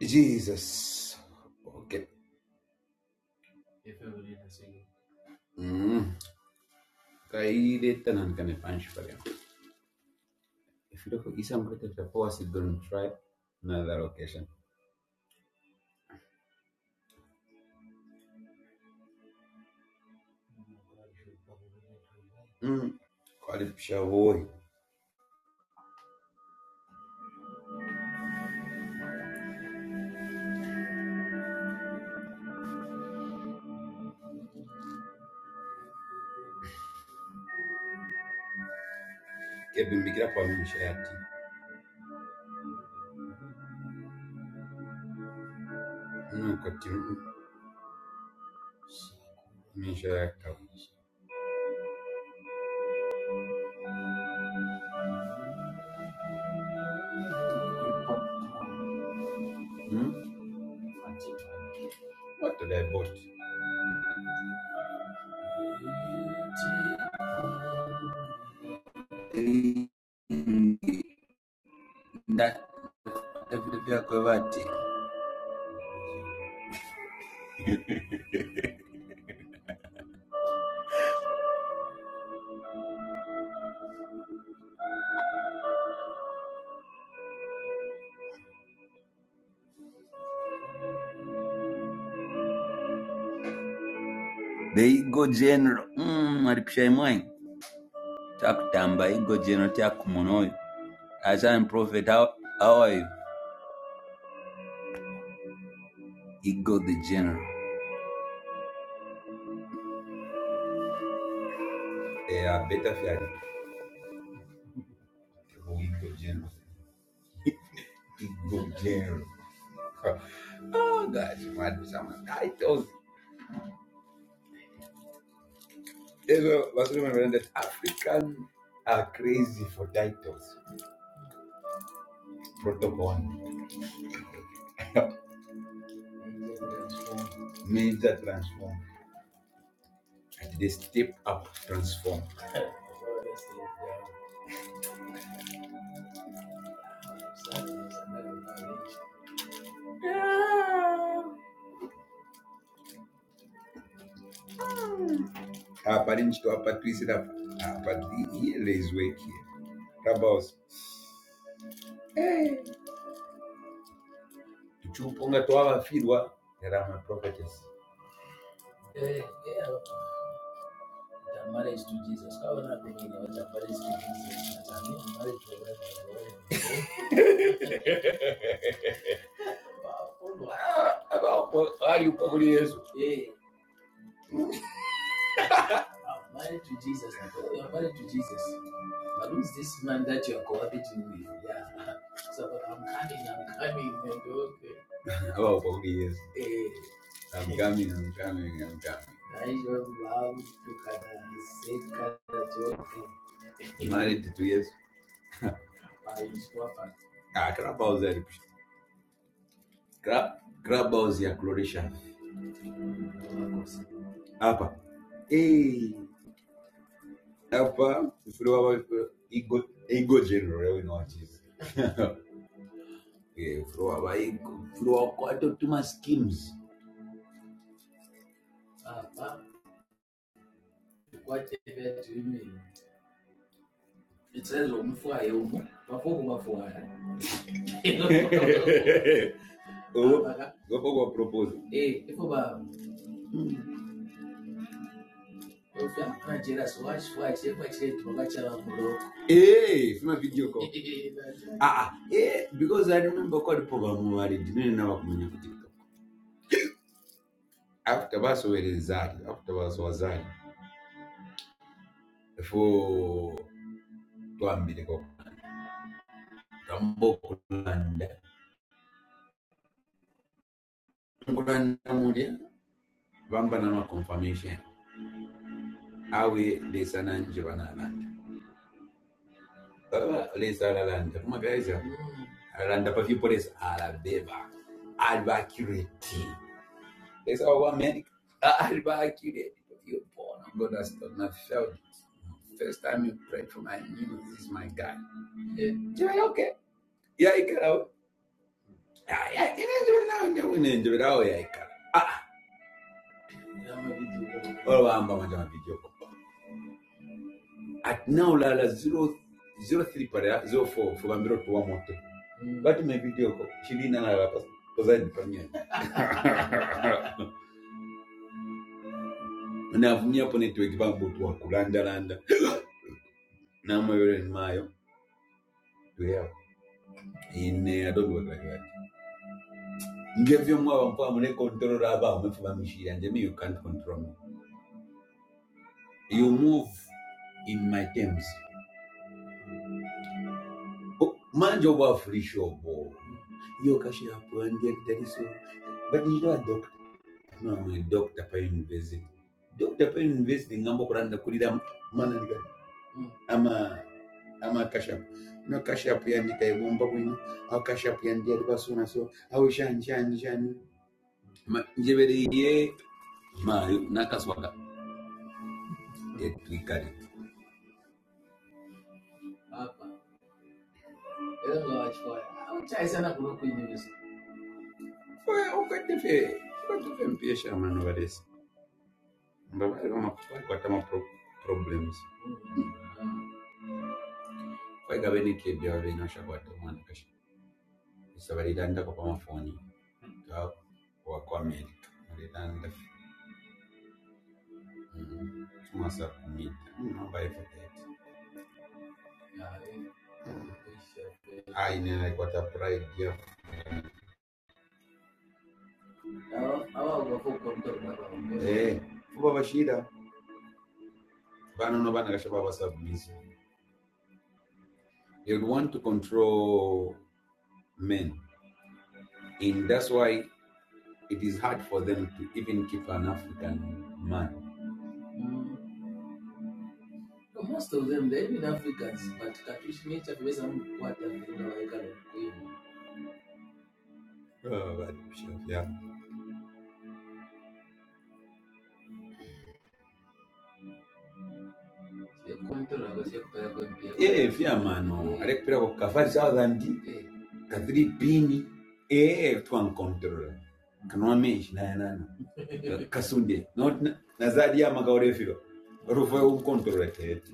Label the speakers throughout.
Speaker 1: Jesus. Okay. Mm. Kailita nan kane punch pare. If you look at isam kete tapo asidun try another occasion. Mm. Kwali shawo. Kebi mikira pa misha yati. Mm kotimu. Misha yaka. Mm. What did I bought? That David Kwevati. The go general. Hmm. Mm aripisha imwe. Takutamba ego general takumonoyo. As I'm prophet how how are the general. é a Beta Fiari. O Igodino. Igodino. Oh, that's mad. Some titles. There's a was remember that African are crazy for titles. Protocol means that transform. And they step up, transform. Haparichi to apatwisi rapa. Hapati ilezwe kia. Rabos. Tuchupunga to awafirwa. Rama prophetess. Abawo kwa Yesu. Abawo kwa Yesu. I'm coming, I'm coming, I'm coming. Married to two years. Ah, Krapa uzalipisha. Kra- Krapa uziakuloresha. Hapa. Hey, hapa. Ufuruwa ego Igo. Igo general. Ewe na wachizi. Yeah, ufuruwa wa Igo. Ufuruwa wa kwa ato tuma schemes. Gopo kwa proposal. Hey, sima video call. Ah, ah. Hey, because I remember kwa dipoga mwaridi. Nini na wakumunye kutika. After baso welezali. After baso wazali. Before Tuambile kwa ரொம்ப குள்ளண்ட குள்ளண்ட முடிய vambanama confirmation awe lesananje vanalanda baba lesa alalanda kumagaisa alanda paviporesa Alba, alivaakireti lesa wa medical. Alba accurate. You born. God has godastona feld First time you prayed for my news, this is my guy. Yeah, okay. Yeah, I can. Yeah, yeah. Inenjera nawe, inenjera nawe, yeah, I can. Ah, olwamba manja video. at now lala zero zero three pale ah, zero four fugambira otuwa moto bati mevidioko chilina lala pas- pazadi pamye navumia po network pambo tuwa kulandalanda namwewere nimayo tweyawo ine adogorakati ngevyo mwaba mpoa mune control aba umefuba mishira njemi you can't control me you move in my terms Man, you are free show. boy. You O- manje obwafurisha obwo iyo kashira puandia kitaliso no dr pine university dr pine university ngamba okulanda kulira mananika ama ama kashapu no kashapu yandika ibumba bwino au kashapu yandiyali suna so au shani shani shani Ma- njebere ye mayo nakaswaka etwikale okadde fe okadde fe mpiesha mano balesi nga bali bakwata ma pro- problems kwaigabe nekedde babenashakwata omwana kashapu isabalirandako pamafoni wakwameri tunasubmit namba evident ainena kwata pride ya eh kuba bashida bana no bana kasha baba submiss they want to control men and that's why it is hard for them to even keep an african man Oh, bali kushafu, yeah. Pira kukafa ndi kathiri pini eh twankontrola kanomeshi nayanana kasunde not na- nazadi ya makaurefiro rufe umkontrolatet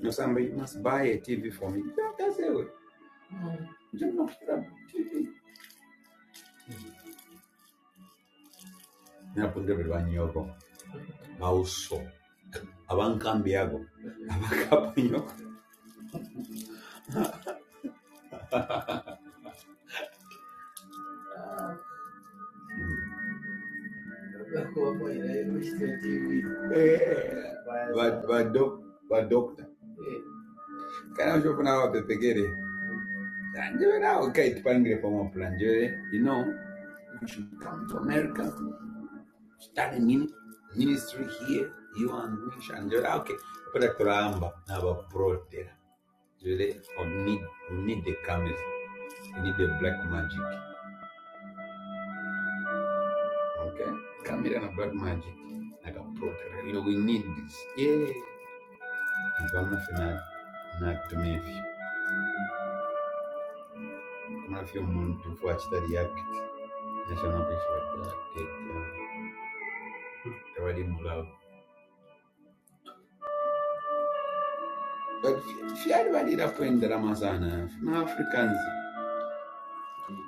Speaker 1: No, somebody must buy a TV for me. That's it. Akasero, njenokutira TV. Napunze buli banyoko, mawuso, abankambi ako, akapunyo. Eh, i badokta. Kana ushofuna abapepekere. Njebe nawe kite pangire pa mapula njebe. You know, you should come to America, start a ministry here, you and Wish and Jere. Okay, put a cramba, now a pro there. Jere, need, we need the cameras. We need the black magic. Okay? Come here and a black magic. Like a proper. You know, we need this. Yeah. If I'm not finna not to me if I'm not few months to watch that yak. National picture like that. Everybody move out. But if you everybody that point that I'm asana, Africans,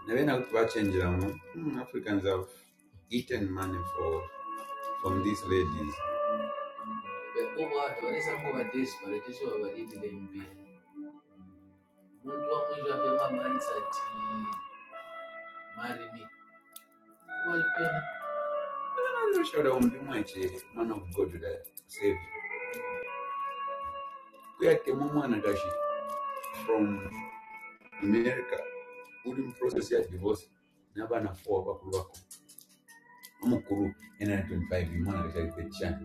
Speaker 1: when I watch change them, Africans have eaten money for from these ladies. I'm not sure that I'm much uh, man of God that saved. We had a woman that she from america uri mu process ya divorce n'abana four bakubaka n'umukuru yana 25 imana arashaka cyane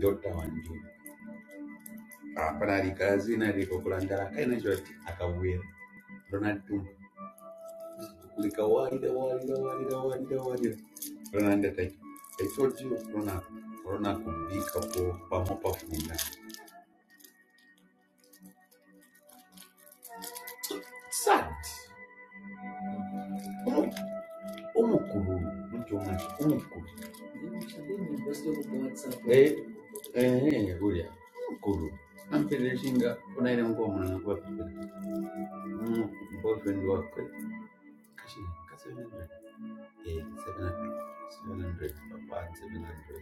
Speaker 1: dota wanjye apana alikazi na alikokulandala kaina cho akawira ronald tumba kulika walida walida walida walida walida ronald ataki i told you rona rona kubika po pamopa funda sad umukuru mtu mwacho umukuru Eh, eh, Julia, Kuru. I'm finishing up when I don't go on a work. No, boyfriend work. Kashi, Kasi, 700. Eh, 700. 700. Papa, 700.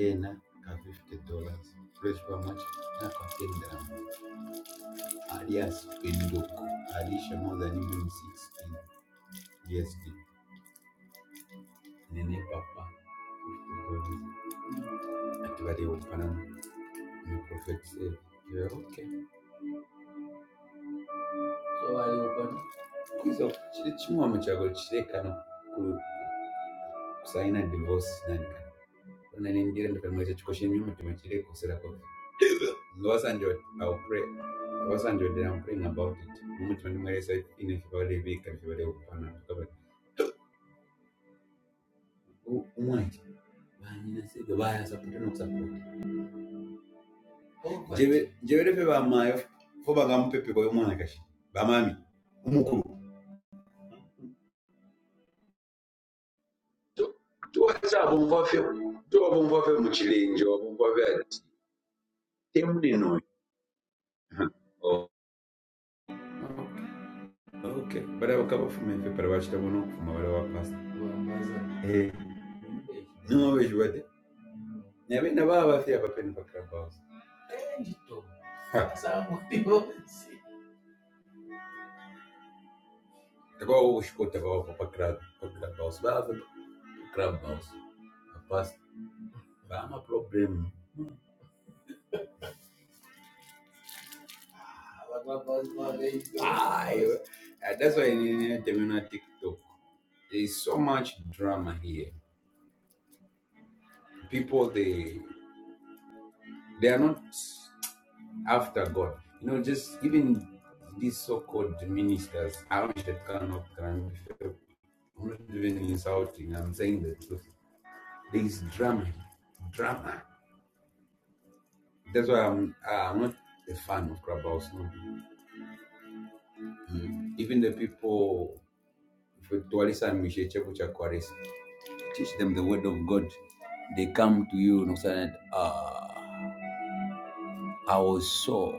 Speaker 1: Eh, na, ka $50. Fresh for much. Na, ka 10 gram. Alias, Pendoko. Alisha more than even 16. GSD. Nene, Papa. Activate Opanam. The prophet said, You're okay. Kwizo, chiri chimwe muchago kano. kusaini divorce nani na niingie nikamweleza tukoshie nyuma tumechilia kusira kwa Losa ndio au pray Losa ndio ndio I'm praying about it mimi tunimweleza ine kibali vika kibali upana tukaba umwaje bani na sio baya support na support jewele pe ba mayo fo ba gampepe kwa mwana kashi ba mami umukuru tu tu wasa bomba fe tu bomba fe muchilenjo bomba fe temu dino okay okay bara bakaba fume pe bara bashita bono kuma bara Eh, não vejo bate. Na minha na baba fia para pena para crab house. Ha, tá o escuta para para para crab house. Baba Rapaz, ba ma problem. Uh, that's why in terminal TikTok, there's so much drama here. People they they are not after God. You know, just even these so-called ministers, I don't that cannot can I'm not even insulting. I'm saying the truth. There is drama, drama. That's why I'm ah, I'm not a fan of Clubhouse. No. Mm. Even the people tuwalisa mishe chako cha Kwares, teach them the word of God. They come to you and say, ah, I was sore,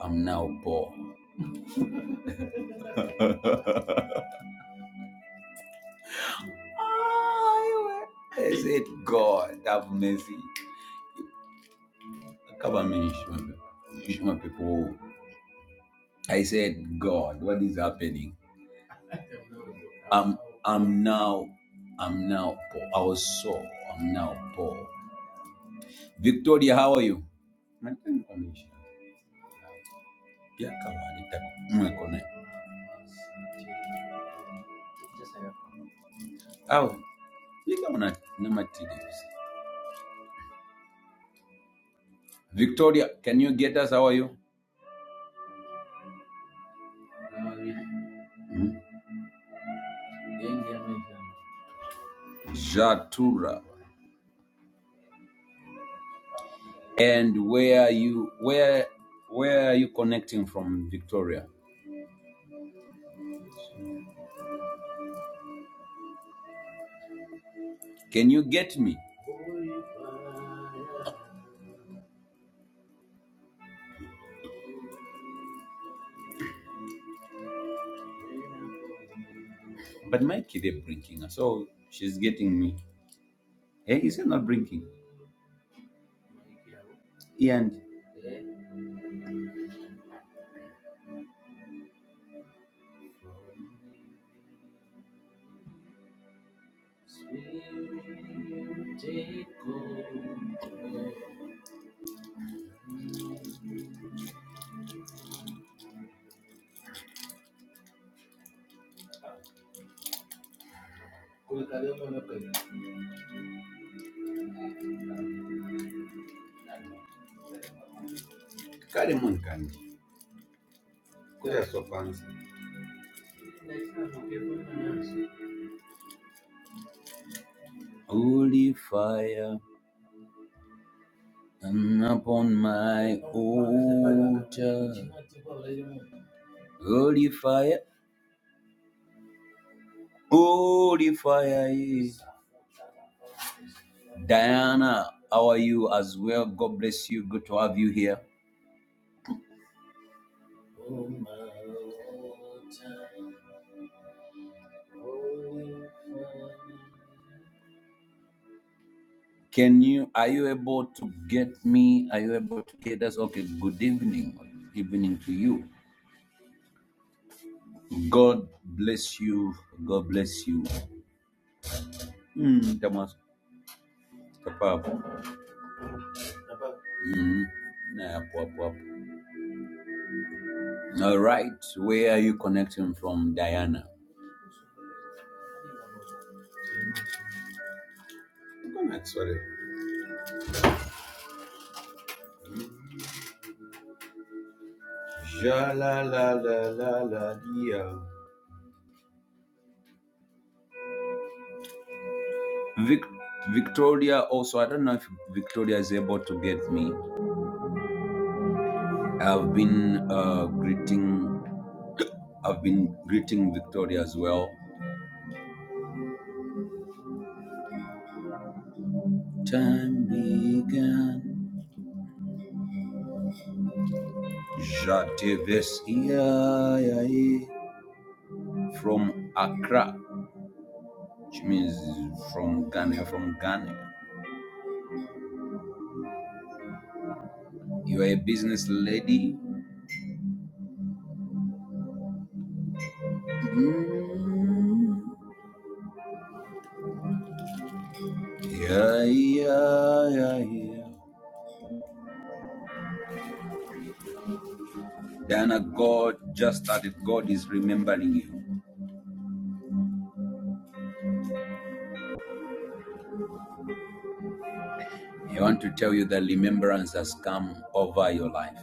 Speaker 1: I'm now poor. Ah, I said, God, have mercy. Cover me, Shema- people. I said, God, what is happening? I'm now, I'm now poor. I was sore, I'm now poor. Victoria, how are you? Victoria, can you get us? How are you? Mhm. Jatura, and where are you? Where where are you connecting from, Victoria? Can you get me? But my kid is blinking, so she's getting me. Hey, is it not blinking? And carry on, Kanji. So Holy fire, and upon my holy fire. Holy fire is. Diana, how are you as well? God bless you. Good to have you here. Can you are you able to get me? Are you able to get us? Okay, good evening. Evening to you. God bless you. God bless you. Mm, Thomas, step up. Mm, nah, up, up, All right. Where are you connecting from, Diana? Connect, sorry. Sha la la la la la dia. Vic- Victoria also, I don't know if Victoria is able to get me. I've been uh, greeting, I've been greeting Victoria as well. Time began. Jatevesia from Accra, which means from Ghana. from Ghana. You are a business lady. Mm. Yeah, yeah, yeah, yeah. Diana, God just started. God is remembering you. I want to tell you that remembrance has come over your life.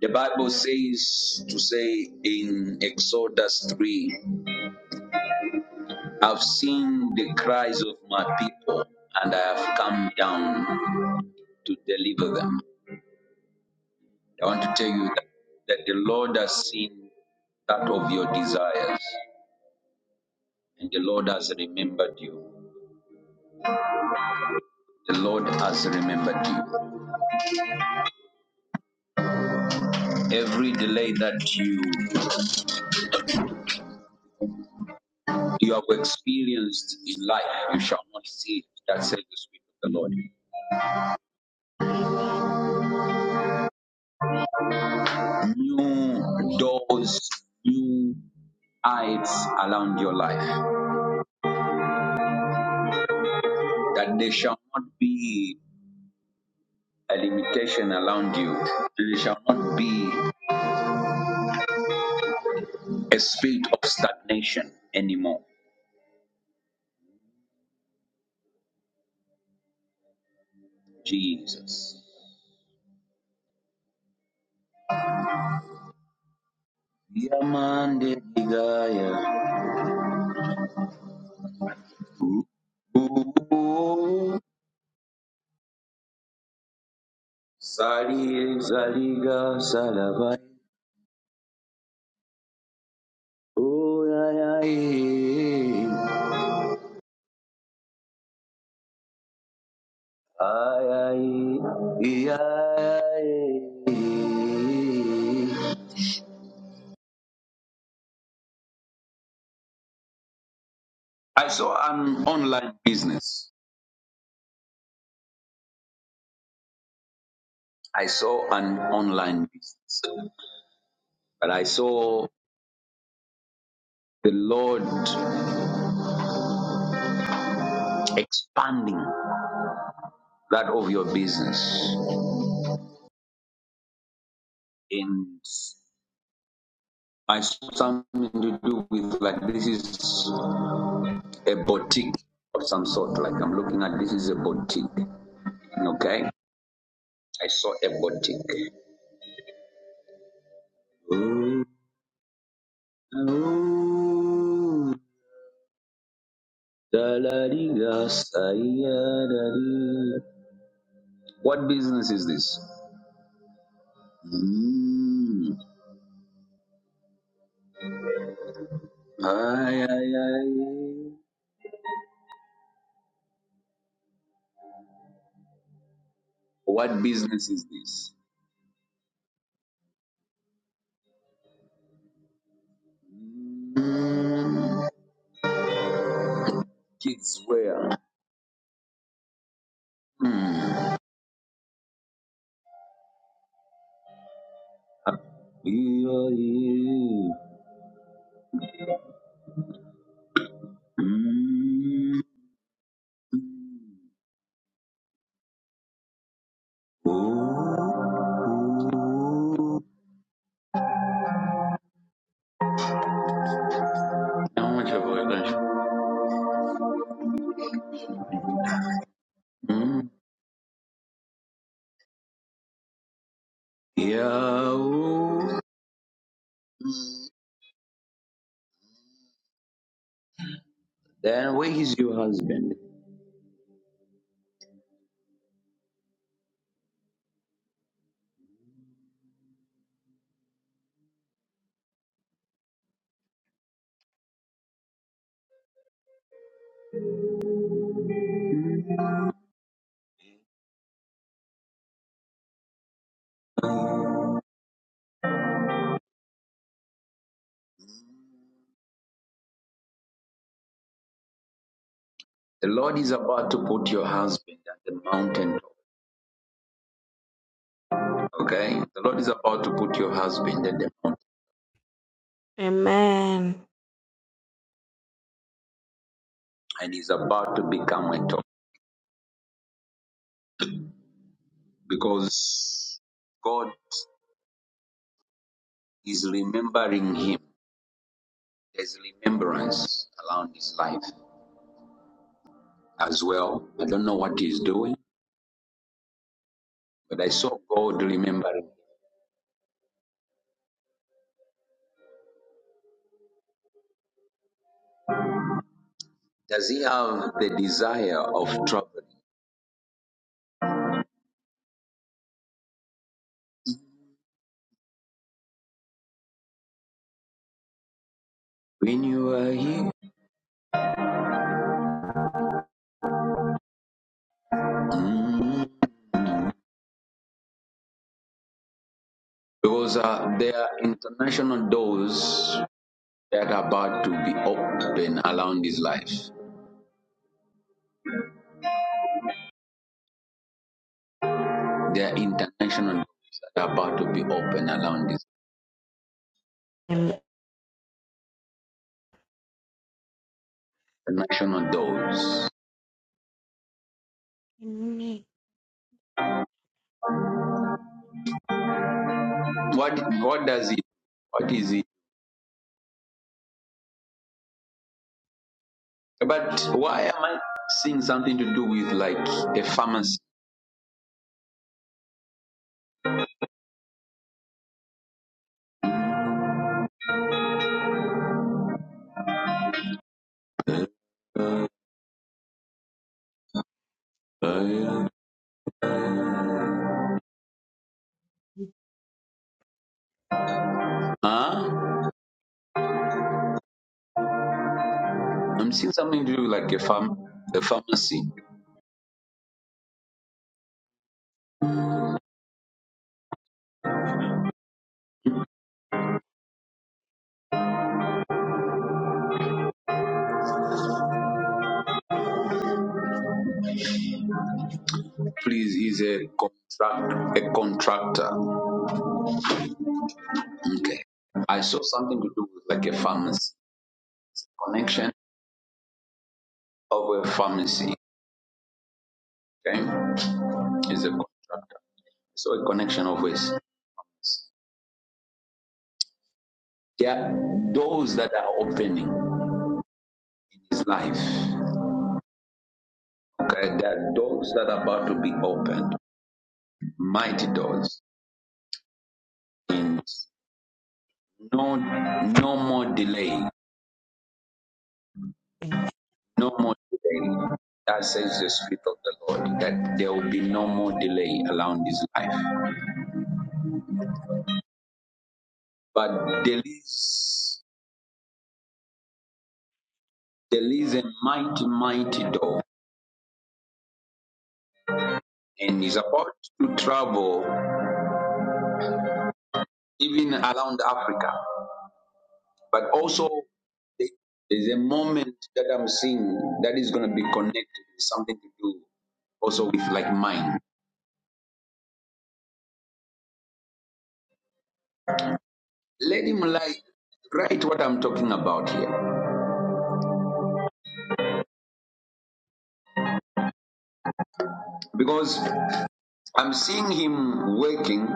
Speaker 1: The Bible says to say in Exodus 3, I've seen the cries of my people and I have come down to deliver them. I want to tell you that, that the Lord has seen that of your desires and the Lord has remembered you. The Lord has remembered you. Every delay that you You have experienced in life, you shall not see it. That says the Spirit of the Lord.
Speaker 2: Amen.
Speaker 1: New doors, new eyes around your life, that there shall not be a limitation around you, there shall not be a spirit of stagnation anymore. Jesus. Yamande Ligaya. Ooh, Zaliga Salavai. Ooh, ay, ay, ay, ay, ay, ay. I saw an online business. I saw an online business. But I saw the Lord expanding that of your business. And I saw something to do with like this is a boutique of some sort. Like I'm looking at this is a boutique. Okay. I saw a boutique. Oh, oh, What business is this? Mm. Ay, ay, ay. What business is this? Mm. Kids wear. Mm. Yeah, yeah. Mm. Oh, oh. How much have I got? Mm. Yeah. Oh. Then where is your husband? The Lord is about to put your husband at the mountain top. Okay? The Lord is about to put your husband at the mountain
Speaker 2: Amen.
Speaker 1: and he's about to become a top because God is remembering him. There's remembrance around his life as well. I don't know what he's doing, but I saw God remembering him. Does he have the desire of traveling? When you are here, mm, because uh, there are international doors that are about to be open around his life. There are international doors that are about to be open around his
Speaker 2: Amen.
Speaker 1: international doors.
Speaker 2: Amen.
Speaker 1: What what does it? What is it? But why am I seeing something to do with like a pharmacy? Huh? I'm seeing something to do with like a farm a pharmacy. Please he's a contract a contractor. Okay. I saw something to do with like a pharmacy. Connection of a pharmacy. Okay, is a contractor. So a connection of ways. There are doors that are opening his life. Okay, there are doors that are about to be opened. Mighty doors. Means No, no more delay. No more delay. That says the Spirit of the Lord that there will be no more delay around his life. But there is there is a mighty, mighty door, and he's about to travel even around Africa. But also, there's a moment that I'm seeing that is going to be connected with something to do also with like mind. Let him like write what I'm talking about here because I'm seeing him working,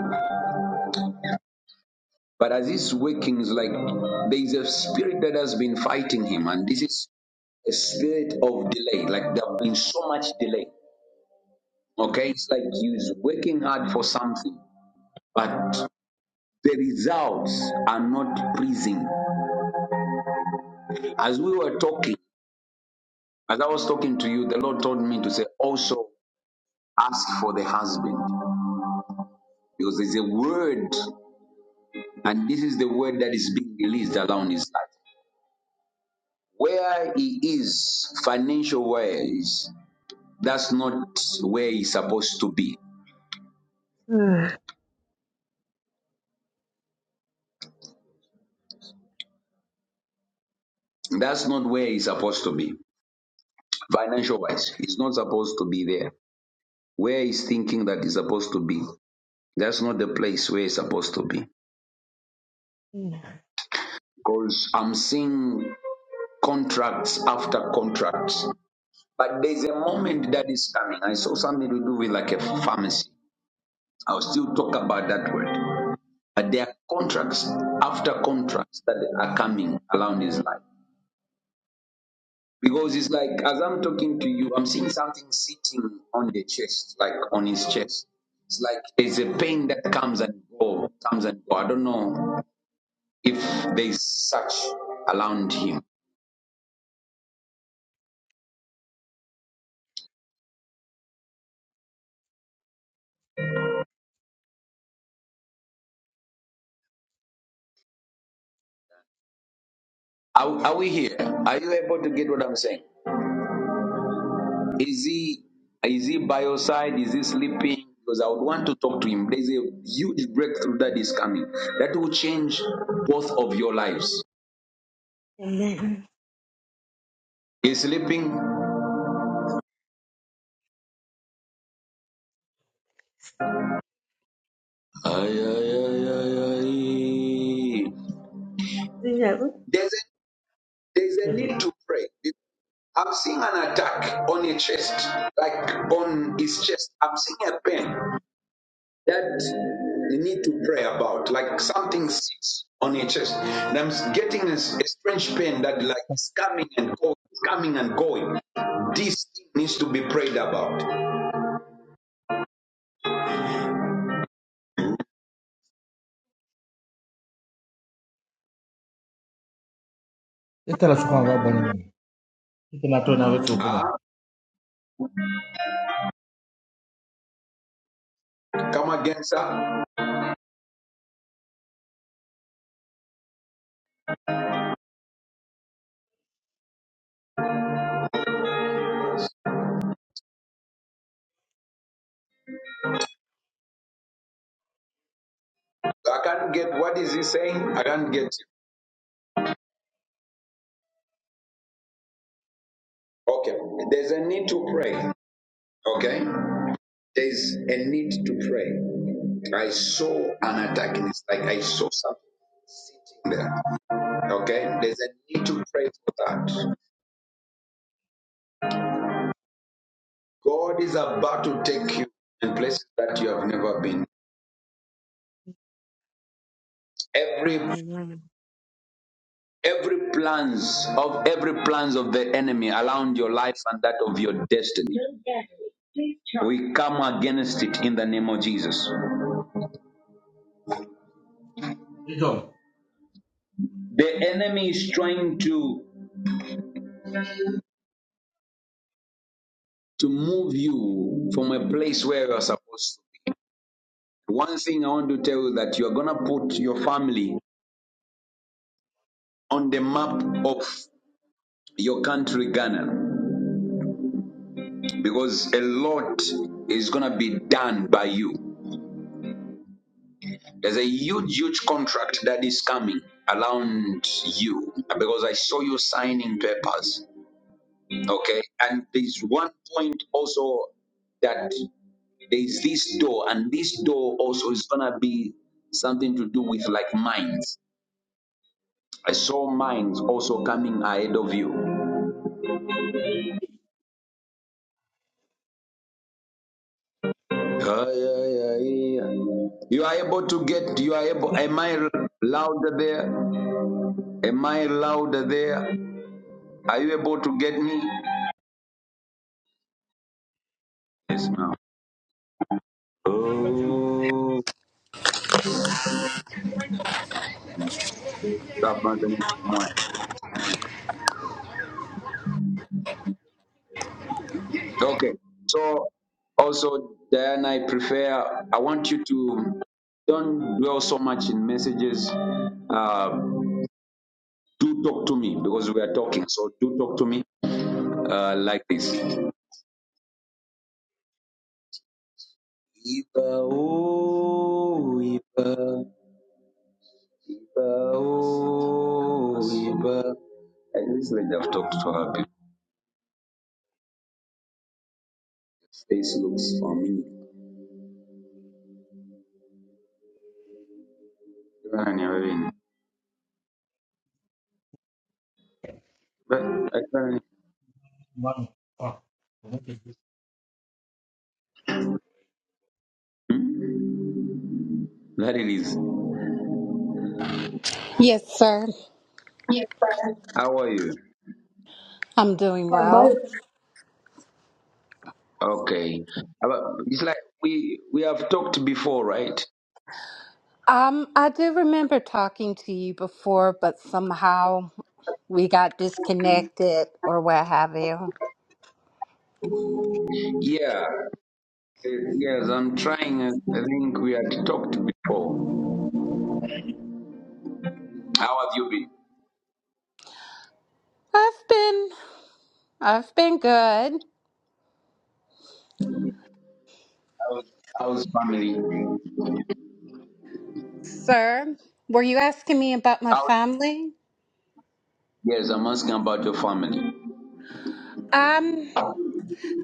Speaker 1: but as he's working, it's like there is a spirit that has been fighting him, and this is a spirit of delay. Like there has been so much delay. Okay, it's like he's working hard for something, but the results are not pleasing. As we were talking, as I was talking to you, the Lord told me to say, also ask for the husband because there's a word, and this is the word that is being released around his life. Where he is financial wise, that's not where he's supposed to be.
Speaker 2: Mm.
Speaker 1: That's not where he's supposed to be. Financial wise, he's not supposed to be there. Where he's thinking that he's supposed to be, that's not the place where he's supposed to be because I'm seeing contracts after contracts. But there's a moment that is coming. I saw something to do with like a pharmacy. I'll still talk about that word. But there are contracts after contracts that are coming around his life. Because it's like, as I'm talking to you, I'm seeing something sitting on the chest, like on his chest. It's like there's a pain that comes and goes, comes and goes. I don't know if there's such around him. Are, are we here? Are you able to get what I'm saying? Is he is he by your side? Is he sleeping? Because I would want to talk to him. There's a huge breakthrough that is coming that will change both of your lives.
Speaker 2: Amen.
Speaker 1: Is sleeping? Ay, ay, ay, ay, ay.
Speaker 2: Zero.
Speaker 1: There's a there's a need to pray. I'm seeing an attack on a chest, like on his chest. I'm seeing a pain. that you need to pray about. Like something sits on your chest, and I'm getting a a strange pain that like is coming and going, it's coming and going. This needs to be prayed about.
Speaker 2: Ita la chukwa mwa bwana mwa. Ita la tona wetu
Speaker 1: Ah,
Speaker 2: upina.
Speaker 1: come again, sir. I can't get. What is he saying? I can't get. you. Okay, there's a need to pray. Okay, there's a need to pray. I saw an attack, and it's like I saw something sitting there. Okay, there's a need to pray for that. God is about to take you in places that you have never been. Every
Speaker 2: Amen.
Speaker 1: every plans of every plans of the enemy around your life and that of your destiny. We come against it in the name of Jesus.
Speaker 2: Ito.
Speaker 1: The enemy is trying to to move you from a place where you are supposed to be. One thing I want to tell you that you're gonna put your family on the map of your country Ghana because a lot is gonna be done by you. There's a huge, huge contract that is coming around you because I saw you signing papers. Okay. And there's one point also that there's this door, and this door also is going to be something to do with like mines. I saw mines also coming ahead of you. Yeah, yeah, yeah, yeah. You are able to get, you are able, am I louder there? Am I louder there? Are you able to get me? Yes, ma'am. Oh, that man can eat more. Okay. So also, Diana, I prefer. I want you to don't dwell so much in messages. Uh, do talk to me because we are talking. So do talk to me uh, like this. Iba oh, Iba, Iba oh, Iba. I recently have talked to her. before. Face looks for me. But I can't.
Speaker 2: Mwa. Ah.
Speaker 1: Hmm? That it is.
Speaker 3: Yes, sir.
Speaker 1: How are you?
Speaker 3: I'm doing well.
Speaker 1: Okay. About- It's like we we have talked before, right?
Speaker 3: Um, I do remember talking to you before, but somehow we got disconnected or what have you.
Speaker 1: Yeah. Uh, Yes, I'm trying. uh, I think we had talked before. How have you been?
Speaker 3: I've been I've been good.
Speaker 1: How's, how's family?
Speaker 3: Sir, were you asking me about my
Speaker 1: How?
Speaker 3: family?
Speaker 1: Yes, I'm asking about your family.
Speaker 3: Um,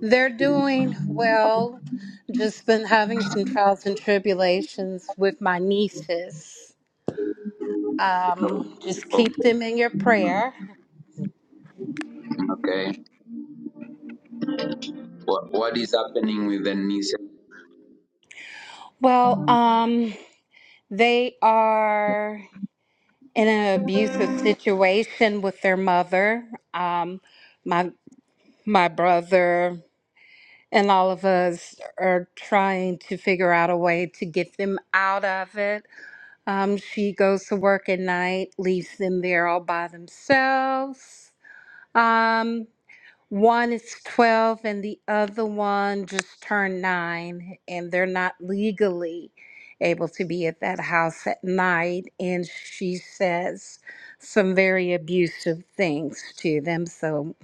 Speaker 3: they're doing well. Just been having some trials and tribulations with my nieces.
Speaker 1: No.
Speaker 3: Um, just keep
Speaker 1: Okay.
Speaker 3: them in your
Speaker 1: Mhm.
Speaker 3: prayer.
Speaker 1: Okay. What What is happening with the niece?
Speaker 3: Well, um, they are. in an abusive situation with their mother. Um, my my brother and all of us are trying to figure out a way to get them out of it. Um, she goes to work at night, leaves them there all by themselves. Um, one is 12 and the other one just turned nine, and they're not legally able to be at that house at night. And she says some very abusive things to them. So,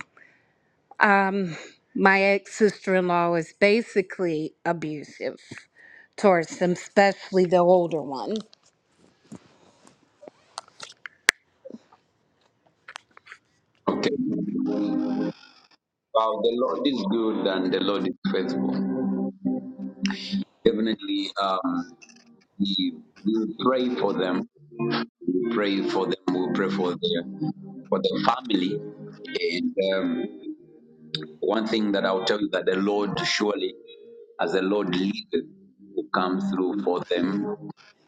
Speaker 3: um, my ex sister in law is basically abusive towards them, especially the older one.
Speaker 1: Okay. Wow, the Lord is good and the Lord is faithful. Definitely, um, we we will pray for them pray for them. We pray for their for their family. And um, one thing that I'll tell you that the Lord surely, as the Lord leadeth, will come through for them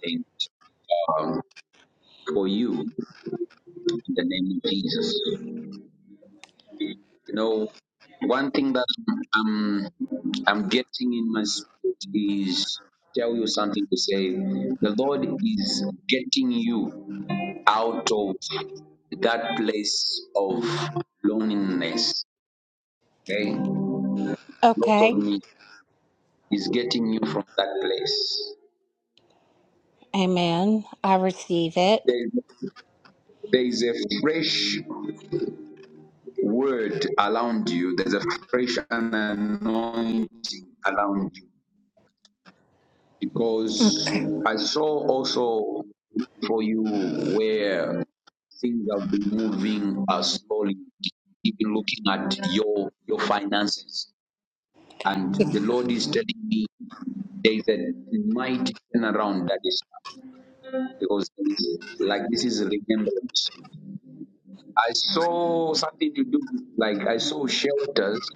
Speaker 1: and um, for you in the name of Jesus. You know, one thing that I'm I'm getting in my spirit is tell you something to say. The Lord is getting you out of that place of loneliness. Okay? God
Speaker 3: Okay.
Speaker 1: told me He's getting you from that place.
Speaker 3: Amen. I receive it.
Speaker 1: There, there is a fresh word around you, there's a fresh anointing around you. Because I saw also for you where things have been moving uh, slowly, even looking at your your finances And the Lord is telling me there is a mighty turnaround that is happening because it's like this is remembrance. I saw something to do like I saw shelters,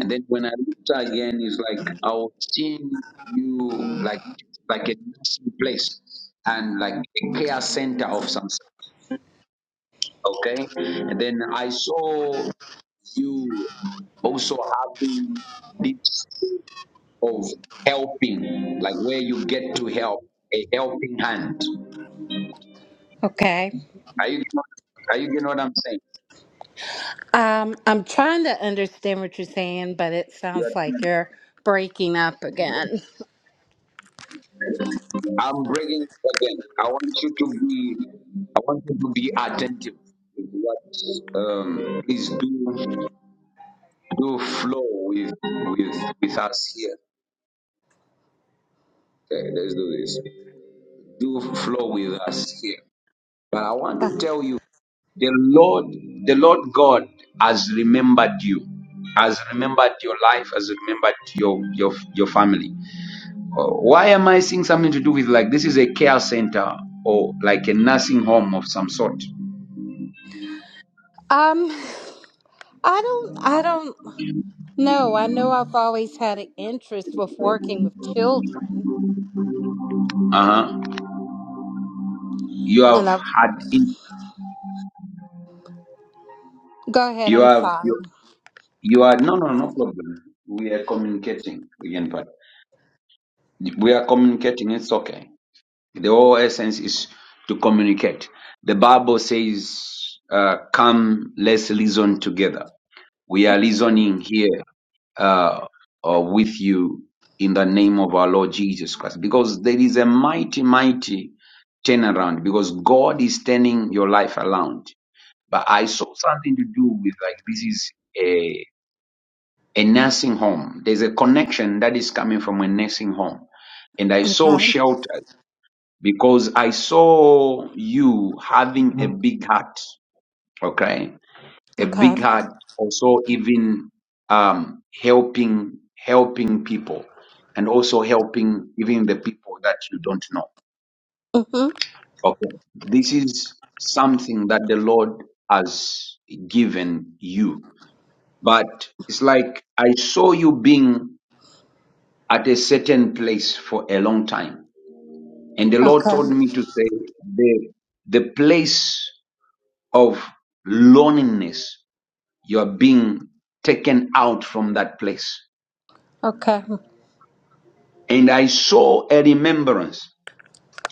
Speaker 1: and then when I looked again, it's like I was seeing you like like a nursing place and like a care center of some sort. Okay, and then I saw you also having this. of helping, like where you get to help, a helping hand.
Speaker 3: Okay.
Speaker 1: Are you are you getting what I'm saying?
Speaker 3: Um, I'm trying to understand what you're saying, but it
Speaker 1: You are
Speaker 3: sounds like
Speaker 1: trying.
Speaker 3: you're breaking up again.
Speaker 1: I'm bringing it again. I want you to be I want you to be attentive with what um please do do flow with with with us here. Okay, let's do this. Do flow with us here. But I want to tell you. The Lord, the Lord God has remembered you, has remembered your life, has remembered your your your family. Uh, Why am I seeing something to do with like this is a care center or like a nursing home of some sort?
Speaker 3: Um, I don't, I don't know. I know I've always had an interest with working with children,
Speaker 1: Uh-huh. You have
Speaker 3: and I've
Speaker 1: had in,
Speaker 3: go ahead.
Speaker 1: you
Speaker 3: I'm
Speaker 1: have
Speaker 3: sorry.
Speaker 1: you, you are no no no problem. We are communicating again, but we are communicating. It's okay. The whole essence is to communicate. The Bible says, uh, "Come, let's reason together." We are listening here uh, uh, with you in the name of our Lord Jesus Christ because there is a mighty, mighty turnaround because God is turning your life around. But I saw something to do with like this is a, a nursing home. There's a connection that is coming from a nursing home. And I saw
Speaker 3: Okay,
Speaker 1: shelter because I saw you having Mm. big heart. Okay a
Speaker 3: okay,
Speaker 1: big heart, also even um, helping helping people, and also helping even the people that you don't know.
Speaker 3: hmm
Speaker 1: Okay, this is something that the Lord has given you, but it's like I saw you being at a certain place for a long time, and the Lord
Speaker 3: okay,
Speaker 1: told me to say the the place of loneliness you are being taken out from that place
Speaker 3: okay,
Speaker 1: and I saw a remembrance.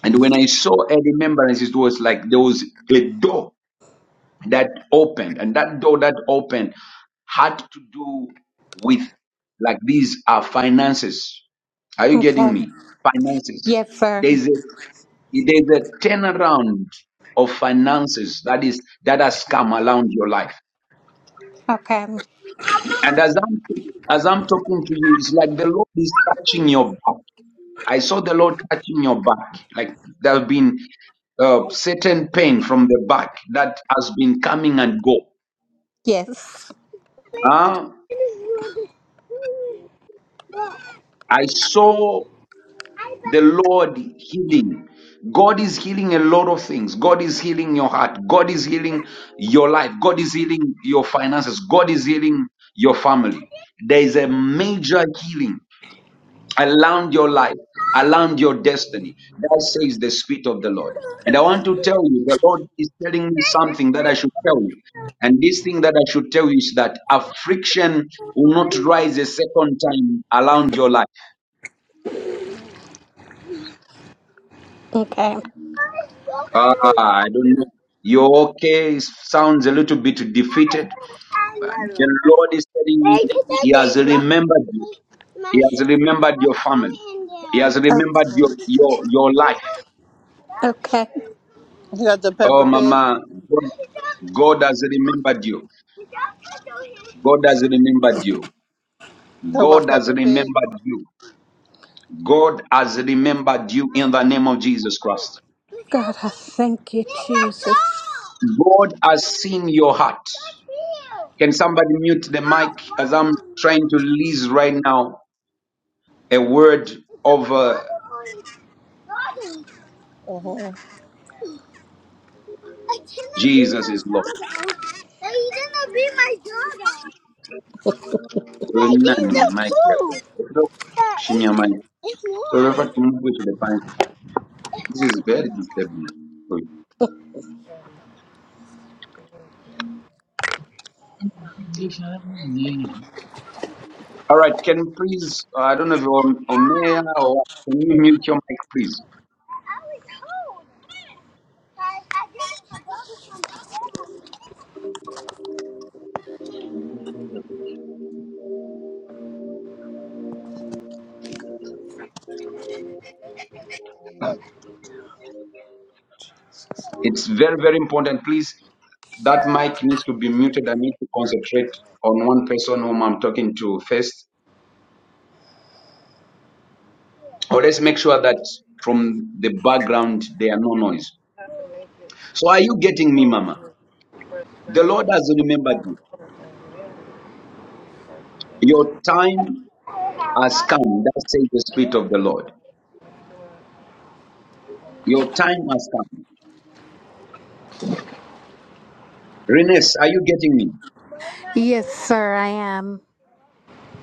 Speaker 1: And when I saw a remembrance, it was like there was a door that opened, and that door that opened had to do with like these are finances. Are you getting
Speaker 3: okay.
Speaker 1: me? Finances.
Speaker 3: Yes, sir.
Speaker 1: There's a there's a turnaround of finances that is that has come around your life.
Speaker 3: Okay,
Speaker 1: And as I'm as I'm talking to you, it's like the Lord is touching your back. I saw the Lord touching your back, like there have been uh, certain pain from the back that has been coming and go.
Speaker 3: yes.
Speaker 1: Ah, I saw the Lord healing. God is healing a lot of things. God is healing your heart. God is healing your life. God is healing your finances. God is healing your family. There is a major healing Around your life, around your destiny. That says the Spirit of the Lord. And I want to tell you, the Lord is telling me something that I should tell you. And this thing that I should tell you is that affliction will not rise a second time around your life.
Speaker 3: Okay.
Speaker 1: Ah, I don't know. You're okay. It sounds a little bit defeated. But the Lord is telling me
Speaker 4: They just
Speaker 1: He
Speaker 4: said they
Speaker 1: has
Speaker 4: broke
Speaker 1: remembered you.
Speaker 4: my
Speaker 1: He
Speaker 4: my
Speaker 1: has remembered
Speaker 4: my
Speaker 1: your
Speaker 4: tongue
Speaker 1: family.
Speaker 4: in
Speaker 1: He
Speaker 4: there.
Speaker 1: has
Speaker 3: Okay.
Speaker 1: remembered your
Speaker 4: Hmm?
Speaker 1: your, your
Speaker 4: Is
Speaker 1: life.
Speaker 4: that-
Speaker 3: Okay.
Speaker 4: that, You got the
Speaker 1: Oh,
Speaker 4: pepper pig?
Speaker 1: Mama,
Speaker 4: No,
Speaker 1: God
Speaker 4: is that-
Speaker 1: God has remembered you.
Speaker 4: is that tattoo
Speaker 1: God has
Speaker 4: here?
Speaker 1: remembered you.
Speaker 4: Talk about
Speaker 1: God has
Speaker 4: pepper pig?
Speaker 1: remembered you. God has remembered you in the name of Jesus Christ.
Speaker 3: God, I thank you, Jesus.
Speaker 1: God has seen your heart. Can somebody mute the mic as I'm trying to release right now a word of uh,
Speaker 4: Uh-huh. I cannot be
Speaker 1: Jesus
Speaker 4: my
Speaker 1: is Lord.
Speaker 4: doggo. I didn't be my doggo. But I didn't
Speaker 1: Nani,
Speaker 4: the
Speaker 1: mic
Speaker 4: poo.
Speaker 1: hapo.
Speaker 4: But
Speaker 1: Chini
Speaker 4: it,
Speaker 1: mic.
Speaker 4: it
Speaker 1: So,
Speaker 4: won.
Speaker 1: therefore, Mungu tulipanda.
Speaker 4: It
Speaker 1: This
Speaker 4: won.
Speaker 1: is very disturbing. All right, can you please, uh, I don't know if you're on on mayor or can you mute your mic, please?
Speaker 4: I
Speaker 1: It's very, very important. Please, that mic needs to be muted. I need to concentrate on one person whom I'm talking to first. Or let's make sure that from the background there are no noise. So, are you getting me, Mama? The Lord has remembered you. Your time has come. That says the Spirit of the Lord. Your time has come. Renes, are you getting me?
Speaker 3: Yes, sir. I am.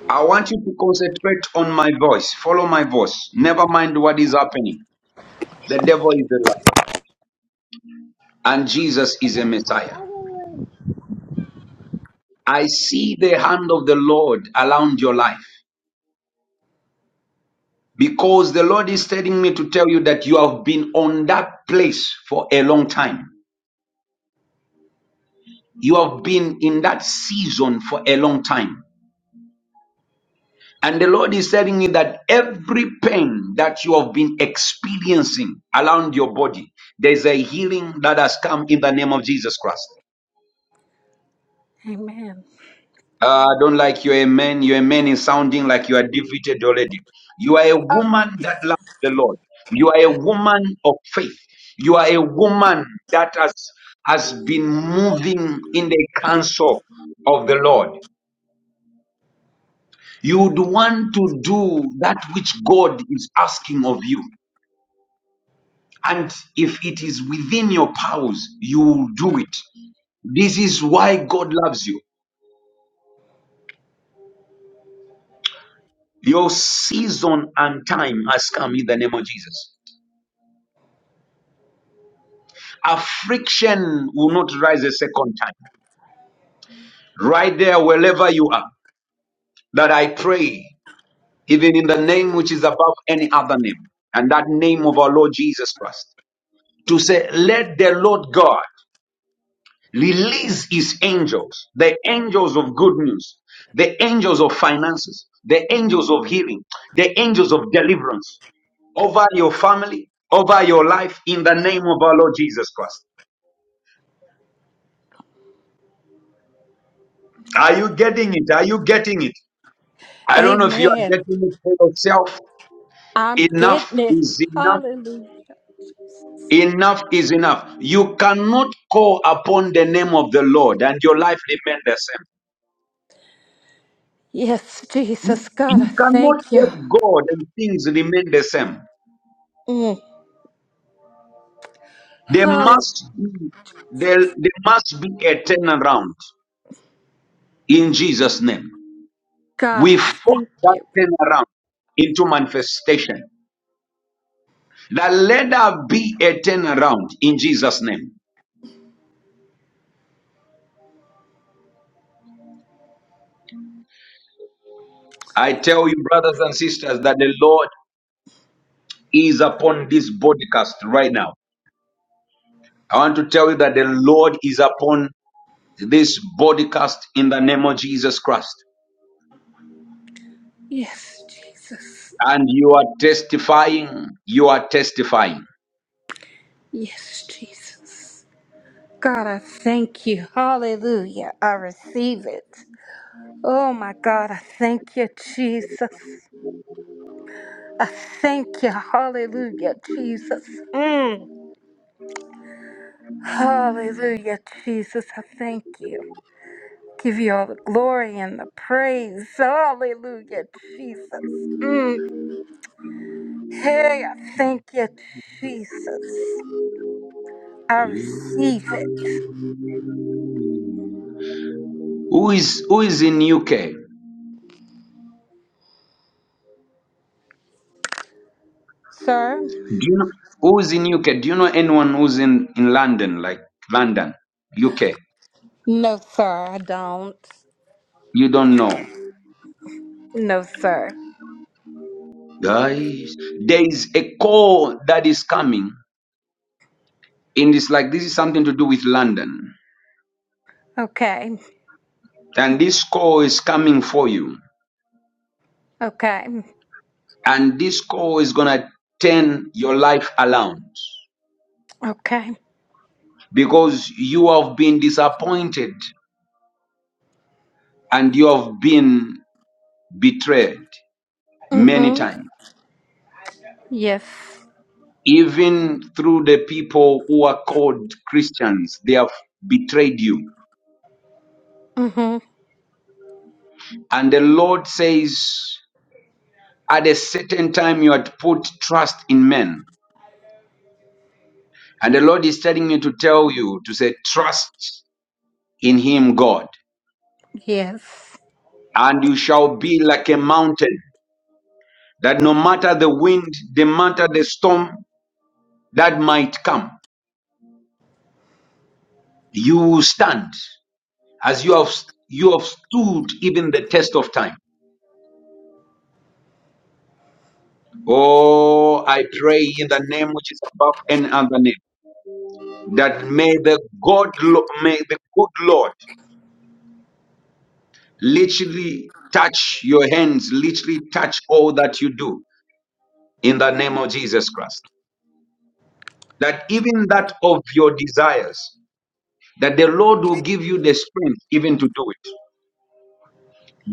Speaker 1: I want you to concentrate on my voice. Follow my voice. Never mind what is happening. The devil is a lie, and Jesus is a Messiah.
Speaker 4: I didn't.
Speaker 1: I see the hand of the Lord around your life because the Lord is telling me to tell you that you have been on that place for a long time. You have been in that season for a long time. And the Lord is telling me that every pain that you have been experiencing around your body, there's a healing that has come in the name of Jesus Christ.
Speaker 3: Amen.
Speaker 1: Uh, I don't like you're a man. You're a man is sounding like you are defeated already. You are a woman that loves the Lord. You are a woman of faith. You are a woman that has has been moving in the counsel of the Lord. You would want to do that which God is asking of you. And if it is within your powers, you will do it. This is why God loves you. Your season and time has come in the name of Jesus. Affliction will not rise a second time. Right there, wherever you are, that I pray, even in the name which is above any other name, and that name of our Lord Jesus Christ, to say, let the Lord God release his angels, the angels of good news, the angels of finances, the angels of healing, the angels of deliverance over your family, over your life in the name of our Lord Jesus Christ. Are you getting it? Are you getting it? I don't know if you are
Speaker 3: Amen.
Speaker 1: getting it for yourself.
Speaker 3: I'm
Speaker 1: Enough
Speaker 3: getting it.
Speaker 1: is enough.
Speaker 3: Hallelujah.
Speaker 1: Enough is enough. You cannot call upon the name of the Lord and your life remain the same.
Speaker 3: Yes, Jesus. God, I
Speaker 1: You cannot
Speaker 3: thank you.
Speaker 1: serve God and things remain the same.
Speaker 3: Mm.
Speaker 1: There
Speaker 3: Oh,
Speaker 1: must be there, there must be a turnaround in Jesus' name.
Speaker 3: God,
Speaker 1: We
Speaker 3: I
Speaker 1: force
Speaker 3: thank
Speaker 1: that
Speaker 3: you.
Speaker 1: turnaround into manifestation. That let there be a turnaround in Jesus' name. I tell you, brothers and sisters, that the Lord is upon this broadcast right now. I want to tell you that the Lord is upon this broadcast in the name of Jesus Christ.
Speaker 3: Yes, Jesus.
Speaker 1: And you are testifying. You are testifying.
Speaker 3: Yes, Jesus. God, I thank you. Hallelujah. I receive it. Oh, my God, I thank you, Jesus. I thank you. Hallelujah, Jesus. Mm. Hallelujah, Jesus. I thank you. Give you all the glory and the praise. Hallelujah, Jesus. Mm. Hey, I thank you, Jesus. I receive it.
Speaker 1: Who is who is in UK? Do
Speaker 3: Sir?
Speaker 1: you know who is in UK? Do you know anyone who's in, in London, like London, UK?
Speaker 3: No, sir, I don't.
Speaker 1: You don't know.
Speaker 3: No, sir.
Speaker 1: Guys, there is a call that is coming, and it's like this is something to do with London.
Speaker 3: Okay.
Speaker 1: And this call is coming for you.
Speaker 3: Okay.
Speaker 1: and this call is going to turn your life around
Speaker 3: Okay.
Speaker 1: because you have been disappointed and you have been betrayed many
Speaker 3: Mm-hmm.
Speaker 1: times
Speaker 3: Yes.
Speaker 1: even through the people who are called christians they have betrayed you
Speaker 3: Mm-hmm.
Speaker 1: and the lord says at a certain time you had put trust in men and the lord is telling me to tell you to say trust in him god
Speaker 3: Yes.
Speaker 1: and you shall be like a mountain that no matter the wind, no matter the storm that might come, you will stand as you have you have stood even the test of time. Oh, I pray in the name which is above any other name that may the God lo- may the good Lord literally touch your hands, literally touch all that you do in the name of Jesus Christ. That even that of your desires, that the Lord will give you the strength even to do it.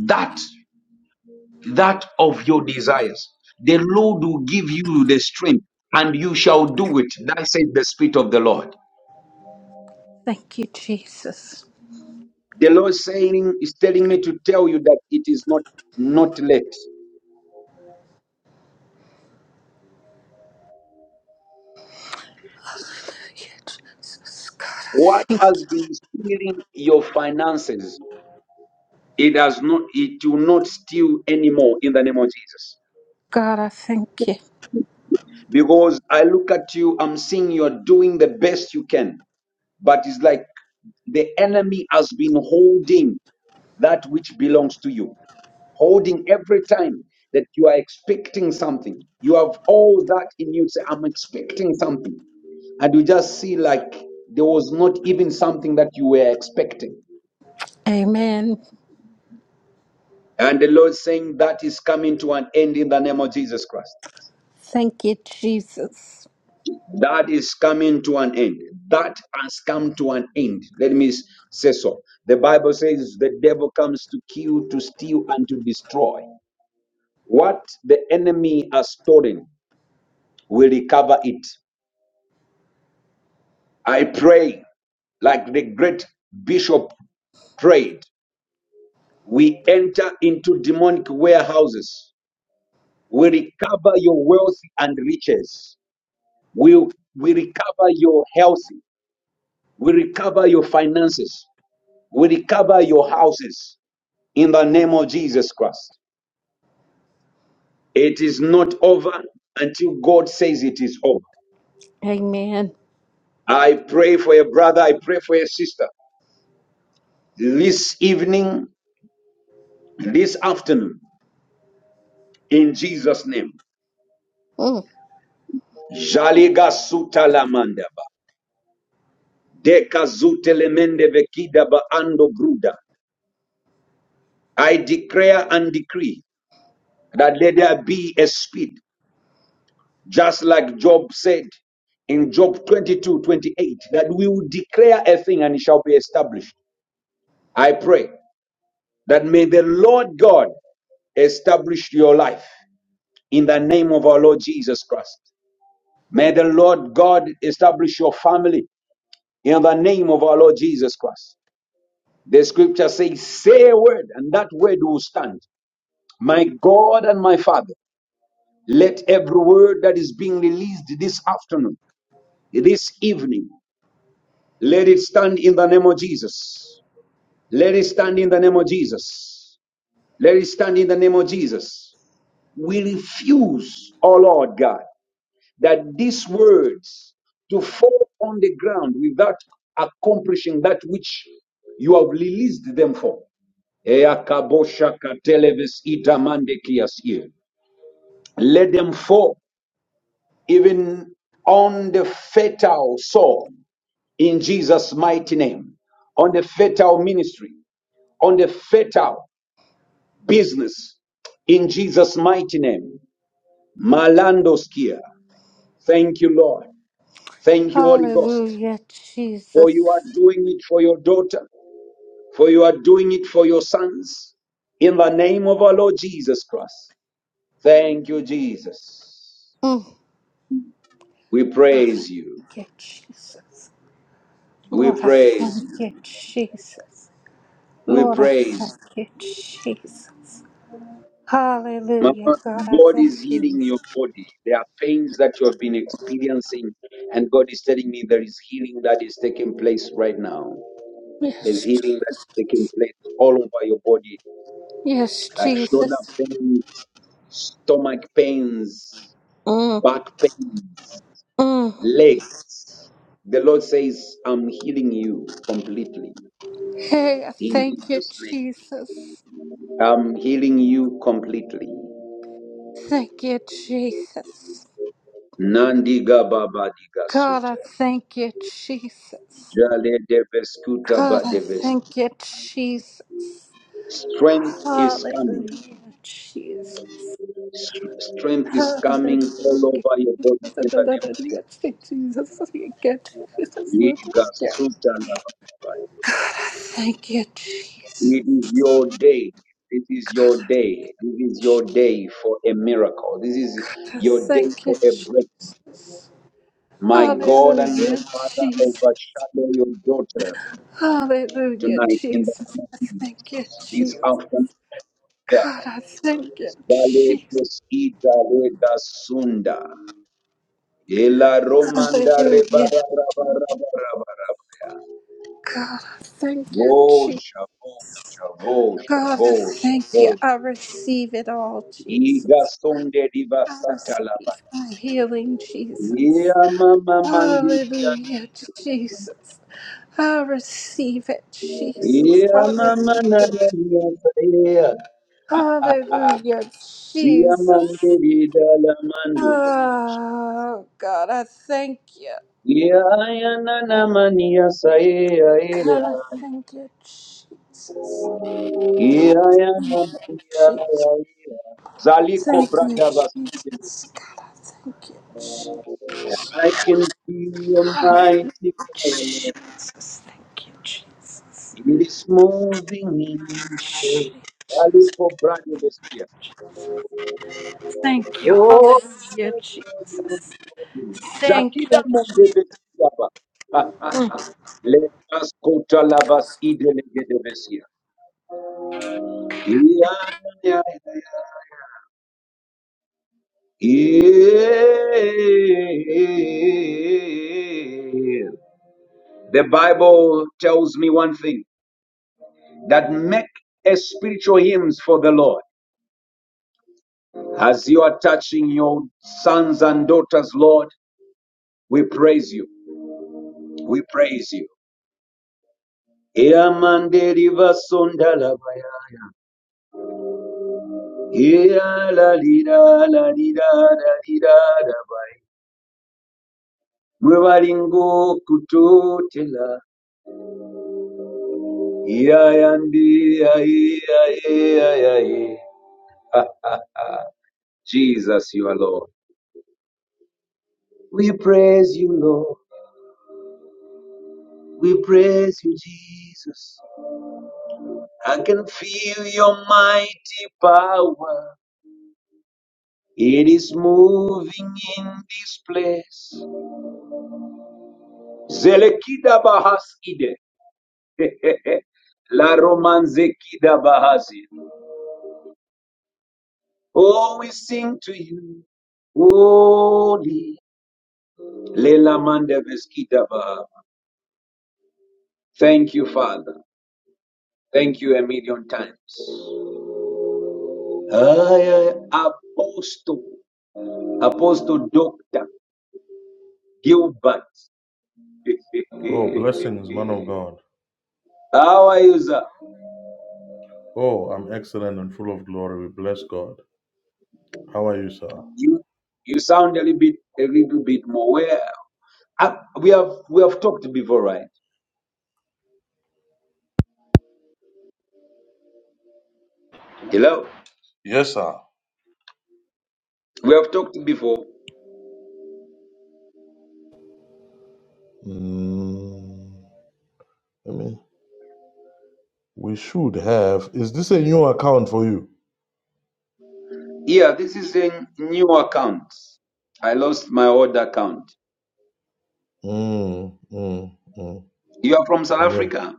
Speaker 1: That that of your desires. The Lord will give you the strength and you shall do it. That says the Spirit of the Lord.
Speaker 3: Thank you, Jesus.
Speaker 1: The Lord saying is telling me to tell you that it is not not late.
Speaker 3: Thank you, Jesus. God, I
Speaker 1: What
Speaker 3: thank you.
Speaker 1: has been stealing your finances, it has not it will not steal anymore in the name of Jesus.
Speaker 3: God, I thank you.
Speaker 1: Because I look at you, I'm seeing you're doing the best you can, but it's like the enemy has been holding that which belongs to you holding every time that you are expecting something. You have all that in you. Say, I'm expecting something. And you just see like there was not even something that you were expecting.
Speaker 3: Amen.
Speaker 1: And the Lord saying that is coming to an end in the name of Jesus Christ.
Speaker 3: Thank you, Jesus.
Speaker 1: That is coming to an end. That has come to an end. Let me s- say so. The Bible says the devil comes to kill, to steal, and to destroy. What the enemy has stolen will recover it. I pray like the great bishop prayed. We enter into demonic warehouses. We recover your wealth and riches. We, we recover your health. We recover your finances. We recover your houses in the name of Jesus Christ. It is not over until God says it is over.
Speaker 3: Amen.
Speaker 1: I pray for a brother. I pray for a sister this evening, this afternoon, in Jesus' name.
Speaker 3: Mm.
Speaker 1: Jaliga suta la mandaba. Deka zute lemende vekida ba ando gruda. I declare and decree that let there be a speed, just like Job said in Job 22:28, that we will declare a thing and it shall be established. I pray that may the Lord God establish your life in the name of our Lord Jesus Christ. May the Lord God establish your family in the name of our Lord Jesus Christ. The scripture says, Say a word, and that word will stand. My God and my Father, let every word that is being released this afternoon, this evening, let it stand in the name of Jesus. Let it stand in the name of Jesus. Let it stand in the name of Jesus. We refuse, oh Lord God, that these words to fall on the ground without accomplishing that which you have released them for. Eakabosha katelevis itamandekias ear. Let them fall even on the fatal soul in Jesus' mighty name, on the fatal ministry, on the fatal business in Jesus' mighty name. Malandoskia. Thank you, Lord. Thank you, Holy Ghost,
Speaker 3: Hallelujah,
Speaker 1: for you are
Speaker 3: Jesus.
Speaker 1: doing it for your daughter, for you are doing it for your sons. In the name of our Lord Jesus Christ. Thank you, Jesus.
Speaker 3: Mm.
Speaker 1: We
Speaker 3: God,
Speaker 1: praise you.
Speaker 3: thank you, Jesus.
Speaker 1: We
Speaker 3: Lord, I
Speaker 1: praise
Speaker 3: thank
Speaker 1: you.
Speaker 3: you, Jesus.
Speaker 1: We
Speaker 3: Lord, I
Speaker 1: praise
Speaker 3: thank
Speaker 1: you.
Speaker 3: you, Jesus. Hallelujah,
Speaker 1: Mama,
Speaker 3: God, I
Speaker 1: God
Speaker 3: thank
Speaker 1: is
Speaker 3: you.
Speaker 1: healing your body. There are pains that you have been experiencing, and God is telling me there is healing that is taking place right now. There's
Speaker 3: Yes, Je-
Speaker 1: healing that is taking place all over your body,
Speaker 3: yes,
Speaker 1: like shoulder
Speaker 3: Jesus.
Speaker 1: pains, stomach pains,
Speaker 3: Mm,
Speaker 1: back pains,
Speaker 3: mm.
Speaker 1: legs. The Lord says, I'm healing you completely
Speaker 3: Hey, I
Speaker 1: in
Speaker 3: thank you,
Speaker 1: Jesus' name.
Speaker 3: Jesus.
Speaker 1: I'm healing you completely.
Speaker 3: Thank you, Jesus.
Speaker 1: Nandiga baba diga
Speaker 3: God, I
Speaker 1: sute.
Speaker 3: thank you, Jesus.
Speaker 1: Jale deveskuta
Speaker 3: God,
Speaker 1: ba
Speaker 3: I
Speaker 1: deves.
Speaker 3: thank you, Jesus.
Speaker 1: Strength is coming.
Speaker 3: Hallelujah, Jesus.
Speaker 1: Str- Strength is
Speaker 3: Hallelujah.
Speaker 1: coming all
Speaker 3: Jesus.
Speaker 1: over your body in the name of Jesus.
Speaker 3: we get to this little
Speaker 1: Diga
Speaker 3: girl.
Speaker 1: suta la ba ba.
Speaker 3: Thank you, Jesus.
Speaker 1: It is your day. This is your day. This is your day for a miracle. This is your day
Speaker 3: Thank you,
Speaker 1: for a breakthrough.
Speaker 3: Jesus.
Speaker 1: My God and my
Speaker 3: Hallelujah,
Speaker 1: Father,
Speaker 3: Jesus.
Speaker 1: overshadow your daughter
Speaker 3: Hallelujah,
Speaker 1: tonight in the
Speaker 3: Jesus.
Speaker 1: name of
Speaker 3: Thank you,
Speaker 1: Jesus. This
Speaker 3: Jesus.
Speaker 1: afternoon,
Speaker 3: God,
Speaker 1: God.
Speaker 3: I thank you,
Speaker 1: Dale
Speaker 3: Jesus.
Speaker 1: Koski Dale Dasunda. Ela Romanda
Speaker 3: Hallelujah.
Speaker 1: Rebara Rabara Rabara Rabara.
Speaker 3: God, I thank you,
Speaker 1: Go
Speaker 3: Jesus.
Speaker 1: Shavo Shavo
Speaker 3: God, I
Speaker 1: Shavo
Speaker 3: thank you.
Speaker 1: Shavo.
Speaker 3: I receive it all, Jesus.
Speaker 1: Iga Sunde Diva
Speaker 3: I
Speaker 1: Satalaba.
Speaker 3: receive my healing,
Speaker 1: Ea
Speaker 3: Jesus.
Speaker 1: Mama Mandiria.
Speaker 3: Hallelujah, Jesus. I receive it, Jesus.
Speaker 1: Ea Mama
Speaker 3: Hallelujah.
Speaker 1: Nanaria Frea.
Speaker 3: Hallelujah,
Speaker 1: Zia
Speaker 3: Jesus.
Speaker 1: Mandirida Lamanduru.
Speaker 3: Oh, God, I thank you.
Speaker 1: Yeah, yeah, na na mania sa yeah,
Speaker 3: God,
Speaker 1: yeah.
Speaker 3: I thank you, Jesus.
Speaker 1: Yeah, yeah,
Speaker 3: Thank
Speaker 1: na
Speaker 3: you,
Speaker 1: mania
Speaker 3: Jesus.
Speaker 1: yeah. Zaliko
Speaker 3: Thank you,
Speaker 1: brada basi.
Speaker 3: Jesus. God, I thank you, Jesus.
Speaker 1: I can feel your mighty power.
Speaker 3: Jesus, thank you, Jesus.
Speaker 1: It is moving in this place. Valley for brand new this year.
Speaker 3: Thank you.
Speaker 1: Oh,
Speaker 3: Hallelujah, Jesus. Thank
Speaker 1: Zakida
Speaker 3: you,
Speaker 1: Munde
Speaker 3: Jesus.
Speaker 1: Vesiaba. Let us go to Lavas Idelegede Vesia. The Bible tells me one thing. that make a spiritual hymns for the Lord. As you are touching your sons and daughters, Lord, we praise you. We praise you. Ea mandeli vasonda la bayaya. Ea la lida la lida la lida la bay. Mwebalingo kutotela. Ea yandi ea ea ea ea ea. Jesus, you are Lord. We praise you, Lord. We praise you, Jesus. I can feel your mighty power. It is moving in this place. Zelekida bahas ide. La romanzekida bahasi. Oh, we sing to you. Holy. Lela mandeveskida bah. Thank you, Father. Thank you a million times. I, I, Apostle, Apostle Doctor Gilbert.
Speaker 5: Oh, blessing is man of God.
Speaker 1: How are
Speaker 5: Oh, I'm excellent and full of glory. We bless God. How are you, sir?
Speaker 1: You you sound a little bit a little bit more. Where I, we have we have talked before, right? Hello,
Speaker 5: Yes, sir.
Speaker 1: we have talked before.
Speaker 5: Mm, I mean, we should have. Is this a new account for you?
Speaker 1: Yeah, this is a new account. I lost my old account.
Speaker 5: Mm, mm, mm.
Speaker 1: You are from South
Speaker 5: Yeah.
Speaker 1: Africa,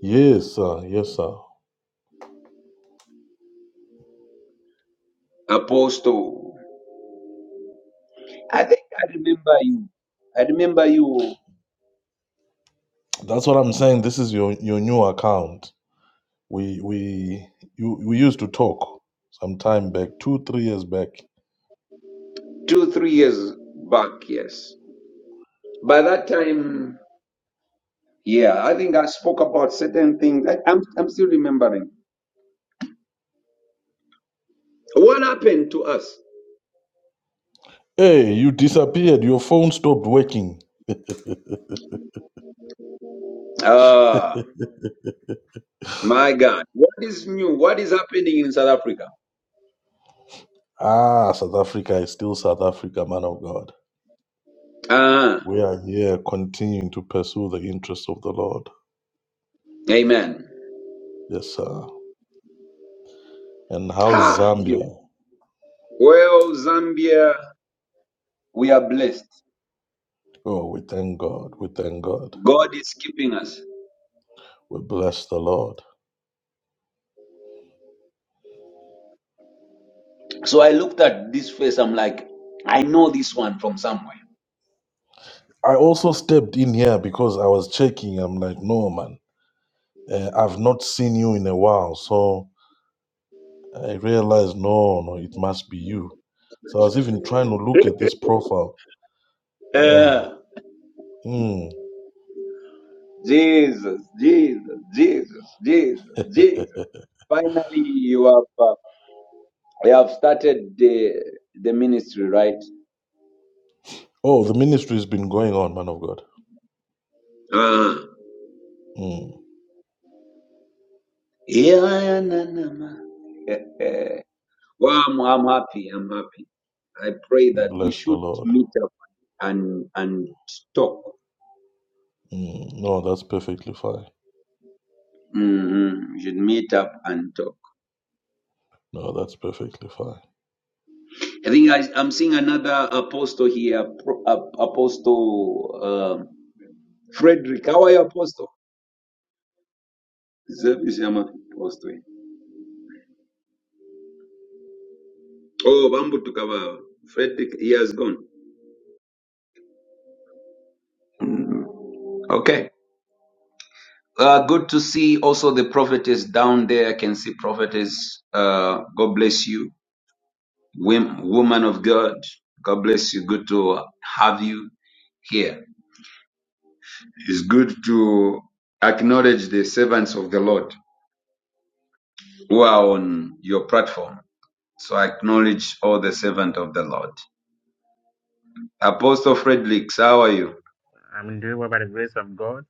Speaker 5: Yes, sir. Yes, sir.
Speaker 1: Apostle. I think I remember you. I remember you
Speaker 5: That's what I'm saying. This is your your new account. We we you we used to talk some time back, two three years back.
Speaker 1: two three years back. Yes, by that time. Yeah, I think I spoke about certain things. I, I'm, I'm still remembering. What happened to us?
Speaker 5: Hey, you disappeared. Your phone stopped working.
Speaker 1: Ah. My God. What is new? What is happening in South Africa?
Speaker 5: Ah, South Africa is still South Africa, man of God.
Speaker 1: Ah,
Speaker 5: We are here continuing to pursue the interests of the Lord.
Speaker 1: amen.
Speaker 5: Yes, sir. And how is
Speaker 1: Ha!
Speaker 5: Zambia?
Speaker 1: You. Well, Zambia, we are blessed.
Speaker 5: Oh, we thank God. We thank God.
Speaker 1: God is keeping us.
Speaker 5: We bless the Lord.
Speaker 1: So I looked at this face. I'm like, I know this one from somewhere.
Speaker 5: I also stepped in here because I was checking. I'm like, no, man, uh, I've not seen you in a while. So I realized, no, no, it must be you. So I was even trying to look at this profile. Yeah.
Speaker 1: Uh,
Speaker 5: Mm.
Speaker 1: Jesus, Jesus, Jesus, Jesus, Jesus. Finally, you have, uh, you have started the, the ministry, right?
Speaker 5: oh, the ministry has been going on, man of God.
Speaker 1: Ah.
Speaker 5: Mm.
Speaker 1: Yeah, yeah, na, na, ma. Well, I'm, I'm happy. I'm happy. I pray
Speaker 5: We
Speaker 1: that we
Speaker 5: bless the
Speaker 1: should
Speaker 5: Lord.
Speaker 1: meet up and and talk.
Speaker 5: Mm. No, that's perfectly fine.
Speaker 1: hmm We should meet up and talk.
Speaker 5: No, that's perfectly fine.
Speaker 1: I think I, I'm seeing another apostle here, Pro- Ap- Apostle um Frederick. How are you, Apostle? Zevi Shama, Apostle. Oh, Bambu Tukava. Frederick, he has gone. Mm, Okay. Uh, good to see also the prophetess down there. I can see prophetess. Uh, God bless you. Wom- Woman of God, God bless you. Good to have you here. It's good to acknowledge the servants of the Lord who are on your platform. So I acknowledge all the servant of the Lord. Apostle Fredericks, how are you?
Speaker 6: I'm in doing well by the grace of God,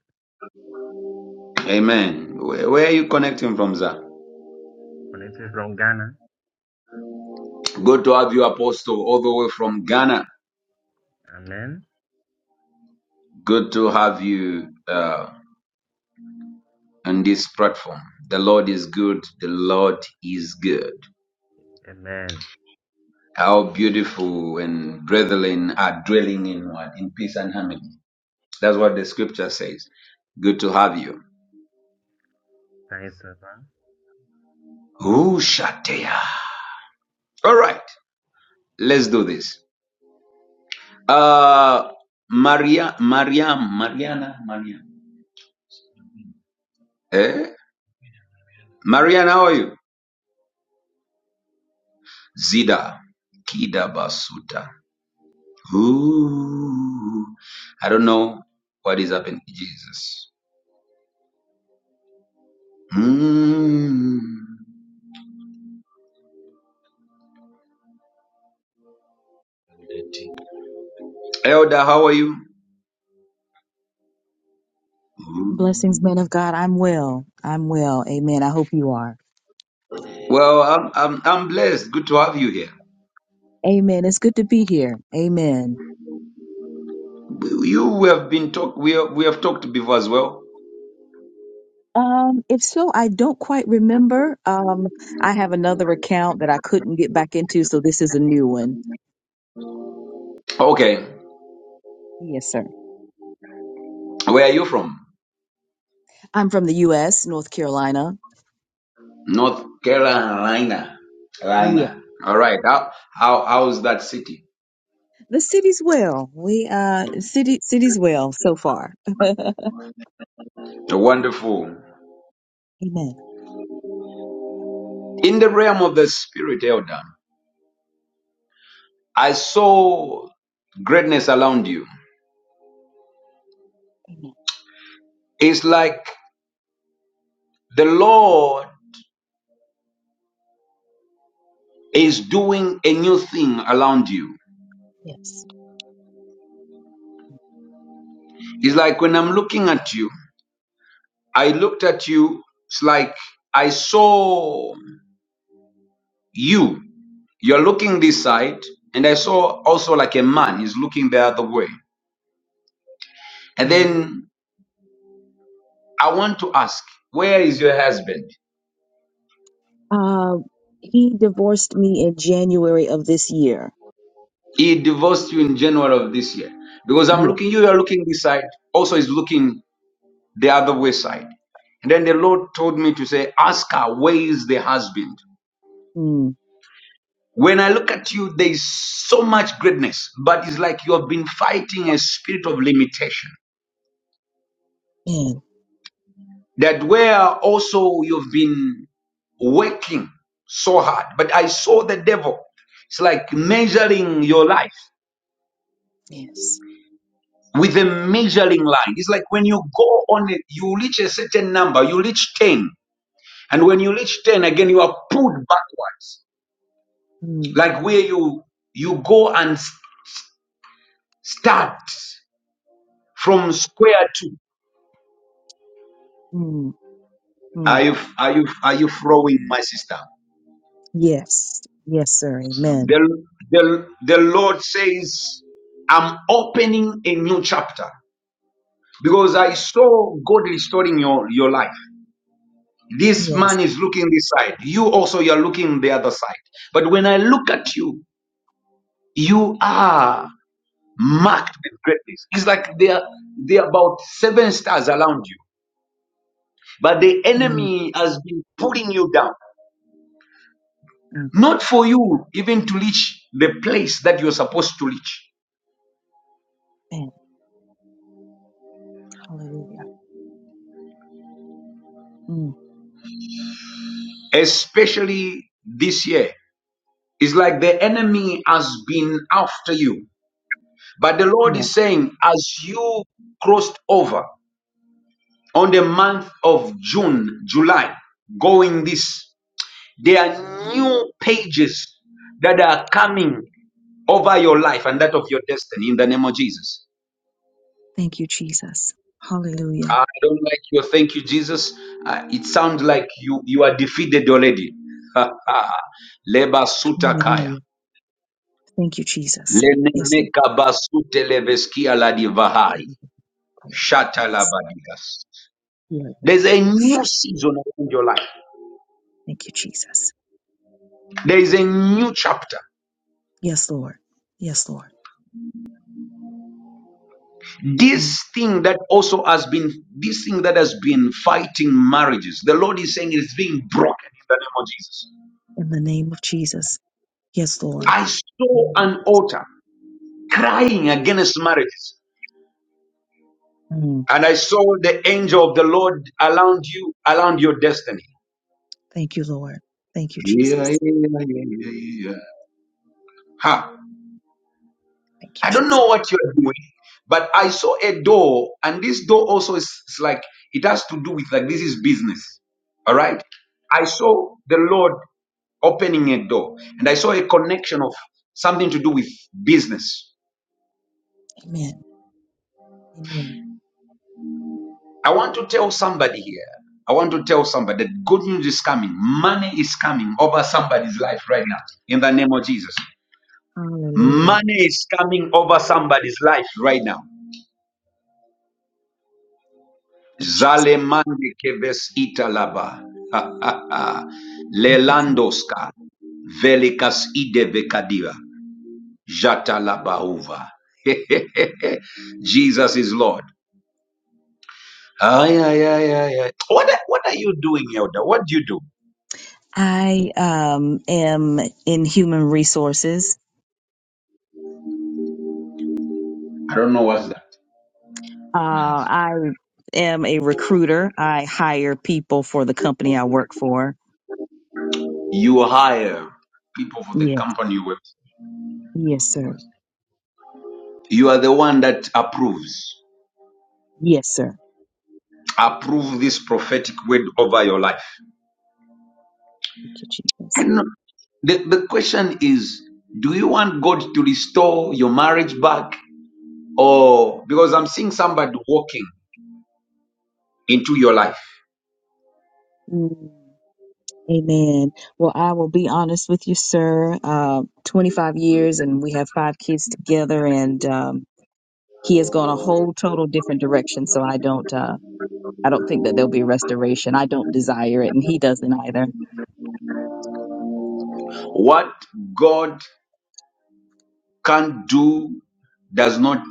Speaker 1: Amen. Where, where are you connecting from, sir?
Speaker 6: Connected from Ghana.
Speaker 1: Good to have you, Apostle, all the way from Ghana.
Speaker 6: Amen.
Speaker 1: Good to have you uh, on this platform. The Lord is good. The Lord is good.
Speaker 6: Amen.
Speaker 1: How beautiful and dwelling are dwelling in what? In peace and harmony. That's what the scripture says. Good to have you.
Speaker 6: Thanks, Papa.
Speaker 1: Ooh, Shatea. All right, let's do this. Uh, Maria, Mariam, Mariana, Mariam. Eh? Mariana, how are you? Zida, Kida Basuta. Ooh, I don't know what is happening. Jesus. Mm. Elder, how are you? Ooh.
Speaker 7: Blessings, men of God. I'm well. I'm well. Amen. I hope you are.
Speaker 1: Well, I'm, I'm, I'm blessed. Good to have you here.
Speaker 7: Amen. It's good to be here. Amen.
Speaker 1: You we have been talk. We have, we have talked before as well.
Speaker 7: Um, if so, I don't quite remember. Um, I have another account that I couldn't get back into, so this is a new one.
Speaker 1: Okay,
Speaker 7: Yes, sir.
Speaker 1: where are you from?
Speaker 7: I'm from the U.S., North Carolina.
Speaker 1: North Carolina.
Speaker 7: Yeah,
Speaker 1: Carolina. All right. How how how's that city?
Speaker 7: the city's well. We uh, city city's well so far. Amen.
Speaker 1: Wonderful.
Speaker 7: Amen.
Speaker 1: In the realm of the spirit, Elder, I saw greatness around you. It's like the Lord is doing a new thing around you.
Speaker 7: Yes.
Speaker 1: It's like when I'm looking at you. I looked at you. It's like I saw you. You're looking this side, and I saw also like a man is looking the other way. And
Speaker 7: Mm.
Speaker 1: then I want to ask, where is your husband?
Speaker 7: Uh, he divorced me in January of this year.
Speaker 1: He divorced you in January of this year. Because I'm
Speaker 7: Yeah.
Speaker 1: looking, you are looking this side, also is looking the other way side. And then the Lord told me to say, Ask her, where is the husband?
Speaker 7: Mm.
Speaker 1: When I look at you, there is so much greatness, but it's like you have been fighting a spirit of limitation.
Speaker 7: Man.
Speaker 1: that where also you've been working so hard. But I saw the devil. It's like measuring your life
Speaker 7: Yes.
Speaker 1: with a measuring line. It's like when you go on it, you reach a certain number, you reach 10. And when you reach 10, again, you are pulled backwards.
Speaker 7: Mm,
Speaker 1: Like where you you go and s- start from square two.
Speaker 7: mm,
Speaker 1: Are
Speaker 7: mm.
Speaker 1: you are you are you flowing, my sister?
Speaker 7: Yes. Yes, sir. Amen.
Speaker 1: The, the, the Lord says, I'm opening a new chapter because I saw God restoring your, your life. This
Speaker 7: Yes.
Speaker 1: man is looking this side. You also, you're looking the other side. But when I look at you, you are marked with greatness. It's like there, there are about seven stars around you, but the
Speaker 7: Mm,
Speaker 1: enemy has been pulling you down. Not for you even to reach the place that you're supposed to reach,
Speaker 7: amen. Hallelujah. Mm,
Speaker 1: especially this year. It's like the enemy has been after you. But the Lord
Speaker 7: yeah.
Speaker 1: is saying, as you crossed over on the month of June, July, going this, there are new pages that are coming over your life and that of your destiny in the name of Jesus.
Speaker 7: Thank you, Jesus. Hallelujah.
Speaker 1: I don't like your thank you, Jesus. Uh, it sounds like you, you are defeated already. Leba sutakaya.
Speaker 7: Hallelujah. Thank you, Jesus. Yes, Lord.
Speaker 1: Lenemeka basute leveskia la divahai. Shatalabadigas. There's a new season in your life.
Speaker 7: Thank you, Jesus.
Speaker 1: There is a new chapter.
Speaker 7: Yes, Lord. Yes, Lord. Mm.
Speaker 1: This thing that also has been, this thing that has been fighting marriages, the Lord is saying it's being broken in the name of Jesus.
Speaker 7: In the name of Jesus. Yes, Lord.
Speaker 1: I saw
Speaker 7: Mm.
Speaker 1: an altar crying against marriages,
Speaker 7: Mm.
Speaker 1: and I saw the angel of the Lord around you, around your destiny.
Speaker 7: Thank you, Lord. Thank you,
Speaker 1: Yeah, yeah,
Speaker 7: Jesus.
Speaker 1: yeah, yeah, yeah. yeah. Ha!
Speaker 7: Thank you,
Speaker 1: I don't know
Speaker 7: Jesus.
Speaker 1: what you're doing, but I saw a door, and this door also is, is like it has to do with like this is business. All right. I saw the Lord opening a door, and I saw a connection of something to do with business.
Speaker 7: Amen. Amen.
Speaker 1: I want to tell somebody here. I want to tell somebody that good news is coming. Money is coming over somebody's life right now. In the name of Jesus.
Speaker 7: Hallelujah.
Speaker 1: Money is coming over somebody's life right now.
Speaker 7: Thank you, Jesus.
Speaker 1: Zalemande keves italaba.
Speaker 7: Thank you, Jesus.
Speaker 1: Lelandoska. Velikas ide vekadiva. Jatalaba uva. Jesus is Lord. Ay, ay, ay, ay, ay. What, what are you doing, Elder? What do you do?
Speaker 7: I um, am in human resources.
Speaker 1: I don't know what's that.
Speaker 7: Uh, I am a recruiter. I hire people for the company I work for.
Speaker 1: You hire people for the
Speaker 7: Yes,
Speaker 1: company you work.
Speaker 7: yes, sir.
Speaker 1: You are the one that approves.
Speaker 7: Yes, sir.
Speaker 1: Approve this prophetic word over your life.
Speaker 7: Thank you, Jesus.
Speaker 1: No. The, the question is do you want God to restore your marriage back? Or because I'm seeing somebody walking into your life.
Speaker 7: Mm, Amen. Well, I will be honest with you, sir. Uh, 25 years, and we have five kids together, and um, he has gone a whole total different direction. So I don't. Uh, I don't think that there'll be restoration. I don't desire it, and he doesn't either.
Speaker 1: What God can do does not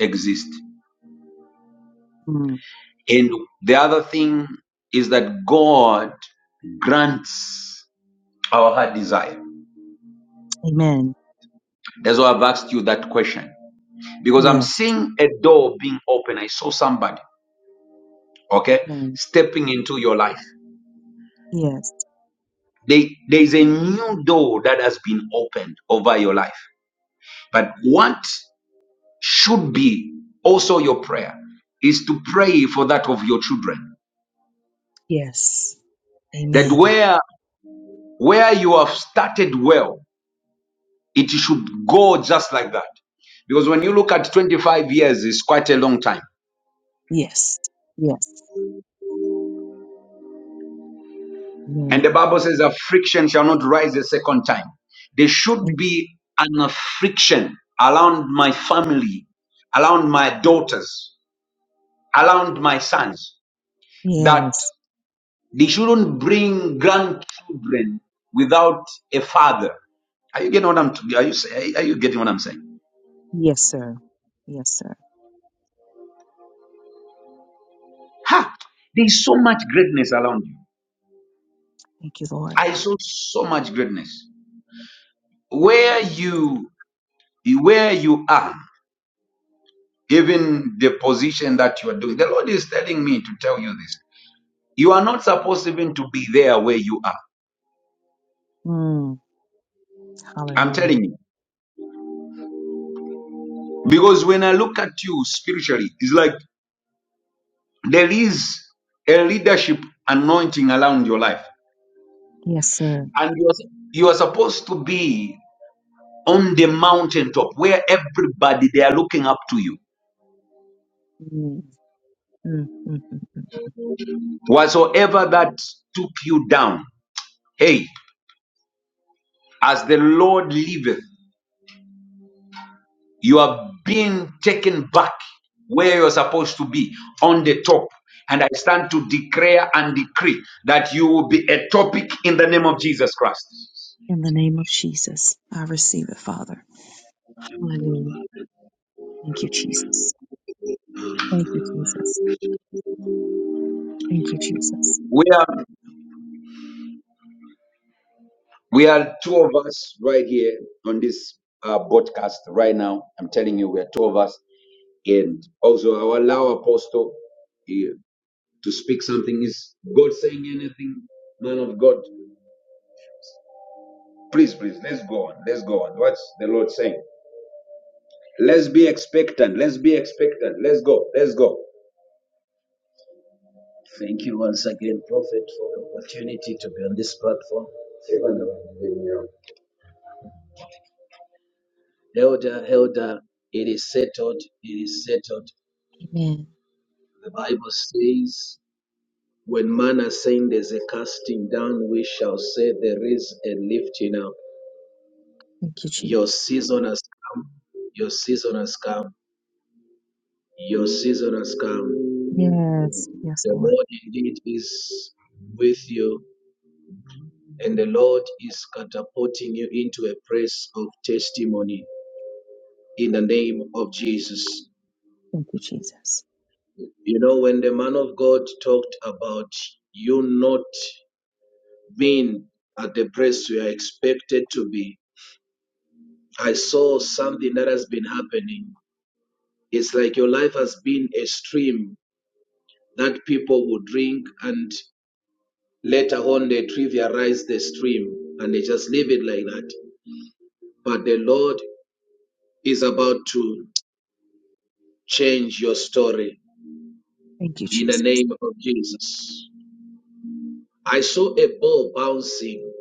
Speaker 1: exist.
Speaker 7: Mm,
Speaker 1: And the other thing is that God grants our heart desire.
Speaker 7: amen.
Speaker 1: That's why I've asked you that question. Because I'm
Speaker 7: Yes.
Speaker 1: seeing a door being open. I saw somebody, okay,
Speaker 7: Amen.
Speaker 1: stepping into your life.
Speaker 7: Yes.
Speaker 1: There, there is a new door that has been opened over your life. But what should be also your prayer is to pray for that of your children.
Speaker 7: Yes.
Speaker 1: That
Speaker 7: Amen.
Speaker 1: where where you have started well, it should go just like that. Because when you look at 25 years, it's quite a long time.
Speaker 7: Yes. Yes.
Speaker 1: And
Speaker 7: Amen.
Speaker 1: the Bible says a friction shall not rise a second time. There should be an friction around my family, around my daughters, around my sons. that
Speaker 7: Yes.
Speaker 1: they shouldn't bring grandchildren without a father. Are you getting what I'm? Are you say- are you getting what I'm saying?
Speaker 7: Yes, sir. Yes, sir.
Speaker 1: Ha! There's so much greatness around you.
Speaker 7: Thank you, Lord.
Speaker 1: I saw so much greatness where you where you are, even the position that you are doing. The Lord is telling me to tell you this. You are not supposed even to be there where you are.
Speaker 7: Mm,
Speaker 1: I'm
Speaker 7: hallelujah.
Speaker 1: telling you because when I look at you spiritually, it's like there is a leadership anointing around your life
Speaker 7: Yes, sir.
Speaker 1: and you are, you are supposed to be on the mountaintop where everybody they are looking up to you
Speaker 7: Mm, mm, mm, mm, mm.
Speaker 1: whatsoever that took you down hey as the lord liveth you are being taken back where you're supposed to be on the top and i stand to declare and decree that you will be a topic in the name of jesus christ
Speaker 7: In the name of Jesus, I receive it, Father. Hallelujah. Thank you, Jesus. Thank you, Jesus. Thank you, Jesus.
Speaker 1: Where We are two of us right here on this uh, broadcast right now. I'm telling you, we are two of us. And also, I'll allow Apostle eh, to speak something. Is God saying anything, man of God? Please, please, let's go on. Let's go on. What's the Lord saying? Let's be expectant. Let's be expectant. Let's go. Let's go.
Speaker 7: Amen. Thank you, Jesus. Yes. Yes, Lord.
Speaker 1: to a place of testimony in the name of Jesus.
Speaker 7: Thank you, Jesus.
Speaker 1: You know, when the man of God talked about you not being at the place you are expected to be. I saw something that has been happening. It's like your life has been a stream that people would drink, and later on they trivialize the stream and they just leave it like that. But the Lord is about to change your story
Speaker 7: Thank you,
Speaker 1: in the
Speaker 7: Jesus.
Speaker 1: name of Jesus. I saw a ball bouncing.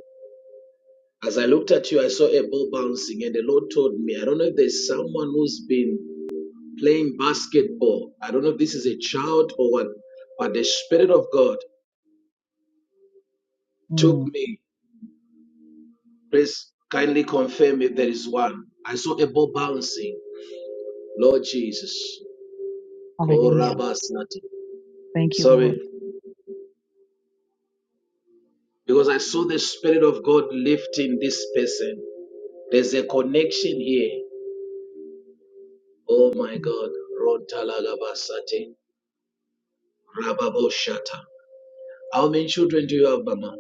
Speaker 1: As I looked at you, I saw a ball bouncing, and the Lord told me, I don't know if there's someone who's been playing basketball. I don't know if this is a child or what, but the Spirit of God took
Speaker 7: Mm.
Speaker 1: me. Please kindly confirm if there is one. I saw a ball bouncing. Lord Jesus.
Speaker 7: Hallelujah.
Speaker 1: Korabasnati.
Speaker 7: Thank you,
Speaker 1: Sorry,
Speaker 7: Lord.
Speaker 1: because I saw the Spirit of God lifting this person. There's a connection here. Oh my
Speaker 7: Mm.
Speaker 1: God. Rontalagabasate. Rababoshata. How many children do you have, Mama?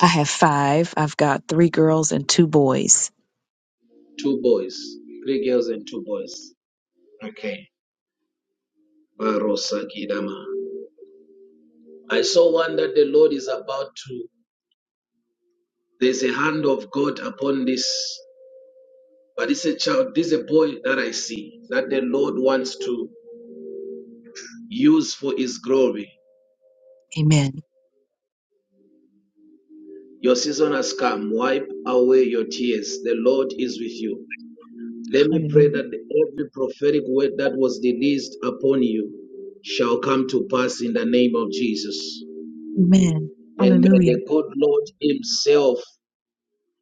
Speaker 7: I have five. I've got three girls and two boys.
Speaker 1: Two boys, three girls, and two boys. Okay. Barosakidama. I saw one that the Lord is about to. There's a hand of God upon this, but it's a child, this is a boy that I see that the Lord wants to use for His glory.
Speaker 7: Amen.
Speaker 1: Your season has come. Wipe away your tears. The Lord is with you. Let me
Speaker 7: Hallelujah.
Speaker 1: pray that every prophetic word that was released upon you shall come to pass in the name of Jesus.
Speaker 7: Amen.
Speaker 1: And may
Speaker 7: Hallelujah.
Speaker 1: the good Lord Himself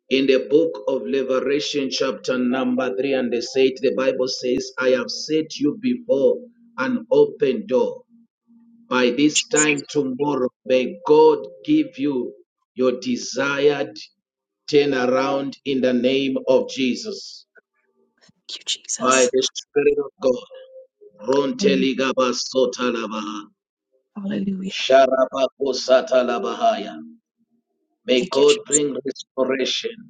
Speaker 1: In the book of Revelation, chapter number 3 and the 8, the Bible says, I have set you before an open door. By this time tomorrow, may God give you your desired turnaround in the name of Jesus.
Speaker 7: Thank you,
Speaker 1: By
Speaker 7: Jesus.
Speaker 1: the Spirit of God.
Speaker 7: Hallelujah.
Speaker 1: Ronteligabasotalaba,
Speaker 7: Hallelujah.
Speaker 1: sharabakosatalabahaya. May
Speaker 7: Thank you,
Speaker 1: God
Speaker 7: Jesus.
Speaker 1: bring restoration.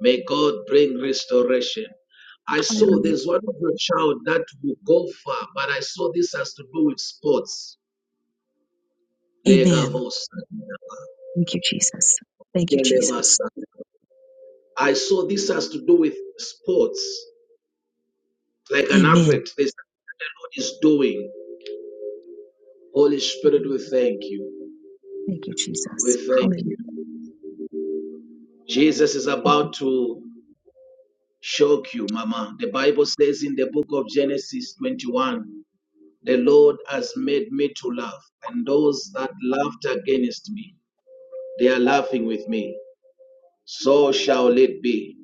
Speaker 1: May God bring restoration. I saw
Speaker 7: Hallelujah.
Speaker 1: there's one of your child that will go far, but I saw this has to do with sports.
Speaker 7: Amen.
Speaker 1: Legavos.
Speaker 7: Thank you, Jesus. Thank you,
Speaker 1: Delevas.
Speaker 7: Jesus.
Speaker 1: I saw this has to do with sports, like an
Speaker 7: Amen.
Speaker 1: athlete. This God is doing. Holy Spirit, we thank you.
Speaker 7: Thank you,
Speaker 1: We
Speaker 7: Jesus.
Speaker 1: thank
Speaker 7: Hallelujah.
Speaker 1: you. Jesus is about to shock you, Mama. The Bible says in the book of Genesis 21. The Lord has made me to laugh, and those that laughed against me, they are laughing with me. So shall it be.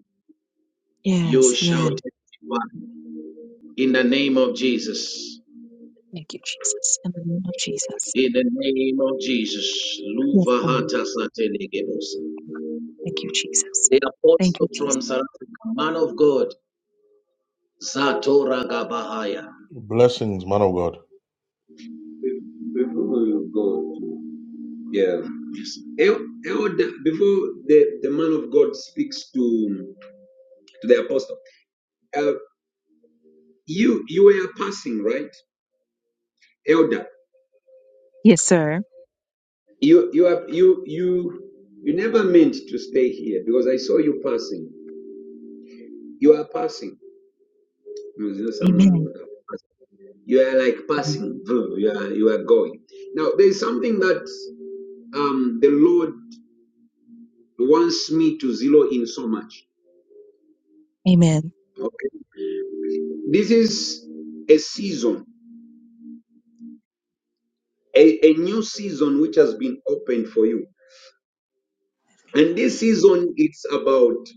Speaker 1: You
Speaker 7: Yes, yes.
Speaker 1: shall testify in the name of Jesus.
Speaker 7: Thank you, Jesus. In the name of Jesus.
Speaker 1: In the name of Jesus.
Speaker 7: Yes,
Speaker 1: Luva
Speaker 7: Lord.
Speaker 1: hata satelegebos.
Speaker 7: Thank you, Jesus.
Speaker 1: The
Speaker 7: Thank you,
Speaker 1: apostle
Speaker 7: Jesus.
Speaker 1: from Saratoga, man of God, Zatora Gabahaya.
Speaker 5: Blessings, man of God.
Speaker 1: Before you go, yeah. Yes. El- elder, before the, the man of God speaks to, to the apostle, uh, you you were passing right elder
Speaker 7: Yes, sir.
Speaker 1: you you are you you you never meant to stay here because i saw you passing you are passing no, there's no someone who
Speaker 7: Amen.
Speaker 1: would have passed. you are like passing through you are you are going now there's something that um the lord wants me to zero in so much
Speaker 7: Amen.
Speaker 1: okay this is a season a, a new season which has been opened for you and this season it's about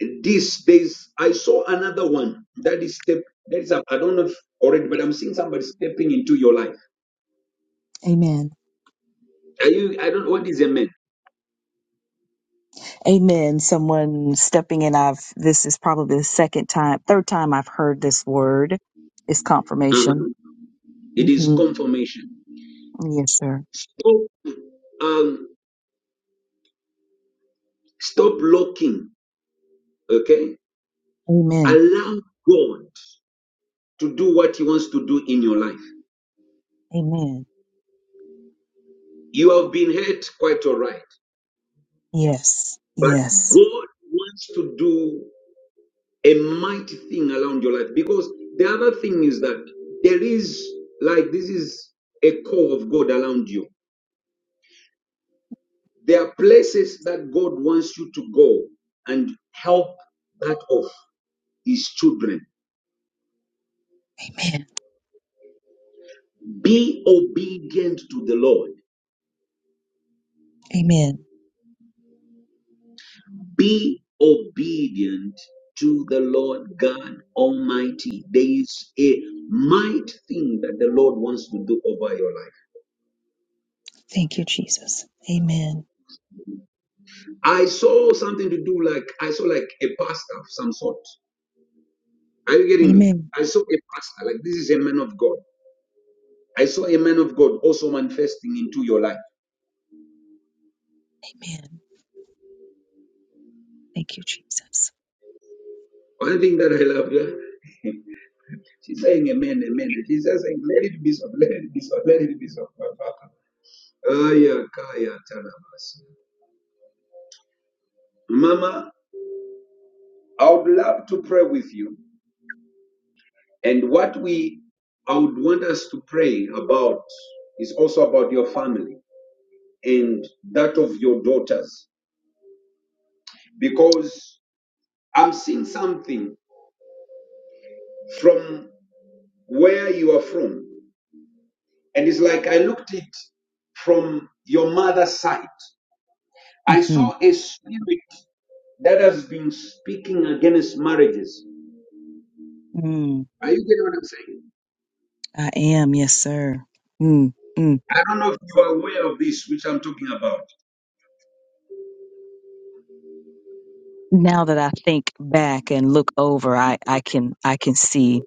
Speaker 1: This there's I saw another one that is step that is I don't know if already, but I'm seeing somebody stepping into your life.
Speaker 7: Amen.
Speaker 1: Are you I don't know what is a man?
Speaker 7: Amen. Someone stepping in. I've, this is probably the second time, third time I've heard this word. It's confirmation.
Speaker 1: Uh-huh. It is
Speaker 7: hmm
Speaker 1: confirmation.
Speaker 7: Yes, sir.
Speaker 1: Stop um stop locking, okay?
Speaker 7: Amen.
Speaker 1: Allow God to do what he wants to do in your life.
Speaker 7: Amen.
Speaker 1: You have been hurt quite all right,
Speaker 7: Yes.
Speaker 1: but
Speaker 7: Yes.
Speaker 1: God wants to do a mighty thing around your life. Because the other thing is that there is, like, this is a call of God around you. There are places that God wants you to go and help that of His children.
Speaker 7: Amen.
Speaker 1: Be obedient to the Lord.
Speaker 7: Amen.
Speaker 1: Be obedient to the Lord God Almighty. There is a might thing that the Lord wants to do over your life.
Speaker 7: Thank you, Jesus. Amen.
Speaker 1: I saw something to do like I saw like a pastor of some sort. Are you getting me?
Speaker 7: Amen.
Speaker 1: I saw a pastor, like this is a man of God. I saw a man of God also manifesting into your life.
Speaker 7: Amen. Thank you, Jesus.
Speaker 1: One thing that I love, yeah, she's saying amen, amen. And she's just saying, let it be so, let it be so, let it be so. Aya, kaya, tarabas. Mama, I would love to pray with you. And what we, I would want us to pray about is also about your family and that of your daughters. Because I'm seeing something from. where you are from. And it's like I looked it from your mother's side. I saw a spirit that has been speaking against marriages.
Speaker 7: hmm
Speaker 1: Are you getting what I'm saying?
Speaker 7: I am, yes, sir. Mm, mm.
Speaker 1: I don't know if you are aware of this, which I'm talking about.
Speaker 7: Now that I think back and look over, I, I can I can see,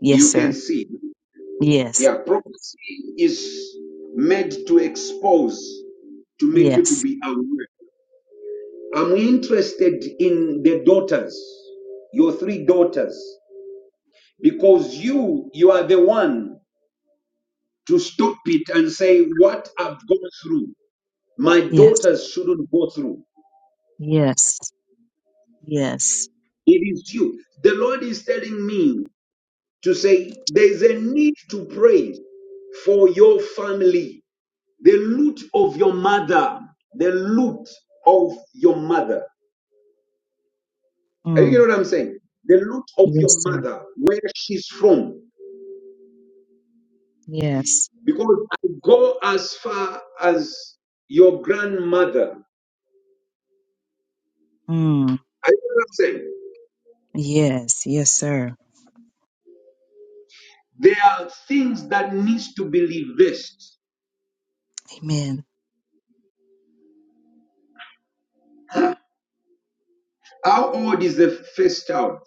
Speaker 7: yes,
Speaker 1: You can
Speaker 7: sir.
Speaker 1: see.
Speaker 7: Yes,
Speaker 1: Yeah, prophecy is made to expose, to make you to
Speaker 7: yes,
Speaker 1: be aware. I'm interested in the daughters, your three daughters, because you you are the one to stop it and say, What I've gone through, my
Speaker 7: yes,
Speaker 1: daughters shouldn't go through.
Speaker 7: yes, yes.
Speaker 1: It is you. The Lord is telling me to say, There's a need to pray for your family, the loot of your mother, the loot of your mother. Are you
Speaker 7: Mm,
Speaker 1: getting what I'm saying? The loot of
Speaker 7: yes,
Speaker 1: your
Speaker 7: sir.
Speaker 1: mother, where she's from.
Speaker 7: Yes.
Speaker 1: Because I go as far as your grandmother. Are
Speaker 7: Mm,
Speaker 1: you getting what I'm saying?
Speaker 7: yes, yes, sir.
Speaker 1: There are things that needs to be reversed.
Speaker 7: Amen.
Speaker 1: How old is the first child?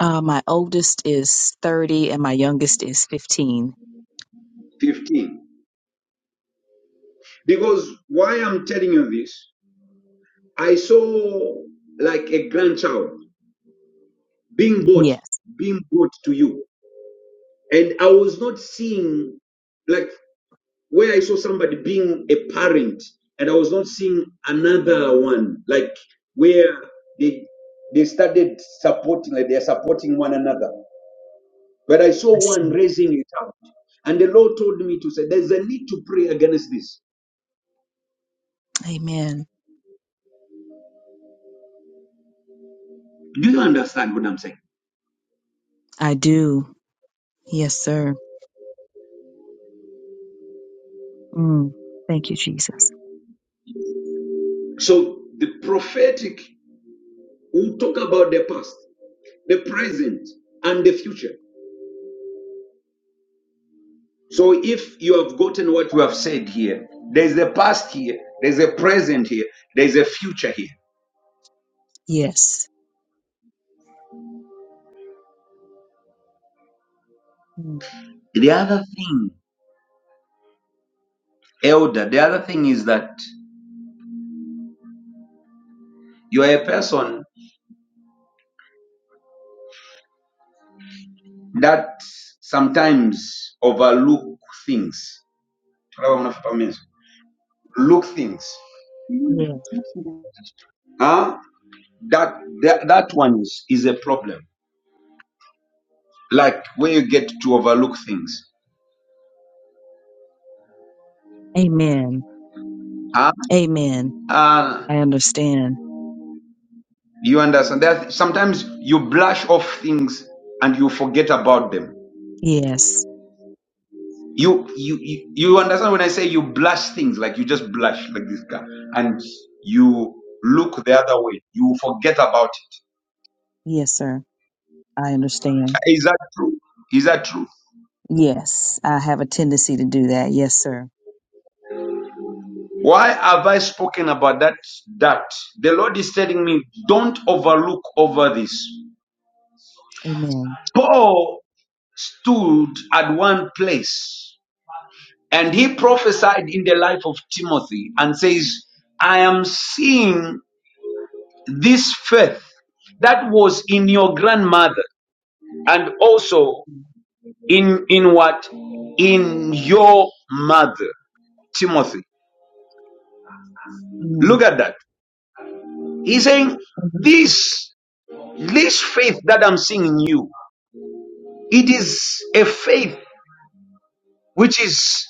Speaker 7: Uh, my oldest is thirty, and my youngest is fifteen.
Speaker 1: 15. Because why I'm telling you this, I saw like a grandchild being brought,
Speaker 7: Yes,
Speaker 1: being brought to you. And I was not seeing like where I saw somebody being a parent and I was not seeing another one, like where they they started supporting, like they're supporting one another. But I saw
Speaker 7: I see.
Speaker 1: one raising it out. And the Lord told me to say, there's a need to pray against this.
Speaker 7: Amen.
Speaker 1: Do you understand what I'm saying?
Speaker 7: I do. Yes, sir. Mm, thank you, Jesus.
Speaker 1: So the prophetic will talk about the past, the present, and the future. So if you have gotten what you have said here, there's a past here, there's a present here, there's a future here.
Speaker 7: Yes. Mm.
Speaker 1: The other thing, elder, the other thing is that you are a person that sometimes overlook things. look things.
Speaker 7: Yeah.
Speaker 1: Huh? That, that that one is, is a problem. Like when you get to overlook things.
Speaker 7: Amen.
Speaker 1: Huh?
Speaker 7: Amen.
Speaker 1: Uh,
Speaker 7: I understand.
Speaker 1: you understand that sometimes you brush off things and you forget about them.
Speaker 7: Yes.
Speaker 1: You, you you you understand when I say you blush things like you just blush like this guy and you look the other way. You forget about it.
Speaker 7: Yes, sir. I understand.
Speaker 1: Is that true? Is that true?
Speaker 7: Yes. I have a tendency to do that. Yes, sir.
Speaker 1: Why have I spoken about that? That the Lord is telling me, don't overlook over this.
Speaker 7: Amen.
Speaker 1: Paul stood at one place and he prophesied in the life of Timothy and says, I am seeing this faith that was in your grandmother and also in in what in your mother timothy look
Speaker 7: Mm.
Speaker 1: at that he's saying this this faith that i'm seeing in you It is a faith which is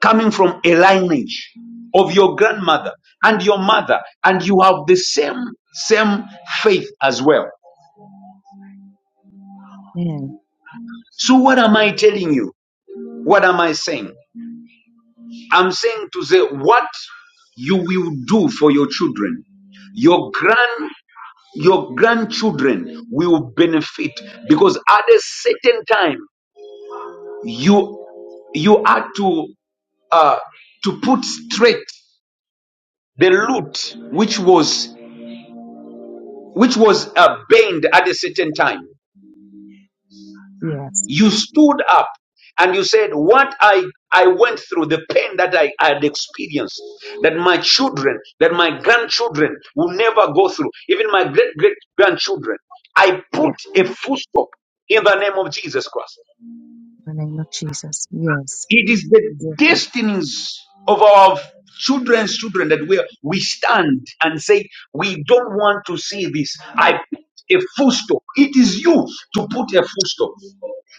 Speaker 1: coming from a lineage of your grandmother and your mother, and you have the same same faith as well.
Speaker 7: Amen.
Speaker 1: So what am I telling you? What am I saying? I'm saying to say what you will do for your children. Your grand your grandchildren will benefit because at a certain time you you are to uh, to put straight the lute which was which was uh, banned at a certain time
Speaker 7: Yes.
Speaker 1: you stood up and you said what i i went through the pain that i I had experienced that my children that my grandchildren will never go through even my great great grandchildren i
Speaker 7: Yeah.
Speaker 1: put a full stop in the name of jesus christ
Speaker 7: In the name of Jesus. Yes.
Speaker 1: It is the
Speaker 7: Yes. sir.
Speaker 1: destinies of our children's children that we, we stand and say, We don't want to see this. I put a full stop. It is you to put a full stop.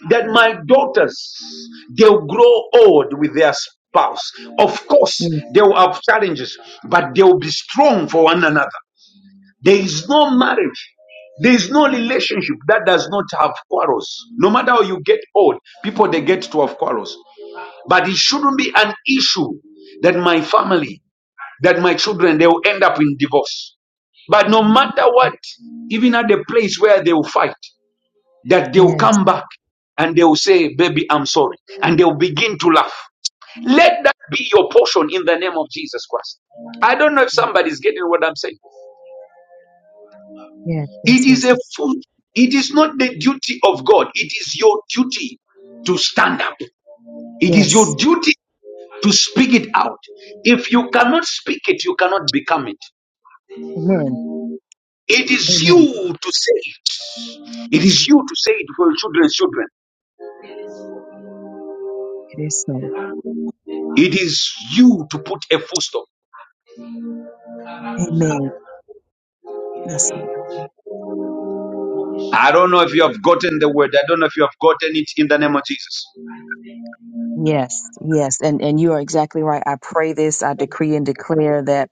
Speaker 1: That my daughters, they'll grow old with their spouse. Of course,
Speaker 7: Yes.
Speaker 1: they will have challenges, but they will be strong for one another. There is no marriage there is no relationship that does not have quarrels. No matter how you get old, people they get to have quarrels. But it shouldn't be an issue that my family, that my children, they will end up in divorce. But no matter what, even at the place where they will fight, that they will
Speaker 7: Yes.
Speaker 1: come back and they will say, Baby, I'm sorry. And they will begin to laugh. Let that be your portion in the name of Jesus Christ. I don't know if somebody's getting what I'm saying.
Speaker 7: Yes.
Speaker 1: It
Speaker 7: Yes.
Speaker 1: is
Speaker 7: Yes.
Speaker 1: a food. It is not the duty of God. It is your duty to stand up. It is your
Speaker 7: Yes.
Speaker 1: duty to speak it out. If you cannot speak it, you cannot become it.
Speaker 7: Amen.
Speaker 1: It is you
Speaker 7: Amen.
Speaker 1: to say it. It is you to say it for your children's children.
Speaker 7: It is so.
Speaker 1: It is you to put a full stop. I
Speaker 7: Amen. Yes. sir.
Speaker 1: don't know if you have gotten the word. I don't know if you have gotten it in the name of Jesus.
Speaker 7: Yes. Yes. And and you are exactly right. I pray this. I decree and declare that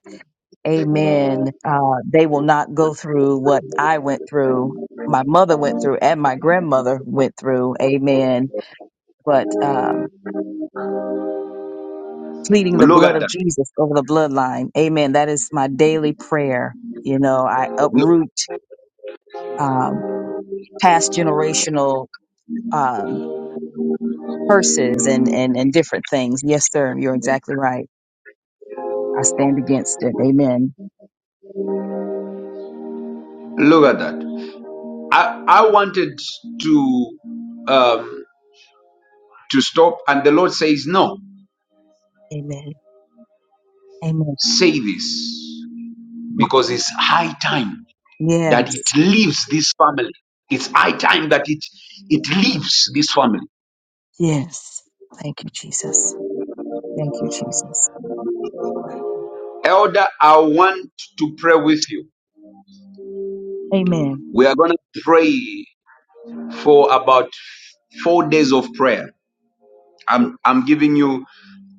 Speaker 7: Amen. Uh, they will not go through what I went through, my mother went through, and my grandmother went through. Amen. But um, pleading the
Speaker 1: Look
Speaker 7: blood
Speaker 1: at
Speaker 7: of
Speaker 1: that.
Speaker 7: Jesus over the bloodline. Amen. That is my daily prayer. You know, I
Speaker 1: Look,
Speaker 7: uproot um, past generational um, curses and, and, and different things. Yes, sir. You're exactly right. I stand against it. Amen.
Speaker 1: look at that. I, I wanted to um, to stop, and the Lord says, No,
Speaker 7: Amen. Amen.
Speaker 1: say this because it's high time. that it
Speaker 7: Yes.
Speaker 1: leaves this family. It's high time that it it leaves this family.
Speaker 7: Yes. Thank you, Jesus. Thank you, Jesus.
Speaker 1: Elder, I want to pray with you.
Speaker 7: Amen.
Speaker 1: We are gonna pray for about four days of prayer. I'm I'm giving you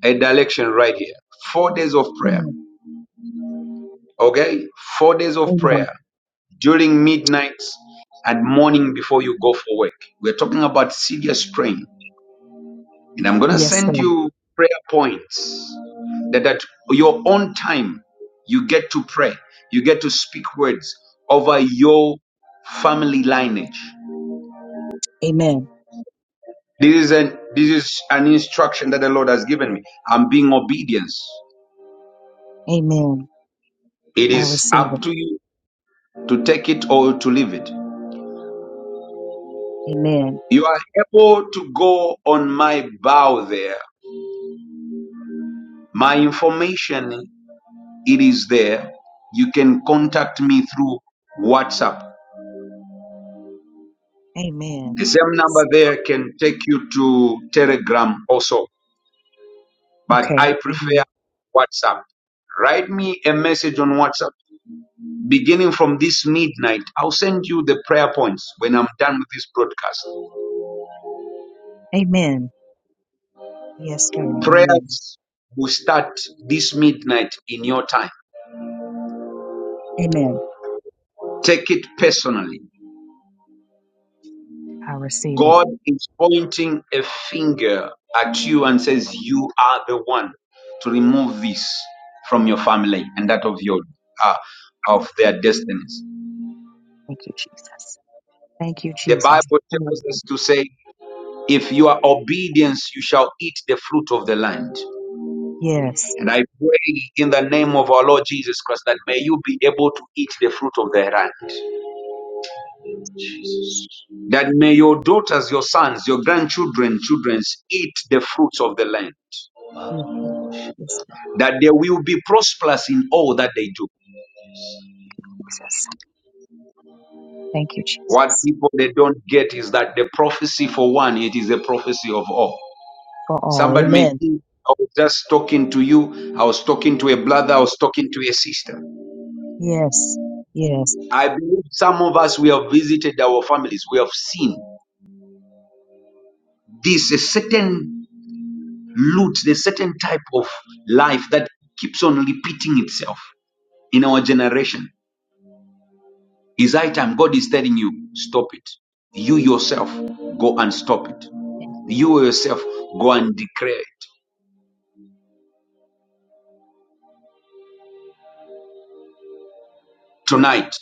Speaker 1: a direction right here. Four days of prayer.
Speaker 7: Amen.
Speaker 1: Okay? Four days of
Speaker 7: Amen.
Speaker 1: prayer during midnight and morning before you go for work. We're talking about serious praying And I'm going to
Speaker 7: Yes,
Speaker 1: send
Speaker 7: sir.
Speaker 1: you prayer points that at your own time, you get to pray, you get to speak words over your family lineage.
Speaker 7: Amen.
Speaker 1: This is an this is an instruction that the Lord has given me. I'm being obedience.
Speaker 7: Amen.
Speaker 1: It
Speaker 7: I
Speaker 1: is
Speaker 7: receive
Speaker 1: up
Speaker 7: it.
Speaker 1: to you to take it or to leave it.
Speaker 7: Amen.
Speaker 1: You are able to go on my bow there. My information it is there. You can contact me through WhatsApp
Speaker 7: Amen.
Speaker 1: The same number there can take you to Telegram also, but
Speaker 7: Okay.
Speaker 1: I prefer
Speaker 7: Amen.
Speaker 1: WhatsApp. Write me a message on WhatsApp. Beginning from this midnight, I'll send you the prayer points when I'm done with this broadcast.
Speaker 7: Amen. Yes, sir. Amen.
Speaker 1: Prayers will start this midnight in your time.
Speaker 7: Amen.
Speaker 1: Take it personally.
Speaker 7: I receive it.
Speaker 1: God is pointing a finger at you and says, You are the one to remove this from your family and that of your uh, of their destinies.
Speaker 7: Thank you, Jesus. Thank you,
Speaker 1: The
Speaker 7: Jesus.
Speaker 1: Bible tells us to say, If you are obedience, you shall eat the fruit of the land.
Speaker 7: Yes.
Speaker 1: And I pray in the name of our Lord Jesus Christ that may you be able to eat the fruit of the land. That may your daughters, your sons, your grandchildren, childrens eat the fruits of the land
Speaker 7: Yes, yes,
Speaker 1: that they will be prosperous in all that they do.
Speaker 7: Jesus. Thank you,
Speaker 1: What
Speaker 7: Jesus,
Speaker 1: people they don't get is that the prophecy for one, it is a prophecy of all.
Speaker 7: for all.
Speaker 1: Somebody may
Speaker 7: Amen.
Speaker 1: think I was just talking to you, I was talking to a brother, I was talking to a sister.
Speaker 7: Yes. Yes.
Speaker 1: I believe some of us we have visited our families, we have seen this a certain loot, the certain type of life that keeps on repeating itself in our generation. Is high time God is telling you, stop it. You yourself, go and stop it. You yourself go and declare it. Tonight,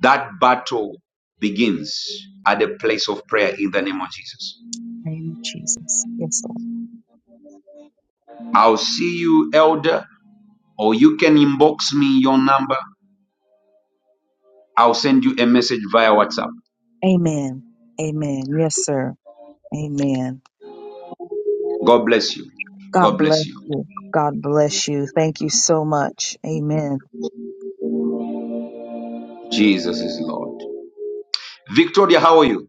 Speaker 1: that battle begins at the place of prayer in the name of Jesus.
Speaker 7: Thank you, Jesus. Yes, Lord.
Speaker 1: I'll see you, elder, or you can inbox me your number. I'll send you a message via WhatsApp.
Speaker 7: Amen. Amen. Yes, sir. Amen.
Speaker 1: God bless you.
Speaker 7: God
Speaker 1: God bless
Speaker 7: bless
Speaker 1: you.
Speaker 7: you. God bless you. Thank you so much. Amen.
Speaker 1: Jesus is Lord. Victoria, how are you?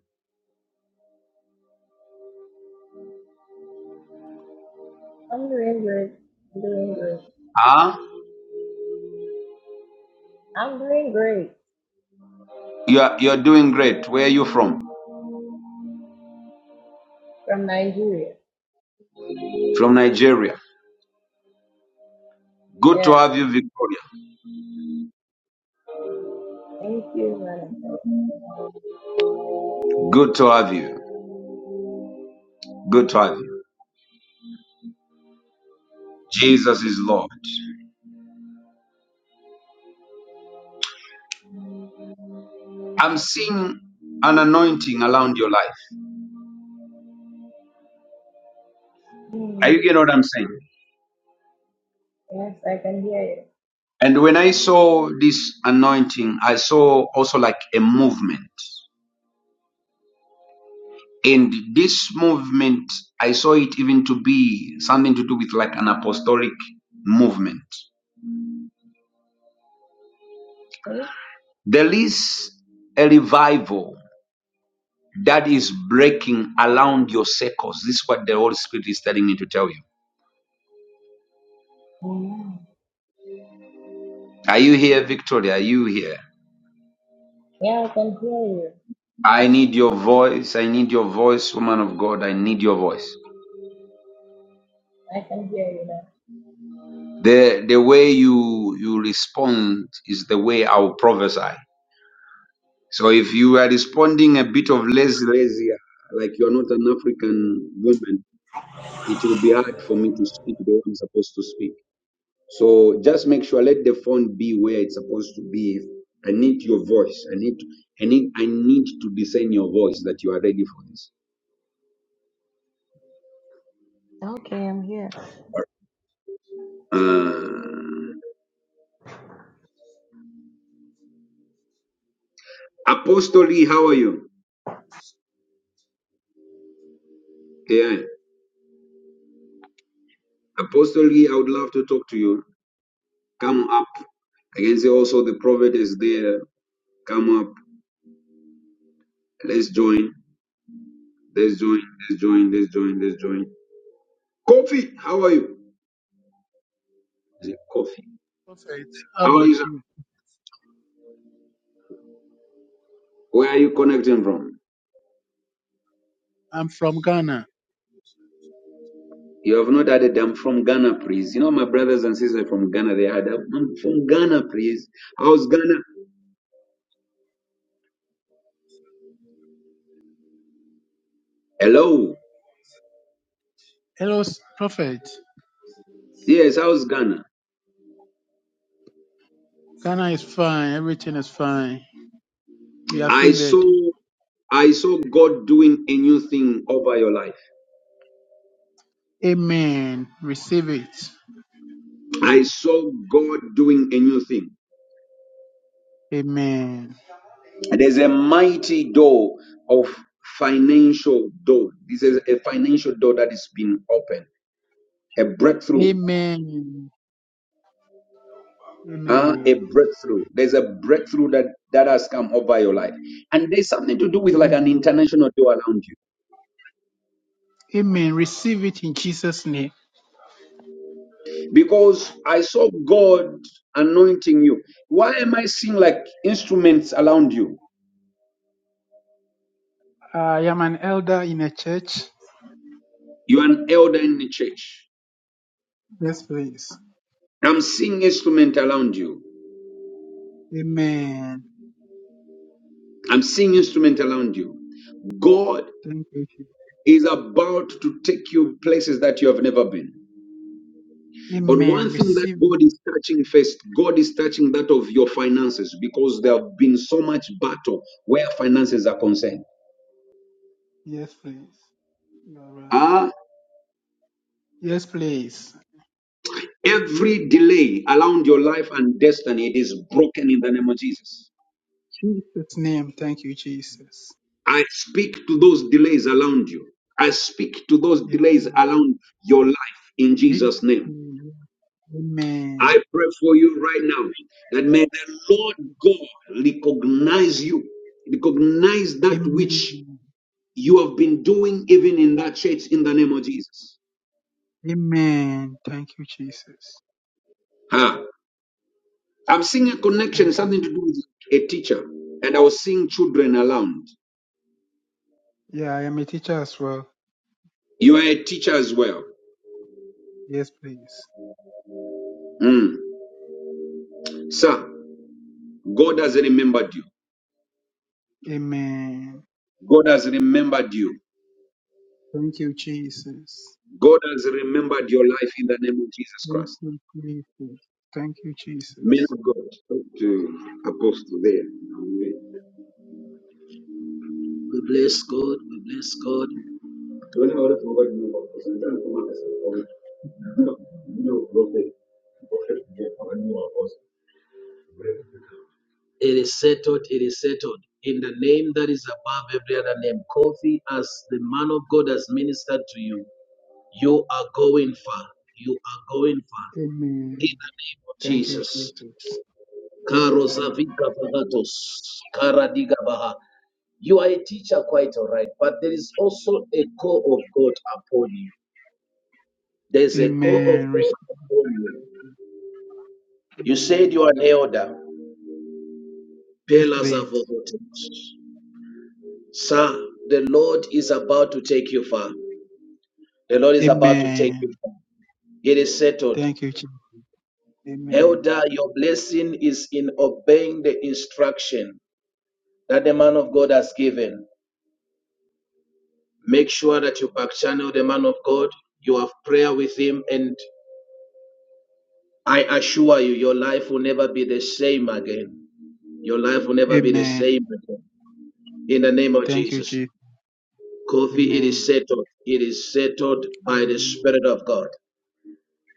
Speaker 8: I'm doing great. I'm doing great.
Speaker 1: Huh?
Speaker 8: I'm doing great
Speaker 1: You're, you're doing great. Where are you from?
Speaker 8: from Nigeria.
Speaker 1: From Nigeria. Good to
Speaker 8: Yes.
Speaker 1: have you, Victoria.
Speaker 8: Thank you, Monica.
Speaker 1: Good to have you. Good to have you. Jesus is Lord. I'm seeing an anointing around your life. Are
Speaker 8: Mm.
Speaker 1: you getting what I'm saying?
Speaker 8: Yes, I can hear you.
Speaker 1: And when I saw this anointing, I saw also like a movement. And this movement, I saw it even to be something to do with like an apostolic movement.
Speaker 8: Hmm?
Speaker 1: There is a revival that is breaking around your circles. This is what the Holy Spirit is telling me to tell you.
Speaker 8: Mm.
Speaker 1: Are you here, Victoria? Are you here?
Speaker 8: Yeah, I can hear you.
Speaker 1: I need your voice. I need your voice, woman of God. I need your voice.
Speaker 8: I can hear you now.
Speaker 1: The the way you you respond is the way I will prophesy. So if you are responding a bit of less lazier, like you're not an African woman, it will be hard for me to speak the way I'm supposed to speak. So just make sure let the phone be where it's supposed to be. I need your voice. I need I need I need to discern your voice that you are ready for this.
Speaker 8: Okay, I'm here.
Speaker 1: Uh, Apostle Lee, how are you? Yeah. Apostle Guy, I would love to talk to you. Come up. I can see also the prophet is there. Come up. Let's join. Let's join. Let's join. Let's join. Let's join. Kofi, how are you? Is it Kofi?
Speaker 9: Prophet, how
Speaker 1: How are
Speaker 9: about
Speaker 1: you, sir?
Speaker 9: you?
Speaker 1: Where are you connecting from?
Speaker 9: I'm from Ghana.
Speaker 1: You have not added, I'm from Ghana, please. You know, my brothers and sisters from Ghana, they had, I'm from Ghana, please. How's Ghana? Hello.
Speaker 9: Hello, s- Prophet.
Speaker 1: Yes, how's Ghana?
Speaker 9: Ghana is fine. Everything is fine. We are
Speaker 1: I
Speaker 9: favored.
Speaker 1: saw, I saw God doing a new thing over your life.
Speaker 9: Amen. Receive it.
Speaker 1: I
Speaker 9: Jesus.
Speaker 1: saw God doing a new thing.
Speaker 9: Amen.
Speaker 1: There's a mighty door of financial door. This is a financial door that is being opened. A breakthrough.
Speaker 9: Amen.
Speaker 1: Uh,
Speaker 9: Amen.
Speaker 1: a breakthrough. There's a breakthrough that, that has come over your life. And there's something to do with like an
Speaker 9: Amen.
Speaker 1: international door around you.
Speaker 9: Amen. Receive it in Jesus' name.
Speaker 1: Because I saw God anointing you. Why am I seeing like instruments around you?
Speaker 9: I am an elder in a church.
Speaker 1: You're an elder in the church.
Speaker 9: Yes, please.
Speaker 1: I'm seeing instrument around you.
Speaker 9: Amen.
Speaker 1: I'm seeing instrument around you. God
Speaker 9: Thank you. Jesus.
Speaker 1: is about to take you places that you have never been. But
Speaker 9: Amen.
Speaker 1: one thing that
Speaker 9: Receive
Speaker 1: God
Speaker 9: it.
Speaker 1: is touching first, God is touching that of your finances because there have been so much battle where finances are concerned.
Speaker 9: Yes, please. You are right.
Speaker 1: Ah,
Speaker 9: Yes, please.
Speaker 1: every delay around your life and destiny, it is broken in the name of Jesus.
Speaker 9: Jesus' name. Thank you, Jesus.
Speaker 1: I speak to those delays around you. I speak to those
Speaker 9: Yes,
Speaker 1: delays
Speaker 9: Lord.
Speaker 1: around your life in Jesus' name.
Speaker 9: Amen.
Speaker 1: I
Speaker 9: Amen.
Speaker 1: pray for you right now that may the Lord God recognize you, recognize that which
Speaker 9: Amen.
Speaker 1: you have been doing even in that church in the name of Jesus.
Speaker 9: Amen. Thank you, Jesus.
Speaker 1: Huh. I'm seeing a connection,
Speaker 9: Thank you.
Speaker 1: something to do with a teacher, and I was seeing children around.
Speaker 9: Yeah, I am a teacher as well.
Speaker 1: You are a teacher as well.
Speaker 9: Yes, please.
Speaker 1: Mm. Sir, God has remembered you.
Speaker 9: Amen.
Speaker 1: God has remembered you.
Speaker 9: Thank you, Jesus.
Speaker 1: God has remembered your life in the name of Jesus
Speaker 9: Thank
Speaker 1: Christ.
Speaker 9: you, Jesus. Thank you,
Speaker 1: Men
Speaker 9: Jesus.
Speaker 1: of God, talk to Apostle there. We bless God. We bless God. It is settled. It is settled. In the name that is above every other name, Kofi, as the man of God has ministered to you, you are going far. You are going far. In
Speaker 9: Amen.
Speaker 1: the name of
Speaker 9: Thank you,
Speaker 1: Jesus.
Speaker 9: Jesus.
Speaker 1: Karo
Speaker 9: Amen.
Speaker 1: Zavika Vagatos, Karadiga Baha. You are a teacher, quite all right, but there is also a call of God upon you. There's a call
Speaker 9: Amen.
Speaker 1: of
Speaker 9: Receive-
Speaker 1: God upon you. You said you are
Speaker 9: Amen.
Speaker 1: an elder.
Speaker 9: Yes,
Speaker 1: Pillars are
Speaker 9: please.
Speaker 1: forgotten. Sir, the Lord is about to take you far. The Lord is about to take
Speaker 9: Amen.
Speaker 1: you far. It is settled.
Speaker 9: Thank you, Jesus.
Speaker 1: Elder,
Speaker 9: Amen.
Speaker 1: your blessing is in obeying the instruction that the man of God has given. Make sure that you back channel the man of God. You have prayer with him, and I assure you, your life will never be the same again. Your life will never be the
Speaker 9: Amen.
Speaker 1: same again. In the name of
Speaker 9: Thank you,
Speaker 1: Jesus.
Speaker 9: Jesus.
Speaker 1: Kofi, it is
Speaker 9: Amen.
Speaker 1: settled. It is settled by the Spirit of God.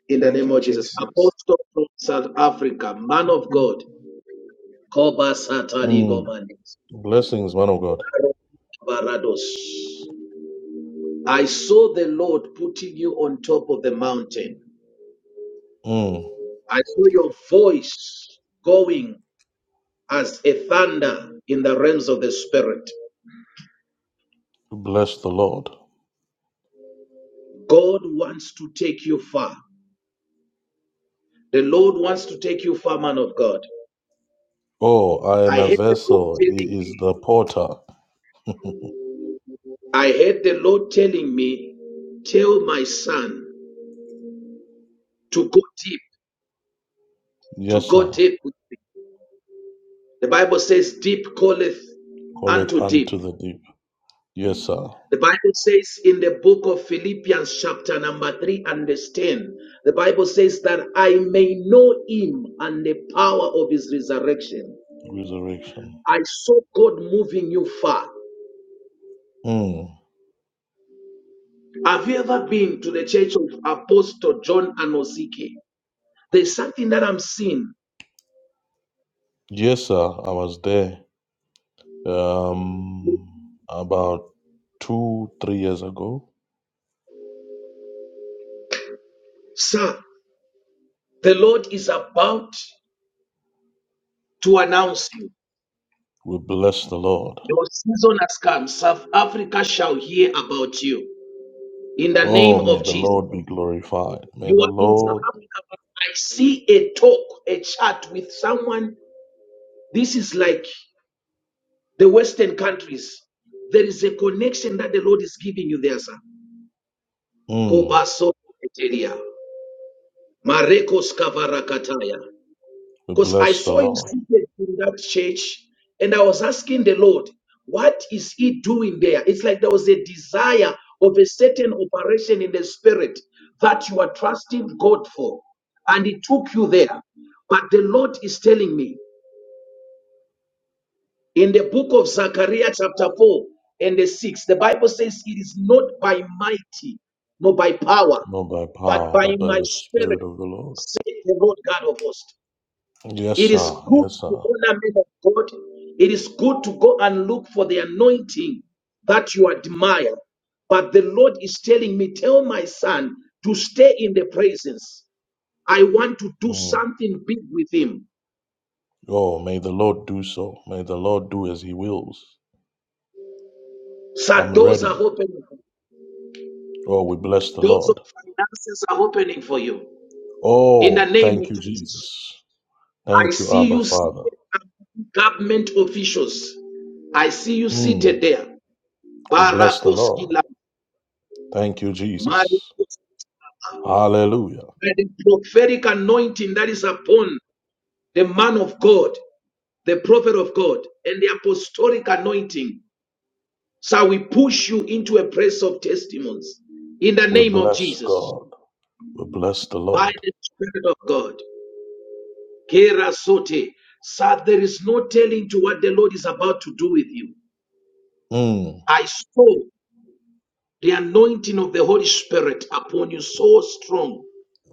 Speaker 1: In the
Speaker 9: Thank
Speaker 1: name
Speaker 9: you,
Speaker 1: of Jesus.
Speaker 9: Jesus.
Speaker 1: Apostle from South Africa, man of God. Koba Satali
Speaker 5: Mm.
Speaker 1: Gomanis.
Speaker 5: Blessings, man of God.
Speaker 1: Barados. I saw the Lord putting you on top of the mountain.
Speaker 5: Mm.
Speaker 1: I saw your voice going as a thunder in the realms of the Spirit.
Speaker 5: Bless the Lord.
Speaker 1: God wants to take you far. The Lord wants to take you far, man of God.
Speaker 5: Oh, I am
Speaker 1: I
Speaker 5: a
Speaker 1: heard the Lord
Speaker 5: vessel.
Speaker 1: telling
Speaker 5: He is
Speaker 1: me
Speaker 5: the porter.
Speaker 1: I heard the Lord telling me, Tell my son to go deep, to
Speaker 5: Yes, sir.
Speaker 1: go deep with me. The Bible says, Deep calleth
Speaker 5: Call it
Speaker 1: unto
Speaker 5: unto
Speaker 1: deep.
Speaker 5: the deep. Yes, sir.
Speaker 1: The Bible says in the book of Philippians, chapter number 3 and verse 10, the Bible says that I may know him and the power of his resurrection.
Speaker 5: Resurrection.
Speaker 1: I saw God moving you far.
Speaker 5: Mm.
Speaker 1: Have you ever been to the church of Apostle John Anosike? There's something that I'm seeing.
Speaker 5: Yes, sir. I was there um, about two, three years ago.
Speaker 1: Sir, The Lord is about to announce you.
Speaker 5: We bless the Lord.
Speaker 1: Your season has come. South Africa shall hear about you in the name
Speaker 5: Oh, may
Speaker 1: of
Speaker 5: the
Speaker 1: Jesus.
Speaker 5: Lord be glorified. May
Speaker 1: You
Speaker 5: the
Speaker 1: are in South
Speaker 5: Lord,
Speaker 1: Africa. but I see a talk, a chat with someone. This is like the Western countries. There is a connection that the Lord is giving you there, sir.
Speaker 5: mm,
Speaker 1: Kobaso Eteria. Marekos Kavarakataya.
Speaker 5: we
Speaker 1: Because I
Speaker 5: bless the
Speaker 1: saw you
Speaker 5: Lord,
Speaker 1: seated in that church and I was asking the Lord, what is he doing there? It's like there was a desire of a certain operation in the spirit that you are trusting God for. And it took you there. But the Lord is telling me in the book of Zechariah, chapter 4 and the 6, the Bible says, It is not by mighty, nor by power,
Speaker 5: not by
Speaker 1: but
Speaker 5: power,
Speaker 1: by
Speaker 5: but by
Speaker 1: my
Speaker 5: the
Speaker 1: spirit,
Speaker 5: Spirit of the Lord.
Speaker 1: said the Lord God of hosts.
Speaker 5: Yes,
Speaker 1: It is
Speaker 5: sir.
Speaker 1: good
Speaker 5: Yes, sir.
Speaker 1: to honor men of God. It is good to go and look for the anointing that you admire. But the Lord is telling me, tell my son to stay in the presence. I want to do
Speaker 5: Mm.
Speaker 1: something big with him.
Speaker 5: Oh, may the Lord do so. May the Lord do as He wills.
Speaker 1: So
Speaker 5: I'm
Speaker 1: doors
Speaker 5: ready.
Speaker 1: are opening.
Speaker 5: Oh, we bless the
Speaker 1: Doors of
Speaker 5: Lord.
Speaker 1: finances are opening for you. In the
Speaker 5: Oh,
Speaker 1: name of
Speaker 5: thank you,
Speaker 1: Jesus.
Speaker 5: Jesus.
Speaker 1: I
Speaker 5: Thank you,
Speaker 1: see
Speaker 5: Abba
Speaker 1: you
Speaker 5: Father.
Speaker 1: seated among government officials. I see you seated
Speaker 5: Mm.
Speaker 1: there.
Speaker 5: We bless the Lord.
Speaker 1: Barakoskila,
Speaker 5: Thank you, Jesus. Hallelujah.
Speaker 1: by the prophetic anointing that is upon the man of God, the prophet of God, and the apostolic anointing. So we push you into a place of testimonies in the
Speaker 5: We
Speaker 1: name of
Speaker 5: bless
Speaker 1: Jesus
Speaker 5: God. We bless the
Speaker 1: by
Speaker 5: Lord.
Speaker 1: the Spirit of God. Kera sote. Sir, there is no telling to what the Lord is about to do with you.
Speaker 5: Mm.
Speaker 1: I saw the anointing of the Holy Spirit upon you so strong.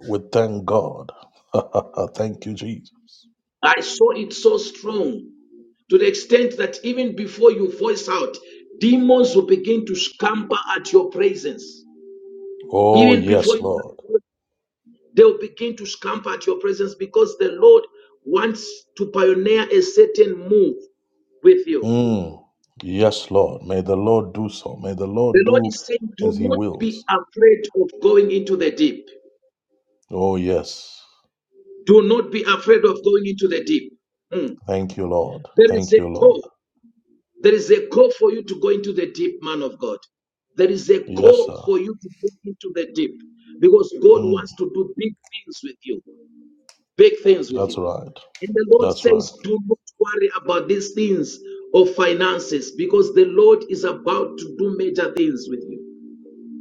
Speaker 5: We thank God. thank you, Jesus.
Speaker 1: I saw it so strong to the extent that even before you voice out, demons will begin to scamper at your presence.
Speaker 5: Oh,
Speaker 1: Even before
Speaker 5: yes, Lord.
Speaker 1: you, they'll begin to scamper at your presence because the Lord wants to pioneer a certain move with you.
Speaker 5: Mm. Yes, Lord. May the Lord do so. May the
Speaker 1: The
Speaker 5: Lord
Speaker 1: Lord
Speaker 5: do
Speaker 1: is saying, do
Speaker 5: as He
Speaker 1: not be
Speaker 5: wills.
Speaker 1: afraid of going into the deep.
Speaker 5: Oh, yes.
Speaker 1: Do not be afraid of going into the deep. Mm.
Speaker 5: Thank you, Lord.
Speaker 1: There is
Speaker 5: Thank you,
Speaker 1: a
Speaker 5: Lord.
Speaker 1: call. There is a call for you to go into the deep, man of God. There is a
Speaker 5: Yes,
Speaker 1: call
Speaker 5: sir.
Speaker 1: for you to go into the deep because God
Speaker 5: Mm.
Speaker 1: wants to do big things with you. Big things with
Speaker 5: That's
Speaker 1: you.
Speaker 5: right.
Speaker 1: And the Lord
Speaker 5: That's right.
Speaker 1: says, Do not worry about these things of finances because the Lord is about to do major things with you.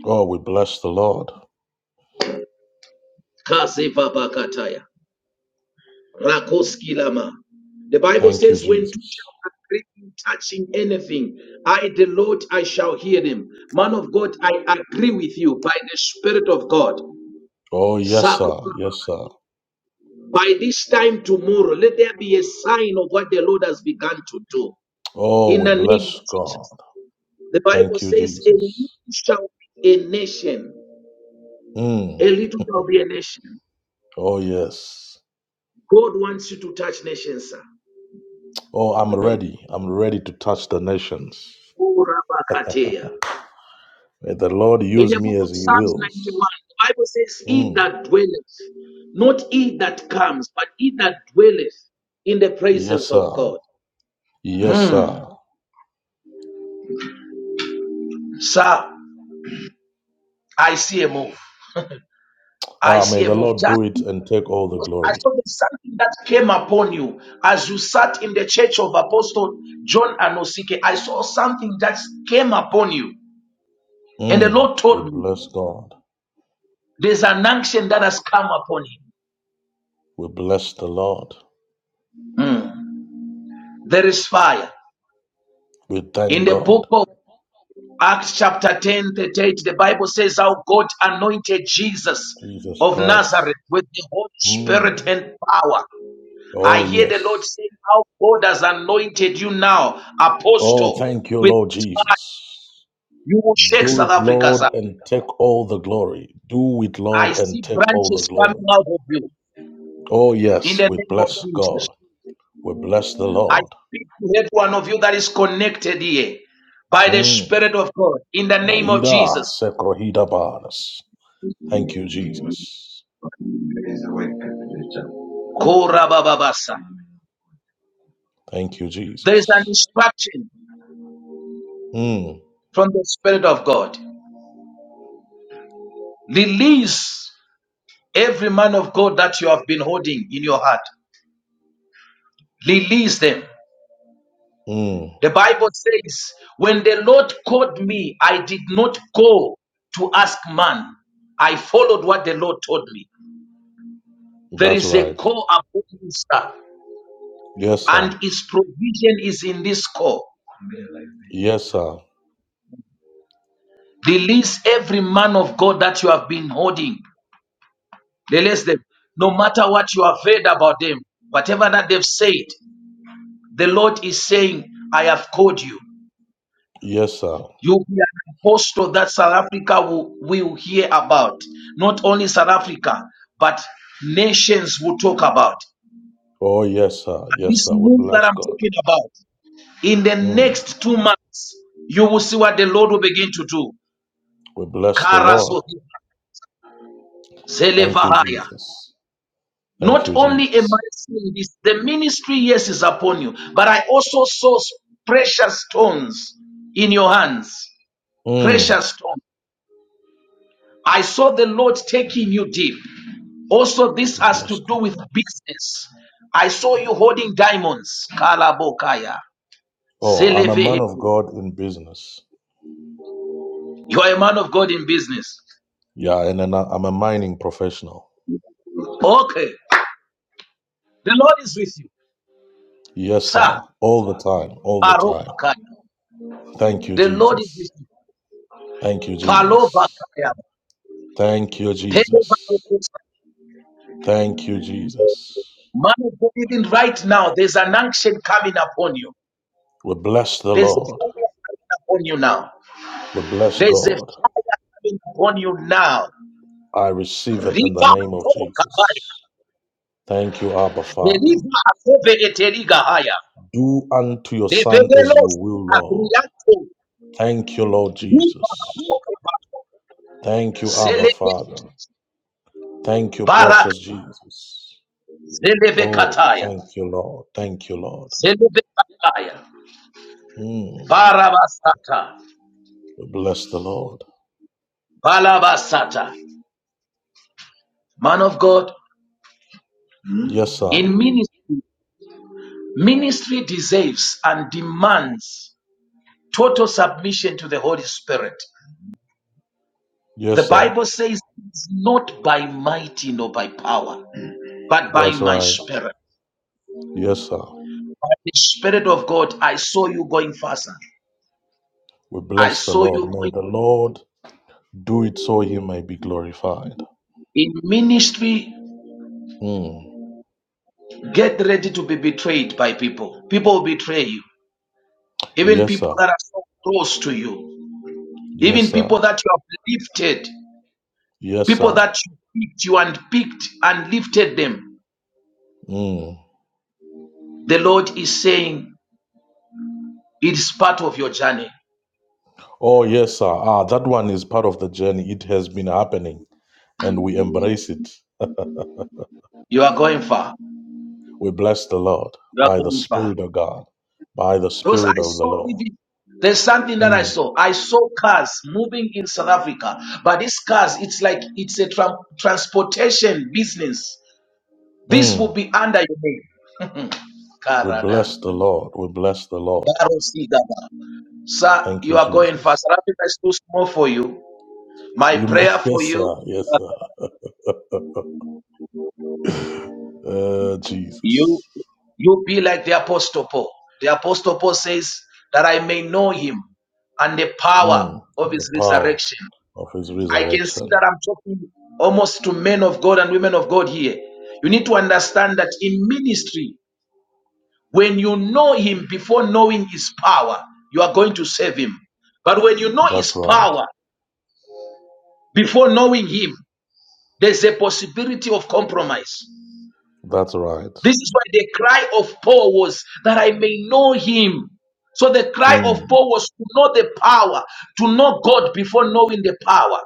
Speaker 5: Oh, we bless the Lord.
Speaker 1: Kaseva bakataya. Rakoskilama. The Bible
Speaker 5: Thank you,
Speaker 1: says, When two
Speaker 5: Jesus.
Speaker 1: shall agree in touching anything, I, the Lord, I shall hear them. Man of God, I agree with you by the Spirit of God.
Speaker 5: Oh, yes,
Speaker 1: Sako-
Speaker 5: sir. Yes, sir.
Speaker 1: By this time tomorrow, let there be a sign of what the Lord has begun to do.
Speaker 5: Oh,
Speaker 1: In
Speaker 5: we
Speaker 1: the name of
Speaker 5: bless God.
Speaker 1: Jesus. The Bible
Speaker 5: Thank you,
Speaker 1: says, A little
Speaker 5: Jesus.
Speaker 1: shall be a nation.
Speaker 5: Mm.
Speaker 1: A little shall be a nation.
Speaker 5: Oh, yes.
Speaker 1: God wants you to touch nations, sir.
Speaker 5: Oh, I'm
Speaker 1: Mhm.
Speaker 5: ready. I'm ready to touch the nations.
Speaker 1: Oh, Rabakateya.
Speaker 5: May the Lord
Speaker 1: In
Speaker 5: use
Speaker 1: the
Speaker 5: me
Speaker 1: book of
Speaker 5: as He
Speaker 1: Psalms 91,
Speaker 5: wills.
Speaker 1: the Bible says, He
Speaker 5: Mm.
Speaker 1: that dwelleth, not he that comes, but he that dwelleth in the
Speaker 5: Yes,
Speaker 1: presence of
Speaker 5: sir.
Speaker 1: God.
Speaker 5: Yes, sir.
Speaker 1: Hmm. Sir, I see a move. I
Speaker 5: Ah, may
Speaker 1: see a
Speaker 5: the
Speaker 1: move.
Speaker 5: Lord
Speaker 1: Just
Speaker 5: do it and take all the
Speaker 1: I
Speaker 5: glory.
Speaker 1: saw there's something that came upon you as you sat in the church of Apostle John Anosike. I saw something that came upon you. And the
Speaker 5: Mm.
Speaker 1: Lord
Speaker 5: We
Speaker 1: told me
Speaker 5: bless God.
Speaker 1: there's an unction that has come upon him.
Speaker 5: We bless the Lord.
Speaker 1: Hmm. There is fire.
Speaker 5: We
Speaker 1: In
Speaker 5: thank
Speaker 1: the book
Speaker 5: God.
Speaker 1: of Acts chapter 10, 38. the Bible says how God anointed Jesus
Speaker 5: Jesus
Speaker 1: of
Speaker 5: Christ.
Speaker 1: Nazareth with the Holy Spirit
Speaker 5: Mm.
Speaker 1: and power. I
Speaker 5: Oh,
Speaker 1: hear the Lord
Speaker 5: yes.
Speaker 1: saying how God has anointed you now,
Speaker 5: Oh,
Speaker 1: apostle,
Speaker 5: thank you,
Speaker 1: with
Speaker 5: Lord
Speaker 1: his fire.
Speaker 5: Jesus.
Speaker 1: You will shake
Speaker 5: Do
Speaker 1: South
Speaker 5: it,
Speaker 1: Africa,
Speaker 5: Lord,
Speaker 1: sir.
Speaker 5: and take all the glory. Do it,
Speaker 1: I
Speaker 5: Lord, and
Speaker 1: see
Speaker 5: take all the
Speaker 1: branches coming
Speaker 5: glory.
Speaker 1: out of you
Speaker 5: Oh,
Speaker 1: in
Speaker 5: yes,
Speaker 1: the
Speaker 5: we
Speaker 1: name of
Speaker 5: bless
Speaker 1: Jesus.
Speaker 5: God. We bless the
Speaker 1: I
Speaker 5: Lord.
Speaker 1: speak to every one of you that is connected here by the
Speaker 5: Mm.
Speaker 1: Spirit of God in the name of
Speaker 5: Vaida
Speaker 1: Jesus.
Speaker 5: sekrohida baras. Thank you, Jesus.
Speaker 1: There is a way Korabababasa.
Speaker 5: Thank you,
Speaker 1: There is an
Speaker 5: Jesus.
Speaker 1: instruction
Speaker 5: Mm.
Speaker 1: from the Spirit of God. Release every man of God that you have been holding in your heart. Release them.
Speaker 5: Mm.
Speaker 1: The Bible says, When the Lord called me, I did not go to ask man. I followed what the Lord told me. There
Speaker 5: That's
Speaker 1: is a
Speaker 5: right.
Speaker 1: call upon you,
Speaker 5: Yes, sir.
Speaker 1: and His provision is in this call.
Speaker 5: Yes, sir.
Speaker 1: Release every man of God that you have been holding. Release them. No matter what you have heard about them, whatever that they've said, the Lord is saying, I have called you.
Speaker 5: Yes, sir.
Speaker 1: You'll be an apostle that South Africa will, will hear about. Not only South Africa, but nations will talk about.
Speaker 5: Oh, yes, sir.
Speaker 1: And
Speaker 5: Yes,
Speaker 1: this
Speaker 5: sir. We
Speaker 1: move that
Speaker 5: bless
Speaker 1: I'm
Speaker 5: God.
Speaker 1: talking about, in the
Speaker 5: Mm.
Speaker 1: next two months, you will see what the Lord will begin to do.
Speaker 5: We bless the Lord.
Speaker 1: Karazohia,
Speaker 5: Thank you,
Speaker 1: Zelevahaya.
Speaker 5: Jesus. Thank
Speaker 1: Not
Speaker 5: you,
Speaker 1: only am I
Speaker 5: Jesus.
Speaker 1: seeing this, the ministry, yes, is upon you, but I also saw s- precious stones in your hands.
Speaker 5: Mm.
Speaker 1: Precious stones. I saw the Lord taking you deep. Also, this
Speaker 5: We
Speaker 1: has
Speaker 5: bless
Speaker 1: to
Speaker 5: God.
Speaker 1: do with business. I saw you holding diamonds. Kalabokaya.
Speaker 5: Oh, I'm a man
Speaker 1: Zelevehe.
Speaker 5: of God in business.
Speaker 1: You are a man of God in business.
Speaker 5: Yeah, and then I- I'm a mining professional.
Speaker 1: Okay. The Lord is with you.
Speaker 5: Yes,
Speaker 1: Sir.
Speaker 5: sir. All the time, all the time.
Speaker 1: Arobakaya.
Speaker 5: Thank you,
Speaker 1: The Lord is
Speaker 5: Jesus.
Speaker 1: with you.
Speaker 5: Thank you, Jesus.
Speaker 1: Palovakaya.
Speaker 5: Thank you, Jesus. Thank you, Jesus.
Speaker 1: Man of God, even right now, there's an unction coming upon you.
Speaker 5: We bless the
Speaker 1: There's a
Speaker 5: Lord.
Speaker 1: fire coming upon you now.
Speaker 5: We bless
Speaker 1: There's a
Speaker 5: God.
Speaker 1: fire coming upon you now.
Speaker 5: I receive it in the
Speaker 1: Riva
Speaker 5: name of
Speaker 1: to kavaya.
Speaker 5: Jesus. Thank you, Abba Father.
Speaker 1: Deliva atove eteriga haya.
Speaker 5: Do unto your Son as you
Speaker 1: Lebedelos
Speaker 5: will, Lord.
Speaker 1: abriato.
Speaker 5: Thank you, Lord
Speaker 1: Riva
Speaker 5: Jesus.
Speaker 1: to kavaya.
Speaker 5: Thank you, Abba
Speaker 1: Zelebe
Speaker 5: Father. Thank you,
Speaker 1: barak.
Speaker 5: precious Jesus.
Speaker 1: Zelebe
Speaker 5: Oh,
Speaker 1: kataya.
Speaker 5: thank you, Lord. Thank you, Lord.
Speaker 1: Zelebe kataya.
Speaker 5: Mm.
Speaker 1: Barabasata.
Speaker 5: We bless the Lord.
Speaker 1: Balabasata. Man of God,
Speaker 5: Yes, sir.
Speaker 1: in ministry. Ministry deserves and demands total submission to the Holy Spirit.
Speaker 5: Yes,
Speaker 1: The
Speaker 5: sir.
Speaker 1: Bible says, "It's not by mighty nor by power, but by
Speaker 5: That's
Speaker 1: my
Speaker 5: right.
Speaker 1: spirit.
Speaker 5: Yes, sir.
Speaker 1: By the Spirit of God, I saw you going faster.
Speaker 5: We
Speaker 1: I
Speaker 5: bless the
Speaker 1: saw
Speaker 5: Lord.
Speaker 1: you
Speaker 5: May
Speaker 1: going
Speaker 5: the Lord do it so he may be glorified.
Speaker 1: in ministry.
Speaker 5: Mm.
Speaker 1: Get ready to be betrayed by people. People will betray you. Even
Speaker 5: Yes,
Speaker 1: people
Speaker 5: sir.
Speaker 1: that are so close to you.
Speaker 5: Yes,
Speaker 1: Even
Speaker 5: sir.
Speaker 1: people that you have lifted.
Speaker 5: Yes,
Speaker 1: People
Speaker 5: sir.
Speaker 1: that you picked, you and picked and lifted them.
Speaker 5: Mm.
Speaker 1: The Lord is saying it's part of your journey.
Speaker 5: Oh, yes, sir. Ah, that one is part of the journey. It has been happening and we embrace it.
Speaker 1: You are going far.
Speaker 5: We bless the Lord
Speaker 1: You are
Speaker 5: by the
Speaker 1: going far.
Speaker 5: Spirit of God, by the
Speaker 1: Because
Speaker 5: Spirit
Speaker 1: I
Speaker 5: of the
Speaker 1: saw
Speaker 5: Lord.
Speaker 1: even there's something that
Speaker 5: Mm.
Speaker 1: I saw. I saw cars moving in South Africa, but these cars, it's like it's a tran- transportation business. This will
Speaker 5: Mm.
Speaker 1: be under your name.
Speaker 5: We
Speaker 1: Karada.
Speaker 5: bless the Lord. We bless the Lord.
Speaker 1: Darosigaba. Sir,
Speaker 5: Thank
Speaker 1: you
Speaker 5: you,
Speaker 1: are going far.
Speaker 5: Jesus.
Speaker 1: South Africa is too small for you. My
Speaker 5: You may,
Speaker 1: prayer for
Speaker 5: yes,
Speaker 1: you.
Speaker 5: sir. Yes, sir. uh,
Speaker 1: You
Speaker 5: Jesus.
Speaker 1: you be like the apostle Paul. The apostle Paul says that I may know him and the power
Speaker 5: Mm.
Speaker 1: of
Speaker 5: The
Speaker 1: his
Speaker 5: power
Speaker 1: resurrection.
Speaker 5: of his
Speaker 1: I can see that
Speaker 5: resurrection.
Speaker 1: I'm talking almost to men of God and women of God here. You need to understand that in ministry, when you know him before knowing his power, you are going to save him. But when you know
Speaker 5: That's
Speaker 1: his
Speaker 5: right.
Speaker 1: power before knowing him, there's a possibility of compromise.
Speaker 5: That's right.
Speaker 1: This is why the cry of Paul was that I may know him. So the cry of
Speaker 5: Mm.
Speaker 1: Paul was to know the power, to know God before knowing the power.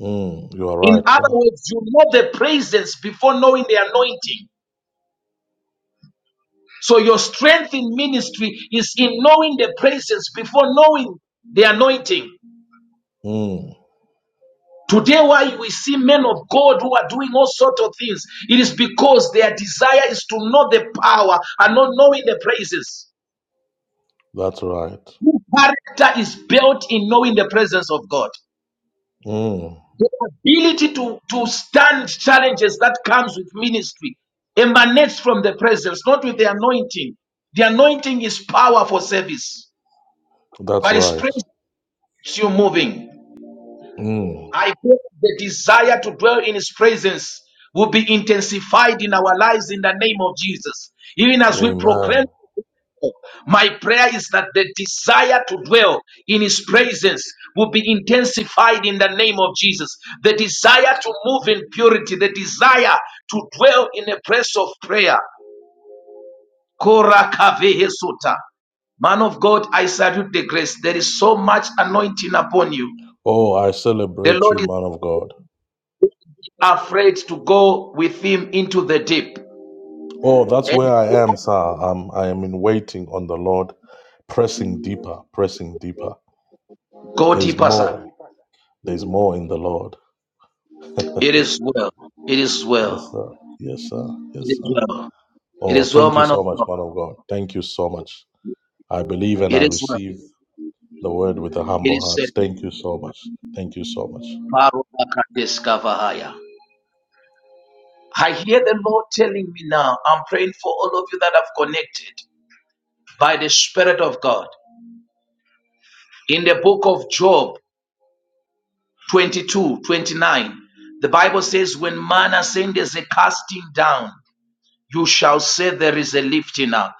Speaker 5: Mm. You are
Speaker 1: In
Speaker 5: right,
Speaker 1: other
Speaker 5: sir.
Speaker 1: words, you know the presence before knowing the anointing. So your strength in ministry is in knowing the presence before knowing the anointing.
Speaker 5: Mm.
Speaker 1: Today, why we see men of God who are doing all sorts of things, it is because their desire is to know the power and not knowing the presence.
Speaker 5: That's right.
Speaker 1: True character is built in knowing the presence of God.
Speaker 5: Mm.
Speaker 1: The ability to, to stand challenges that comes with ministry emanates from the presence, not with the anointing. The anointing is power for service,
Speaker 5: That's
Speaker 1: but it's
Speaker 5: right.
Speaker 1: presence you moving.
Speaker 5: Mm.
Speaker 1: I pray the desire to dwell in His presence will be intensified in our lives in the name of Jesus. Even as we proclaim,
Speaker 5: Amen.
Speaker 1: my prayer is that the desire to dwell in His presence will be intensified in the name of Jesus. The desire to move in purity, the desire to dwell in a place of prayer. Korakavehesuta. Man of God, I salute the grace. There is so much anointing upon you.
Speaker 5: Oh, I
Speaker 1: The
Speaker 5: celebrate
Speaker 1: Lord
Speaker 5: you,
Speaker 1: is.
Speaker 5: man of God.
Speaker 1: afraid to go with him into the deep.
Speaker 5: Oh, that's
Speaker 1: And
Speaker 5: where I am, sir. i I am in waiting on the Lord pressing deeper, pressing deeper.
Speaker 1: go
Speaker 5: There's
Speaker 1: deeper, sir.
Speaker 5: more. There's more in the Lord.
Speaker 1: It is well. It is
Speaker 5: Yes,
Speaker 1: well.
Speaker 5: sir. Yes, sir.
Speaker 1: It
Speaker 5: Yes,
Speaker 1: is
Speaker 5: sir.
Speaker 1: well. It
Speaker 5: Oh,
Speaker 1: is well,
Speaker 5: thank you
Speaker 1: man of
Speaker 5: so much, man
Speaker 1: God.
Speaker 5: of God. Thank you so much. I believe and
Speaker 1: It
Speaker 5: I
Speaker 1: is well.
Speaker 5: receive the word with a
Speaker 1: It
Speaker 5: humble
Speaker 1: is
Speaker 5: heart.
Speaker 1: settled.
Speaker 5: Thank you so much. Thank you so much.
Speaker 1: Barobakadeskavahaya. I hear the Lord telling me now. I'm praying for all of you that have connected by the Spirit of God. In the book of Job 22:29. the Bible says, When man ascends a casting down, you shall say there is a lifting up.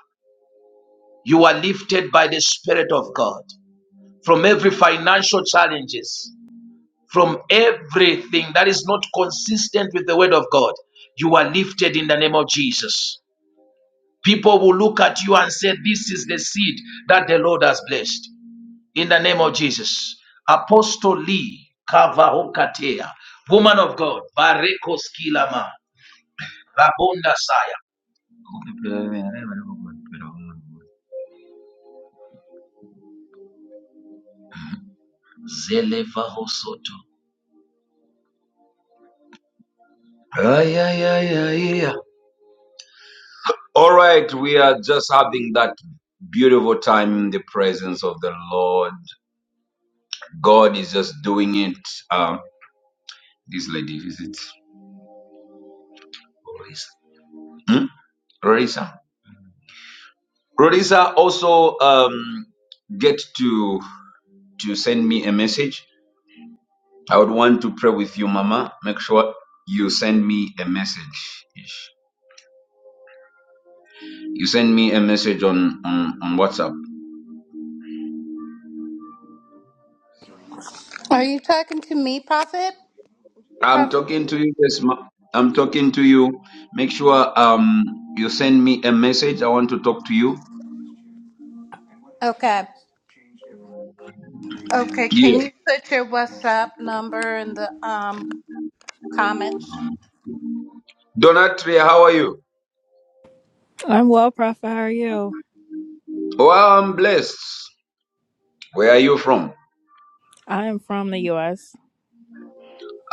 Speaker 1: You are lifted by the Spirit of God from every financial challenges, from everything that is not consistent with the Word of God. You are lifted in the name of Jesus. People will look at you and say, This is the seed that the Lord has blessed. In the name of Jesus. Apostle Lee Kavahokatea, woman of God, Bareko Skilama, Rabonda Saya. Ay, ay, ay, ay, All right, we are just having that beautiful time in the presence of the Lord. God is just doing it. Um, this lady, is it Rorisa? Hmm? Rorisa. Rorisa also um, get to to send me a message. I would want to pray with you, Mama. Make sure you send me a message. You send me a message on on, on WhatsApp.
Speaker 3: Are you talking to me, Prophet?
Speaker 1: I'm
Speaker 3: Prophet?
Speaker 1: talking to you. Yes, ma- I'm talking to you. Make sure um you send me a message. I want to talk to you.
Speaker 3: Okay. Okay.
Speaker 1: Yeah.
Speaker 3: Can you put your WhatsApp number in the um comments?
Speaker 1: Donatria, how are you?
Speaker 10: I'm well, Prophet. How are you?
Speaker 1: Oh, I'm blessed. Where are you from?
Speaker 10: I am from the U.S.,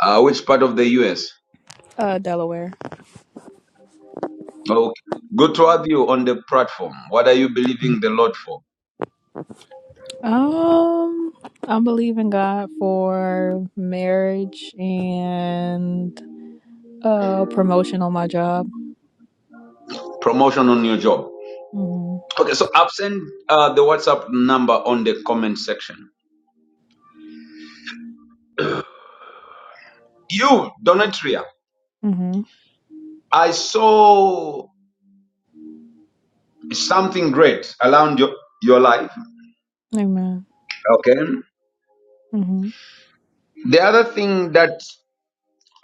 Speaker 1: Uh, which part of the U.S.?
Speaker 10: uh, Delaware.
Speaker 1: Okay. Good to have you on the platform. What are you believing the Lord for?
Speaker 10: Um, I'm believing God for marriage and uh promotion on my job.
Speaker 1: Promotion on your job.
Speaker 10: Mm-hmm.
Speaker 1: Okay, so I've sent uh, the WhatsApp number on the comment section. You, Donatria,
Speaker 10: Mm-hmm.
Speaker 1: I saw something great around your, your life.
Speaker 10: Amen.
Speaker 1: Okay.
Speaker 10: Mm-hmm.
Speaker 1: The other thing that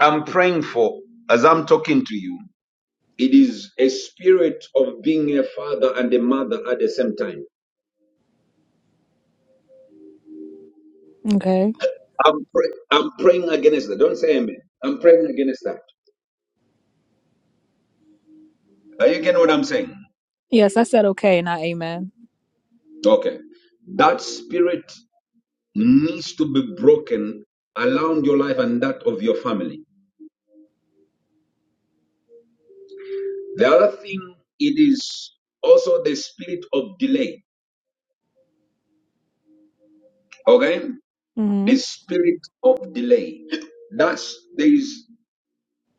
Speaker 1: I'm praying for as I'm talking to you, it is a spirit of being a father and a mother at the same time.
Speaker 10: Okay.
Speaker 1: I'm, pray- I'm praying against that. Don't say amen. I'm praying against that. Are you getting what I'm saying?
Speaker 10: Yes, I said okay, not amen.
Speaker 1: Okay. That spirit needs to be broken around your life and that of your family. The other thing, it is also the spirit of delay. Okay? The
Speaker 10: Mm-hmm.
Speaker 1: spirit of delay. That's there is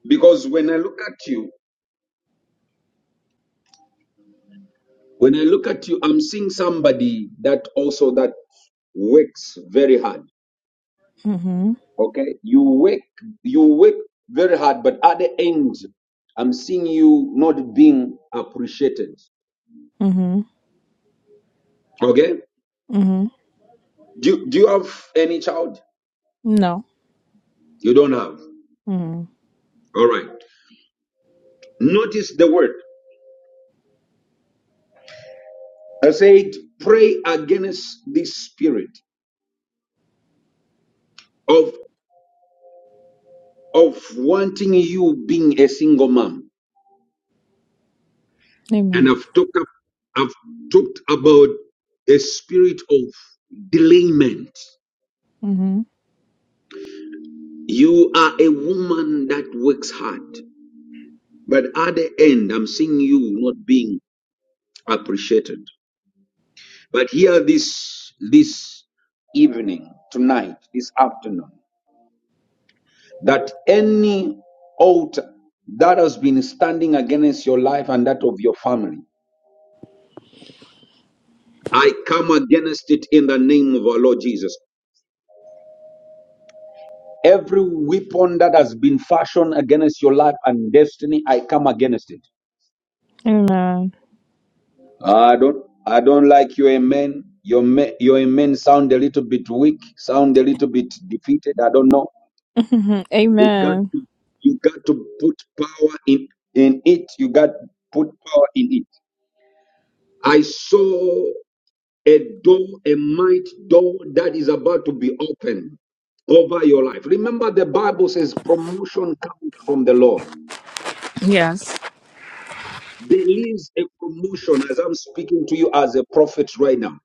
Speaker 1: Because when I look at you, when I look at you, I'm seeing somebody that also that works very hard.
Speaker 10: Mm-hmm.
Speaker 1: Okay, you work, you work very hard, but at the end, I'm seeing you not being appreciated.
Speaker 10: Mm-hmm.
Speaker 1: Okay,
Speaker 10: Mm-hmm.
Speaker 1: do do you have any child?
Speaker 10: No.
Speaker 1: You don't have.
Speaker 10: Mm-hmm.
Speaker 1: All right. Notice the word. I said, pray against this spirit of of wanting you being a single mom. and
Speaker 10: Amen.
Speaker 1: I've talked up, I've talked about the spirit of delayment.
Speaker 10: Mm-hmm.
Speaker 1: You are a woman that works hard, but at the end, I'm seeing you not being appreciated. But here, this this evening, tonight, this afternoon, that any altar that has been standing against your life and that of your family, I come against it in the name of our Lord Jesus Every weapon that has been fashioned against your life and destiny, I come against it.
Speaker 10: Amen.
Speaker 1: I don't I don't like your amen. Your men, your amen sound a little bit weak, sound a little bit defeated. I don't know.
Speaker 10: Mm-hmm.
Speaker 1: You got
Speaker 10: Amen.
Speaker 1: to, you got to put power in in it. You got to put power in it. I saw a door, a might door that is about to be opened over your life. Remember, the Bible says promotion comes from the Lord.
Speaker 10: Yes.
Speaker 1: There is a promotion as I'm speaking to you as a prophet right now.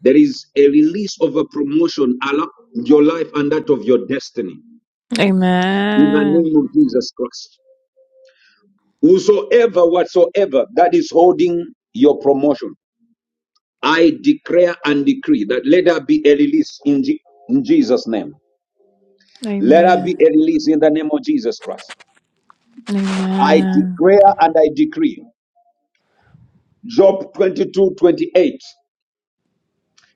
Speaker 1: There is a release of a promotion, Allah, your life and that of your destiny in the
Speaker 10: Amen.
Speaker 1: name of Jesus Christ. Whosoever, whatsoever that is holding your promotion, I declare and decree that let there be a release in, Je- in Jesus' name. Let there
Speaker 10: Amen.
Speaker 1: be a release in the name of Jesus Christ. I
Speaker 10: Amen.
Speaker 1: declare and I decree. Job 22:28.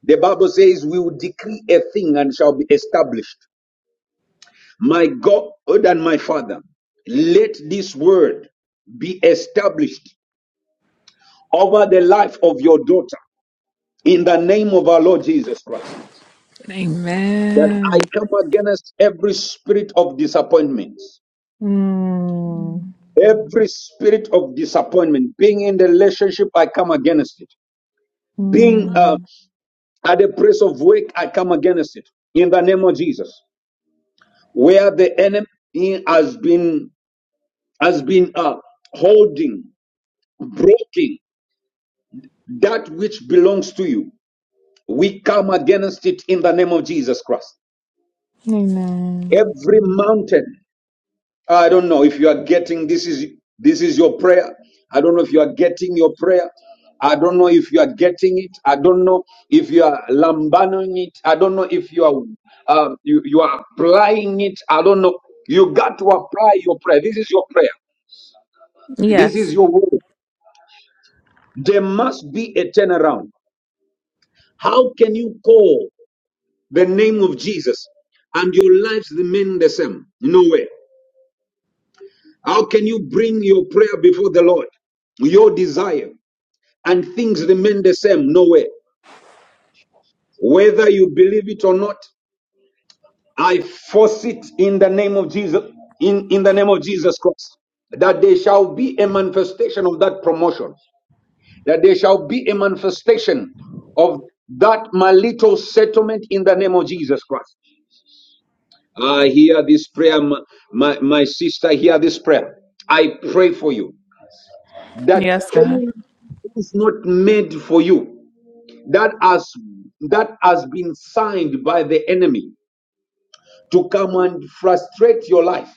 Speaker 1: The Bible says, We will decree a thing and shall be established. My God and my Father, let this word be established over the life of your daughter in the name of our Lord Jesus Christ. That
Speaker 10: Amen.
Speaker 1: I come against every spirit of disappointment,
Speaker 10: Mm.
Speaker 1: every spirit of disappointment, being in the relationship, I come against it. Being uh,
Speaker 10: Mm.
Speaker 1: at the place of work, I come against it in the name of Jesus. Where the enemy has been has been uh, holding, breaking that which belongs to you. We come against it in the name of Jesus Christ.
Speaker 10: Amen.
Speaker 1: Every mountain, I don't know if you are getting this is this is your prayer. I don't know if you are getting your prayer. I don't know if you are getting it. I don't know if you are lambanoing it. I don't know if you are um, you, you are applying it. I don't know. You got to apply your prayer. This is your prayer. This
Speaker 10: Yes.
Speaker 1: is your word. There must be a turnaround. How can you call the name of Jesus and your lives remain the same? No way. How can you bring your prayer before the Lord, your desire, and things remain the same? No way. Whether you believe it or not, I force it in the name of Jesus, in, in the name of Jesus Christ, that there shall be a manifestation of that promotion, that there shall be a manifestation of that my little settlement in the name of Jesus Christ. I hear this prayer, my, my, my sister, hear this prayer. I pray for you that
Speaker 10: Yes, God.
Speaker 1: anything is not made for you that has that has been signed by the enemy to come and frustrate your life.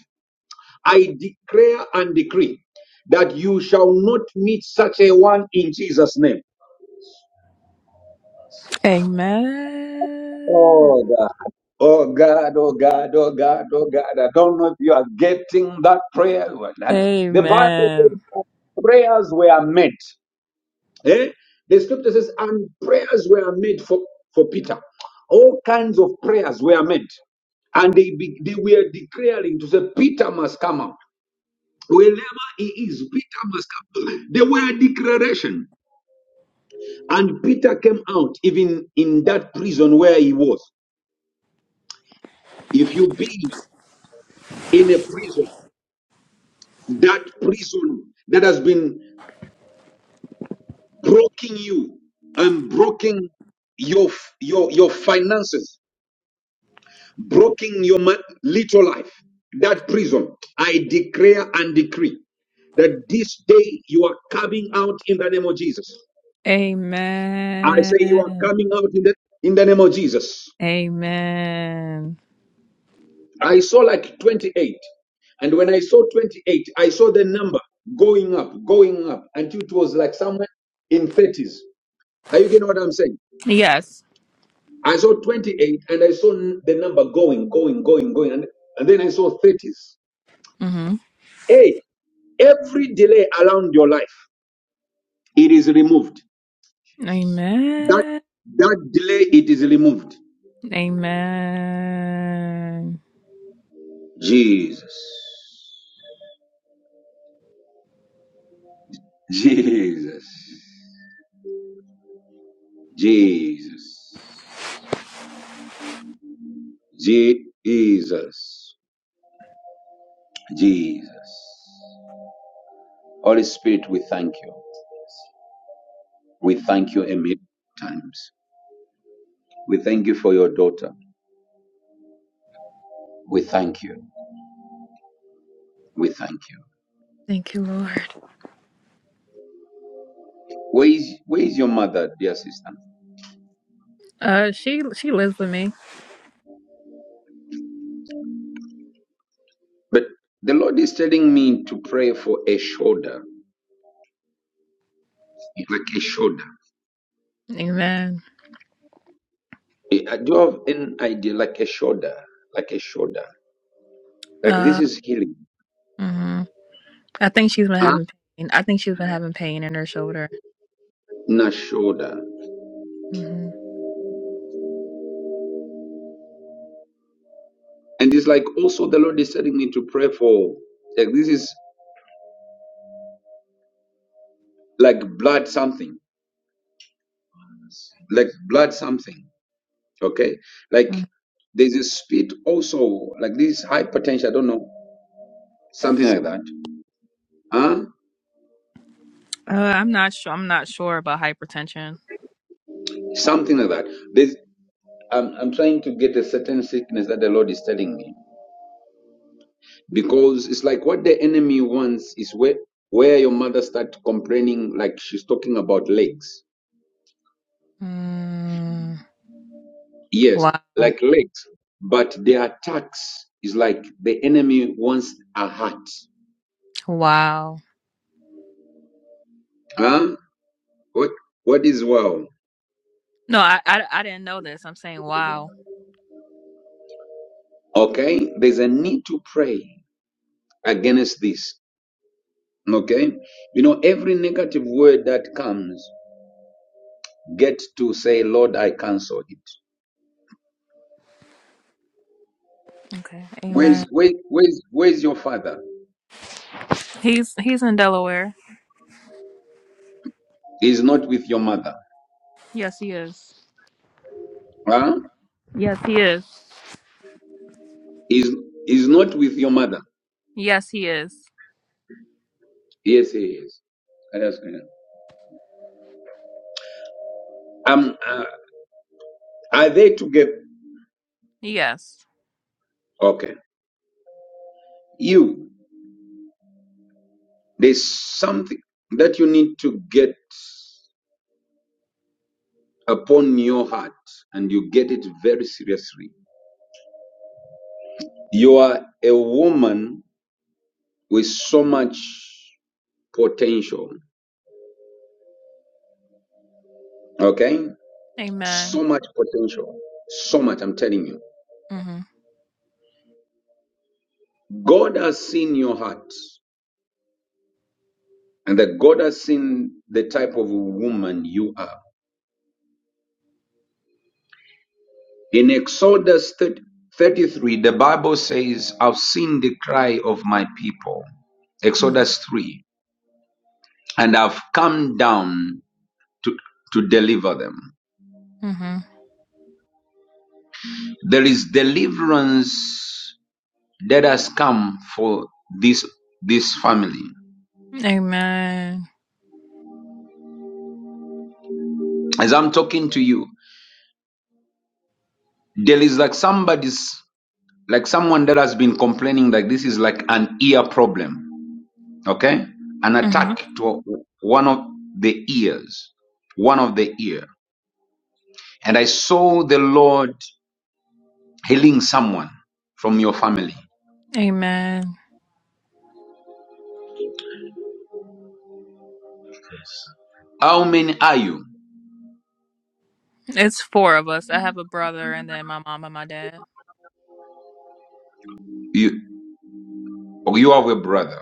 Speaker 1: I declare and decree that you shall not meet such a one in Jesus' name.
Speaker 10: Amen.
Speaker 1: Oh God. Oh God, oh God, oh God, oh God. I don't know if you are getting that prayer. or not. The Bible says
Speaker 10: Amen.
Speaker 1: that prayers were made. Eh? The scripture says, and prayers were made for, for Peter. All kinds of prayers were made. And they, be, they were declaring to say, Peter must come out. Wherever he is, Peter must come out. They were a declaration. And Peter came out even in that prison where he was. If you be in a prison, that prison that has been broken you and broken your your your finances, broken your ma- little life, that prison, I declare and decree that this day you are coming out in the name of Jesus. I say you are
Speaker 10: Amen.
Speaker 1: coming out in the in the name of Jesus.
Speaker 10: Amen.
Speaker 1: I saw like 28. And when I saw 28, I saw the number going up, going up until it was like somewhere in 30s. Are you getting what I'm saying?
Speaker 10: Yes.
Speaker 1: I saw 28 and I saw n- the number going, going, going, going. And, and then I saw 30s.
Speaker 10: hmm
Speaker 1: Hey, every delay around your life, it is removed. That,
Speaker 10: Amen.
Speaker 1: that delay, it is removed.
Speaker 10: Amen.
Speaker 1: Jesus. Jesus. Jesus. Jesus. Jesus. Holy Spirit, we thank you. We thank you a million times. We thank you for your daughter. We thank you. We thank you.
Speaker 10: Thank you, Lord.
Speaker 1: Where is, where is your mother, dear sister?
Speaker 10: Uh, she she lives with me.
Speaker 1: But the Lord is telling me to pray for a shoulder, like a shoulder.
Speaker 10: Amen.
Speaker 1: I do you have an idea, like a shoulder, like a shoulder. Like this
Speaker 10: Uh,
Speaker 1: is healing,
Speaker 10: Hmm. I think she's been
Speaker 1: huh?
Speaker 10: having pain. I think she's been having pain in her shoulder.
Speaker 1: not shoulder.
Speaker 10: hmm
Speaker 1: And it's like also the Lord is telling me to pray for, like this is like blood something, like blood something, okay?
Speaker 10: Uh,
Speaker 1: Like there's a speed also, like this high potential, I don't know, something like that, huh?
Speaker 10: I'm not sure. I'm not sure about hypertension.
Speaker 1: Something like that. There's I'm, I'm trying to get a certain sickness that the Lord is telling me. Because it's like what the enemy wants is where, where your mother starts complaining, like she's talking about legs.
Speaker 10: Mm,
Speaker 1: Yes,
Speaker 10: wow.
Speaker 1: like legs. But the attacks is like the enemy wants a heart.
Speaker 10: Wow.
Speaker 1: Huh? What, what is wow?
Speaker 10: No, I, I I didn't know this. I'm saying wow.
Speaker 1: Okay, there's a need to pray against this. Okay, you know, every negative word that comes, get to say, Lord, I cancel it.
Speaker 10: Okay.
Speaker 1: Where's
Speaker 10: Amen.
Speaker 1: where, where's where's your father?
Speaker 10: He's he's in Delaware.
Speaker 1: He's not with your mother.
Speaker 10: Yes, he is.
Speaker 1: Huh?
Speaker 10: Yes, he is.
Speaker 1: He's he's not with your mother.
Speaker 10: Yes, he is.
Speaker 1: Yes, he is. Let us go. Um, uh, are they together?
Speaker 10: Yes.
Speaker 1: Okay. You, there's something that you need to get upon your heart, and you get it very seriously. You are a woman with so much potential. Okay?
Speaker 10: Amen.
Speaker 1: So much potential. So much, I'm telling you.
Speaker 10: Mhm.
Speaker 1: God has seen your heart. And that God has seen the type of woman you are. In Exodus 33, the Bible says, I've seen the cry of my people.
Speaker 10: Mhm.
Speaker 1: Exodus 3. And I've come down to, to deliver them.
Speaker 10: Mhm.
Speaker 1: There is deliverance that has come for this this family.
Speaker 10: Amen.
Speaker 1: As I'm talking to you, there is like somebody's like someone that has been complaining like this is like an ear problem okay an
Speaker 10: Mhm.
Speaker 1: attack to one of the ears one of the ear and i saw the lord healing someone from your family
Speaker 10: Amen.
Speaker 1: how many are you
Speaker 10: It's four of us. I have a brother and then my mom and my dad.
Speaker 1: you you have a brother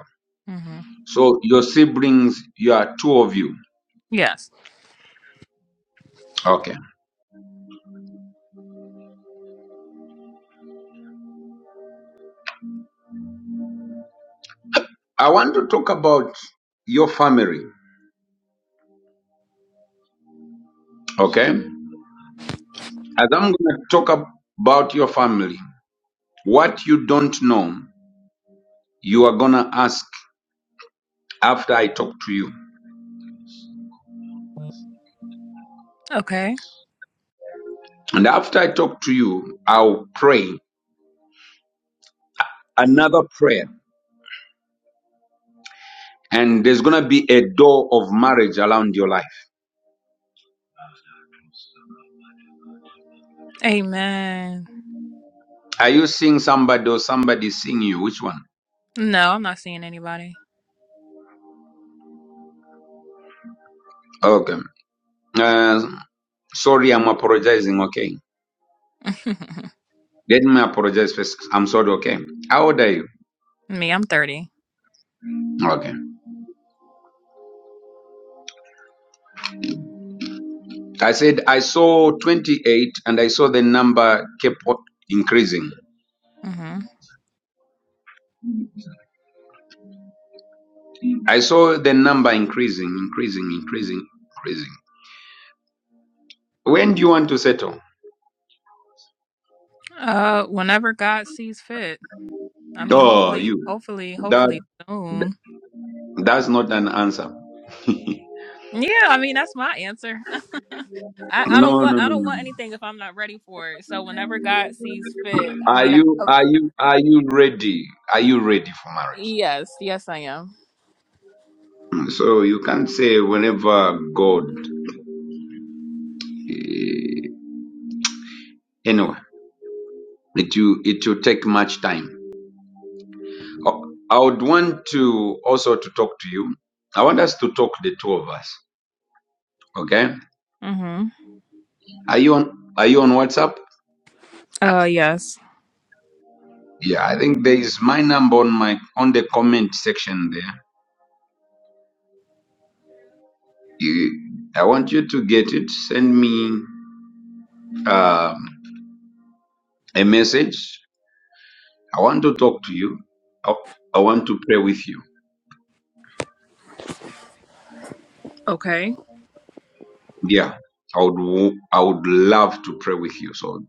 Speaker 1: so your siblings you are two of you
Speaker 10: Yes.
Speaker 1: okay i want to talk about your family okay as i'm going to talk ab- about your family what you don't know you are going to ask after i talk to you
Speaker 10: Okay.
Speaker 1: And after I talk to you, I'll pray another prayer. And there's going to be a door of marriage around your life.
Speaker 10: Amen.
Speaker 1: Are you seeing somebody or somebody seeing you? Which one?
Speaker 10: No, I'm not seeing anybody.
Speaker 1: Okay. Uh, sorry, I'm apologizing. Okay. Let me apologize first. I'm sorry. Okay. How old are you?
Speaker 10: Me, I'm 30.
Speaker 1: Okay. I said I saw 28 and I saw the number kept on increasing.
Speaker 10: hmm
Speaker 1: I saw the number increasing, increasing, increasing, increasing. When do you want to settle?
Speaker 10: Uh, whenever God sees fit. I mean,
Speaker 1: Oh,
Speaker 10: hopefully,
Speaker 1: you.
Speaker 10: hopefully,
Speaker 1: that.
Speaker 10: hopefully soon.
Speaker 1: That's not an answer.
Speaker 10: Yeah, I mean that's my answer. I, I don't
Speaker 1: No, no,
Speaker 10: want
Speaker 1: no,
Speaker 10: I don't
Speaker 1: no.
Speaker 10: want
Speaker 1: no.
Speaker 10: anything if I'm not ready for it. So whenever God sees fit, I
Speaker 1: Are
Speaker 10: mean, I,
Speaker 1: you
Speaker 10: of,
Speaker 1: are
Speaker 10: cou-
Speaker 1: you are you ready? Are you ready for marriage?
Speaker 10: yes, yes, I am.
Speaker 1: Hmm. So you can't say whenever God. Anyway, it will, it will take much time. Oh, I would want to also to talk to you. I want us to talk the two of us. Okay?
Speaker 10: Mm-hmm.
Speaker 1: Are you on Are you on WhatsApp?
Speaker 10: Uh, yes.
Speaker 1: Yeah, I think there is my number on my on the comment section there. You, I want you to get it. Send me um, a message I want to talk to you. I, I want to pray with you.
Speaker 10: Okay.
Speaker 1: Yeah, I would wo- I would love to pray with you. So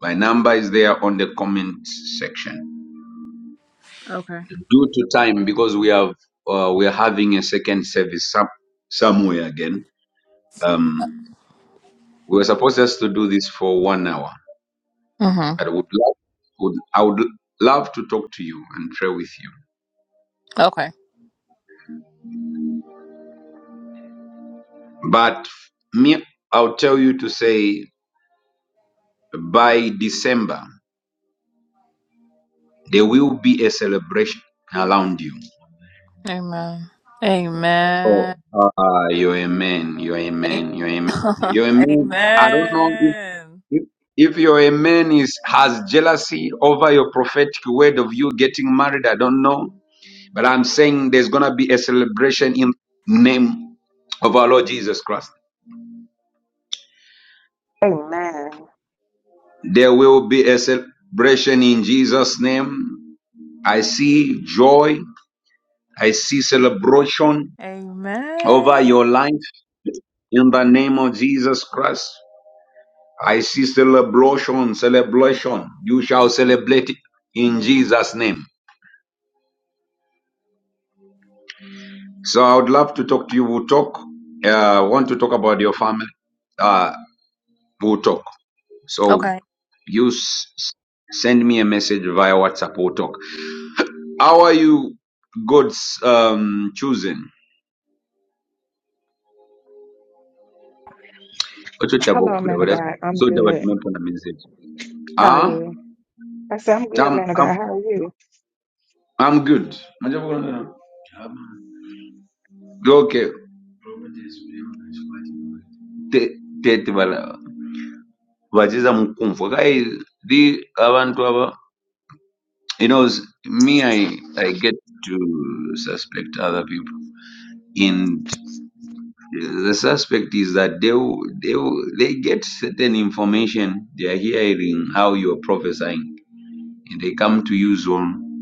Speaker 1: my number is there on the comment section.
Speaker 10: Okay.
Speaker 1: Due to time, because we have uh, we are having a second service some, somewhere again. Um, we were supposed just to do this for one hour,
Speaker 10: Mm-hmm.
Speaker 1: but I would love would I would love to talk to you and pray with you.
Speaker 10: Okay.
Speaker 1: But me, I'll tell you to say by December. There will be a celebration around you.
Speaker 10: Amen. Amen.
Speaker 1: Oh, uh, you're a man. You're a
Speaker 10: A-
Speaker 1: man. You're a man. You're a man. I don't know if,
Speaker 10: Amen.
Speaker 1: if, if you're a man is has jealousy over your prophetic word of you getting married. I don't know, but I'm saying there's gonna be a celebration in name of our Lord Jesus Christ.
Speaker 11: Amen.
Speaker 1: There will be a celebration in Jesus' name. I see joy. I see celebration over
Speaker 10: Amen.
Speaker 1: your life. In the name of Jesus Christ, I see celebration, celebration. You shall celebrate it in Jesus' name. So I would love to talk to you. We'll talk. Uh, want to talk about your family? Uh, we'll talk. So
Speaker 10: Okay.
Speaker 1: you s- s- send me a message via WhatsApp. We'll talk. How are you, God's um, choosing?
Speaker 11: Hello,
Speaker 1: Ochotavokula,
Speaker 11: man
Speaker 1: but
Speaker 11: of
Speaker 1: that's-
Speaker 11: God. I'm
Speaker 1: so that what
Speaker 11: good.
Speaker 1: meant when
Speaker 11: How are
Speaker 1: Ah,
Speaker 11: you? I said, I'm good,
Speaker 1: I'm,
Speaker 11: man of
Speaker 1: I'm,
Speaker 11: God. How are you?
Speaker 1: I'm good. Majabu kuna nini? Okay. Te- Tetbala. Baziza mu kunfo. Guys, the abantu aba, you know, s- me, I, I get to suspect other people. And the suspect is that they, will- they, will- they get certain information. They are hearing how you are prophesying. And they come to use on,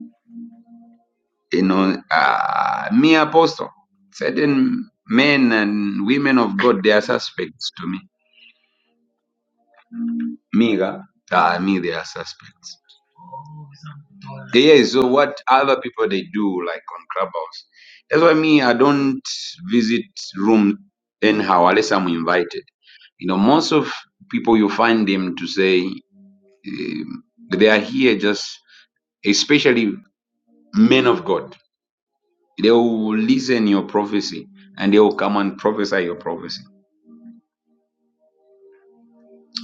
Speaker 1: you know, uh, me apostle. Certain men and women of God, they are suspects to me. Miga, uh, me, they are suspects. Yeah, yeah, so what other people they do, like on Clubhouse. That's why me, I don't visit room anyhow unless I'm invited. You know, most of people you find them to say um, they are here just, especially men of God. They will listen your prophecy and they will come and prophesy your prophecy.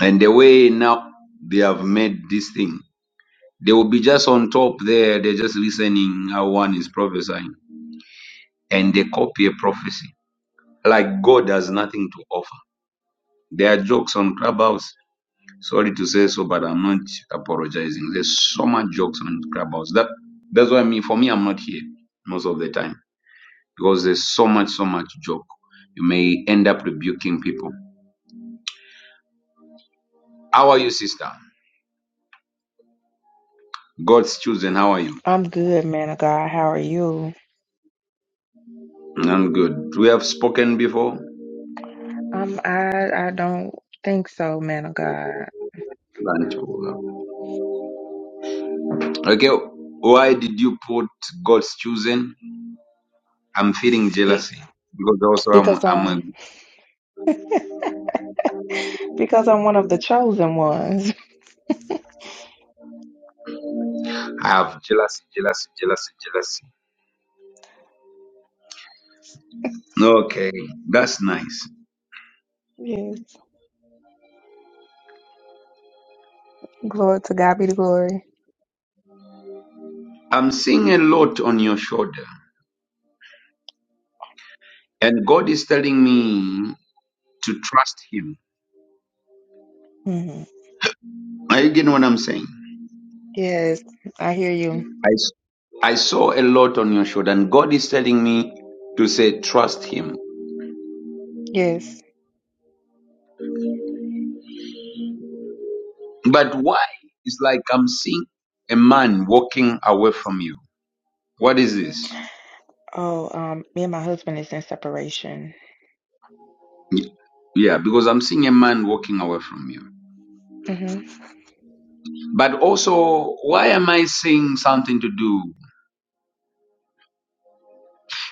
Speaker 1: And the way now they have made this thing. They will be just on top there. They're just listening how one is prophesying and they copy a prophecy. Like God has nothing to offer. There are jokes on Clubhouse. Sorry to say so, but I'm not apologizing. There's so much jokes on Clubhouse. That that's why I mean for me I'm not here most of the time. Because there's so much, so much joke. You may end up rebuking people. How are you, sister? God's chosen, how are you?
Speaker 11: I'm good, man of God. How are you?
Speaker 1: I'm good. We have spoken before.
Speaker 11: Um, I I don't think so, man of God.
Speaker 1: Thank you. Okay, why did you put God's chosen? I'm feeling
Speaker 11: Be-
Speaker 1: jealousy because also I'm,
Speaker 11: because
Speaker 1: I'm
Speaker 11: um
Speaker 1: a-
Speaker 11: because I'm one of the chosen ones.
Speaker 1: I have jealousy, jealousy, jealousy, jealousy. Okay, that's nice.
Speaker 11: yes. Glory to God be the glory.
Speaker 1: I'm seeing a lot on your shoulder, and God is telling me to trust Him.
Speaker 11: hmm
Speaker 1: Are you getting what I'm saying?
Speaker 11: Yes, I hear you.
Speaker 1: I s- I saw a lot on your shoulder, and God is telling me to say trust Him.
Speaker 11: Yes.
Speaker 1: But why? It's like I'm seeing a man walking away from you. What is this?
Speaker 11: Oh, um, me and my husband is in separation.
Speaker 1: Yeah, because I'm seeing a man walking away from you.
Speaker 11: hmm
Speaker 1: But also, why am I seeing something to do?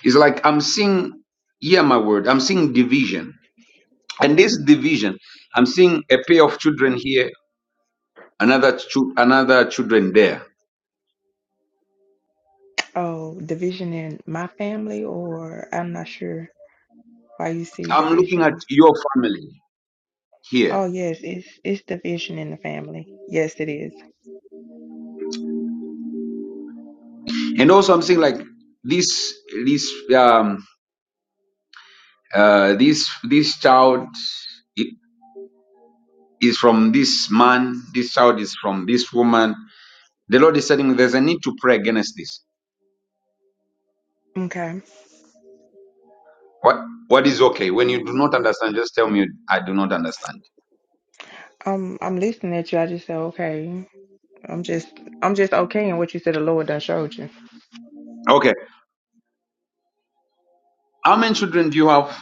Speaker 1: It's like I'm seeing, yeah, my word, I'm seeing division. And this division, I'm seeing a pair of children here, another chu- another children there.
Speaker 11: Oh, division in my family, or I'm not sure why you see
Speaker 1: I'm looking at
Speaker 11: division
Speaker 1: your family here.
Speaker 11: Oh yes, it's it's division in the family. Yes, it is.
Speaker 1: And also I'm seeing like this this um uh this this child i- is from this man, this child is from this woman, The Lord is telling me there's a need to pray against this.
Speaker 11: Okay.
Speaker 1: What what is okay? When you do not understand, just tell me I do not understand.
Speaker 11: Um, I'm listening at you. I just said okay. I'm just I'm just okay in what you said. The Lord done showed you.
Speaker 1: Okay. How many children do you have?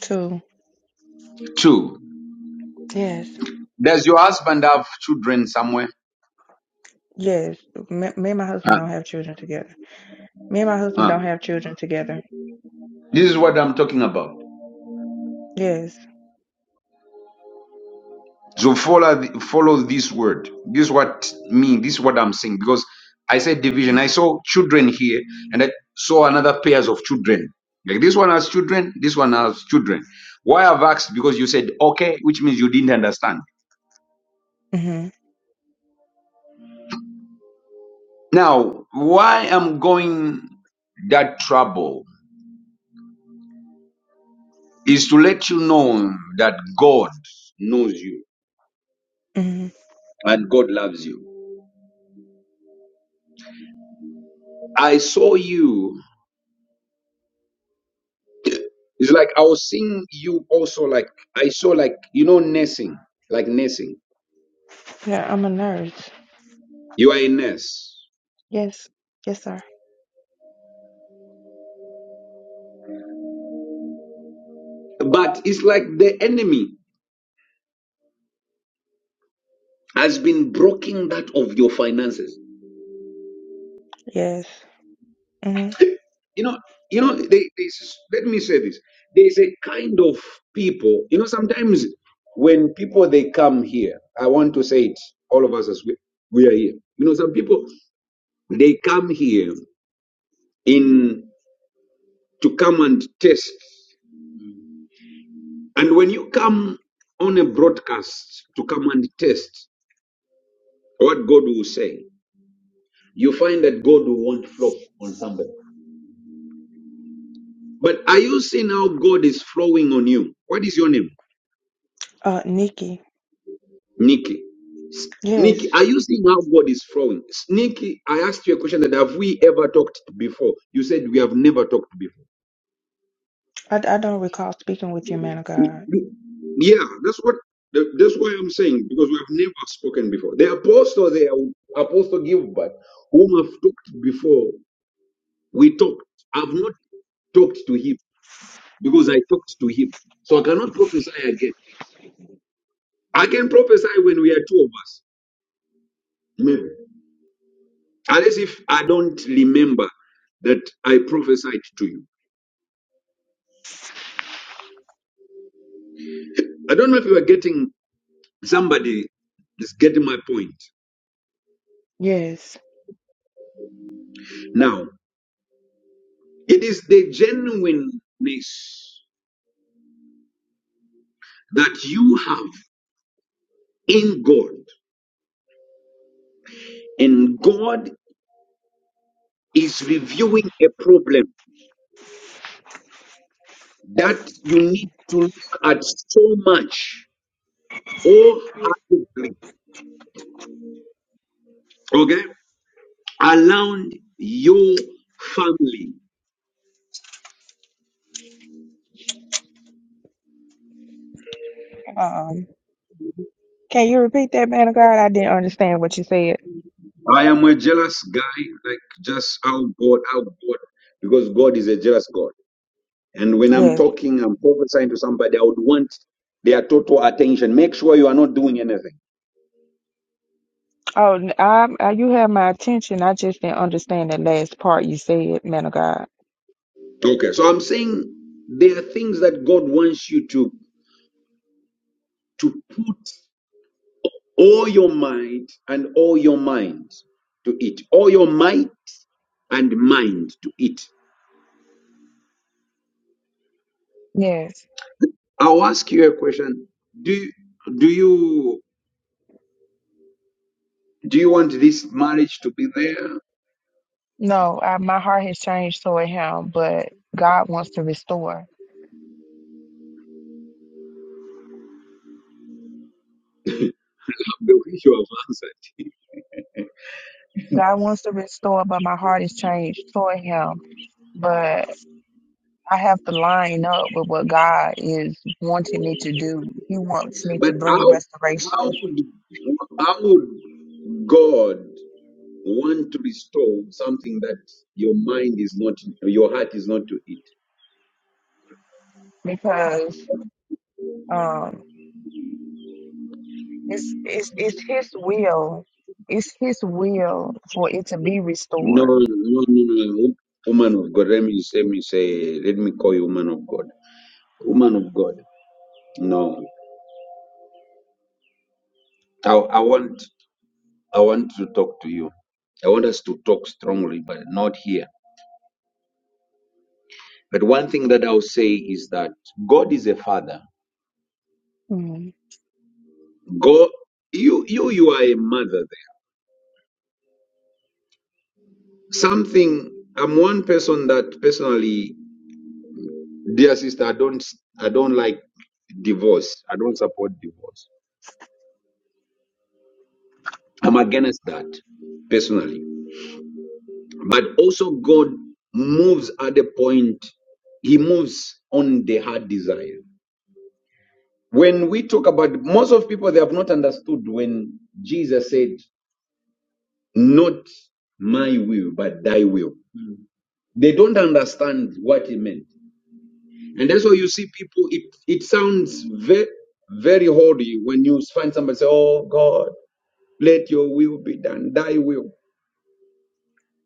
Speaker 11: Two.
Speaker 1: Two.
Speaker 11: Yes.
Speaker 1: Does your husband have children somewhere?
Speaker 11: Yes. Me, me and my
Speaker 1: Uh,
Speaker 11: husband don't have children together. Me and my husband
Speaker 1: uh.
Speaker 11: don't have children together.
Speaker 1: This is what I'm talking about.
Speaker 11: Yes.
Speaker 1: So follow the, follow this word. This is what me. This is what I'm saying because I said division. I saw children here, and I saw another pairs of children. Like this one has children. This one has children. Why I've asked because you said okay, which means you didn't understand.
Speaker 11: Mhm.
Speaker 1: Now, why I'm going that trouble is to let you know that God knows you
Speaker 11: Mhm.
Speaker 1: and God loves you. I saw you. It's like I was seeing you also like I saw like you know nursing, like nursing.
Speaker 11: Yeah, I'm a nurse.
Speaker 1: You are a nurse.
Speaker 11: Yes. Yes, sir.
Speaker 1: But it's like the enemy has been broken that of your finances.
Speaker 11: Yes. Mhm.
Speaker 1: you know you know they, they s- let me say this there's a kind of people you know sometimes when people they come here i want to say it all of us as we, we are here you know some people they come here in to come and test and when you come on a broadcast to come and test what god will say you find that god will want flow on somebody but are you seeing how god is flowing on you what is your name
Speaker 11: Uh, Nikki.
Speaker 1: Nikki. S- Nikki,
Speaker 11: Yes.
Speaker 1: are you seeing how God is flowing? S- Nikki, I asked you a question that have we ever talked before? You said we have never talked before.
Speaker 11: I, I don't recall speaking with you, man of
Speaker 1: We-
Speaker 11: God.
Speaker 1: we- Yeah, that's what the- that's why I'm saying because we have never spoken before. The apostle there, apostle Gilbert, whom I've talked before, we talked. I've not talked to him because I talked to him, so I cannot prophesy again. I can prophesy when we are two of us, maybe. unless if I don't remember that I prophesied to you. I don't know if you are getting somebody is getting my point.
Speaker 11: Yes.
Speaker 1: Now, it is the genuineness that you have in God, and God is reviewing a problem that you need to look at so much wholeheartedly, okay, around your family
Speaker 11: Um. Can you repeat that, man of God? I didn't understand what you said.
Speaker 1: I am a jealous guy, like just how God, how God, because God is a jealous God. And when I'm
Speaker 11: Yes.
Speaker 1: talking, I'm prophesying to somebody, I would want their total attention. Make sure you are not doing anything.
Speaker 11: Oh, n- I, I- you have my attention. I just didn't understand that last part you said, man of God.
Speaker 1: Okay. So I'm saying there are things that God wants you to to put all your might and all your mind to it. All your might and mind to it.
Speaker 11: Yes.
Speaker 1: I'll ask you a question. Do you, do you do you want this marriage to be there?
Speaker 11: No, I, my heart has changed toward him, but God wants to restore.
Speaker 1: You are answered.
Speaker 11: God wants to restore, but my heart is changed toward him. But I have to line up with what God is wanting me to do. He wants me to
Speaker 1: But
Speaker 11: bring
Speaker 1: how
Speaker 11: restoration
Speaker 1: how would how would God want to restore something that your mind is not, your heart is not to it?
Speaker 11: because um, It's, it's, it's His will. It's His will for it to be
Speaker 1: No, no,
Speaker 11: restored.
Speaker 1: no, no. Woman of God, let me let me say, let me call you woman of God. Woman of God. No, I, I want I want to talk to you. I want us to talk strongly, but not here. But one thing that I'll say is that God is a father.
Speaker 11: Mm.
Speaker 1: Go, you, you, you are a mother there. Something, I'm one person that personally, dear sister, I don't, I don't like divorce. I don't support divorce. I'm against that personally. But also God moves at the point, he moves on the heart desire. When we talk about, most of people, they have not understood when Jesus said, not my will, but thy will. They don't understand what it meant. And that's why you see people, it, it sounds very, very holy when you find somebody say, Oh God, let your will be done, thy will.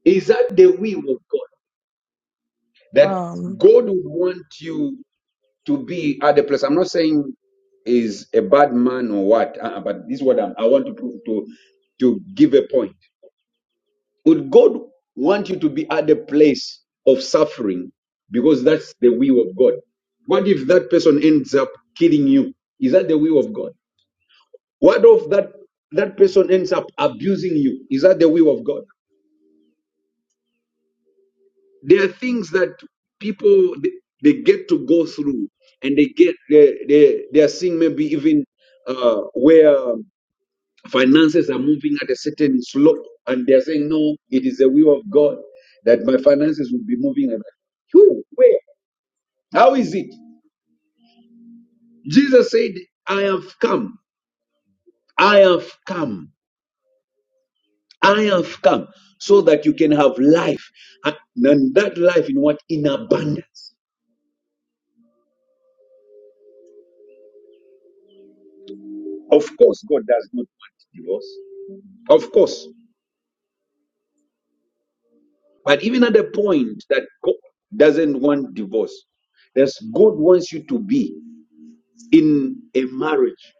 Speaker 1: Is that the will of God? That
Speaker 11: Um,
Speaker 1: God would want you to be at the place. I'm not saying is a bad man or what, uh, but this is what I'm, I want to, prove- to, to give a point. Would God want you to be at the place of suffering because that's the will of God? What if that person ends up killing you? Is that the will of God? What if that that person ends up abusing you? Is that the will of God? There are things that people they, they get to go through, and they get they they, they are seeing maybe even uh, where finances are moving at a certain slope, and they are saying, "No, it is the will of God that my finances will be moving." like that." Who? Where? How is it? Jesus said, "I have come. I have come." I have come so that you can have life, and and that life in what? In abundance. Of course, God does not want divorce. Of course. But even at the point that God doesn't want divorce, there's God wants you to be in a marriage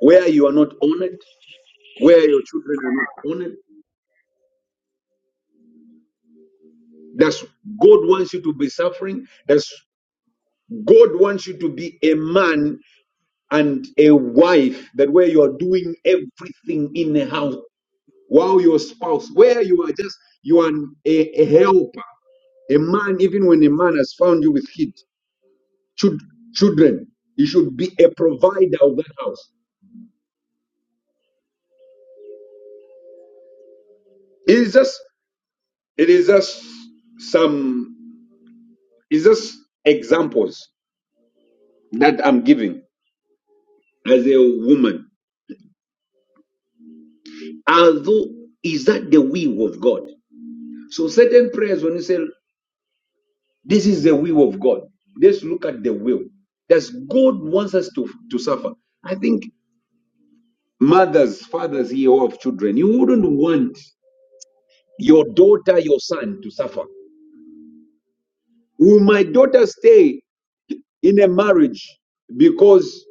Speaker 1: where you are not honored, where your children are not honored. That's God wants you to be suffering. That's God wants you to be a man and a wife that where you are doing everything in the house while your spouse where you are just you are a, a helper a man even when a man has found you with kid chil- children he should be a provider of that house it is just it is just some it's just examples that i'm giving as a woman although is that the will of god so certain prayers when you say This is the will of God. Let's look at the will. Does God wants us to, to suffer? I think mothers, fathers here who have children, you wouldn't want your daughter, your son to suffer. Will my daughter stay in a marriage because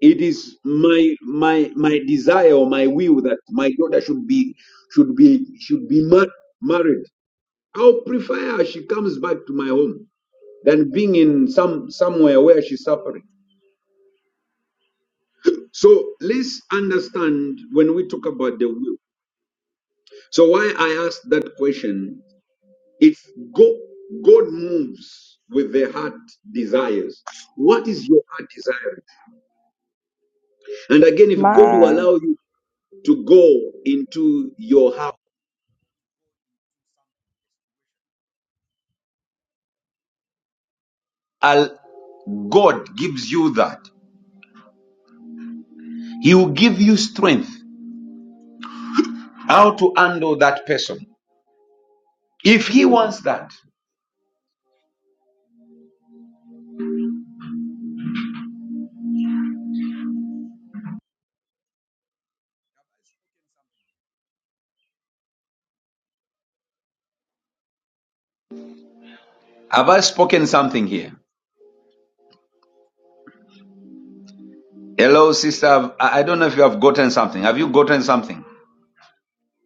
Speaker 1: it is my my my desire or my will that my daughter should be should be should be mar- married? I'll prefer her she comes back to my home than being in some somewhere where she's suffering. So let's understand when we talk about the will. So why I asked that question, if God, God moves with the heart desires, what is your heart desire? And again, if God will
Speaker 11: my
Speaker 1: allow you to go into your heart, I'll- God gives you that. He will give you strength how to handle that person. If He wants that, have I spoken something here? Hello, sister. I I don't know if you have gotten something. Have you gotten something?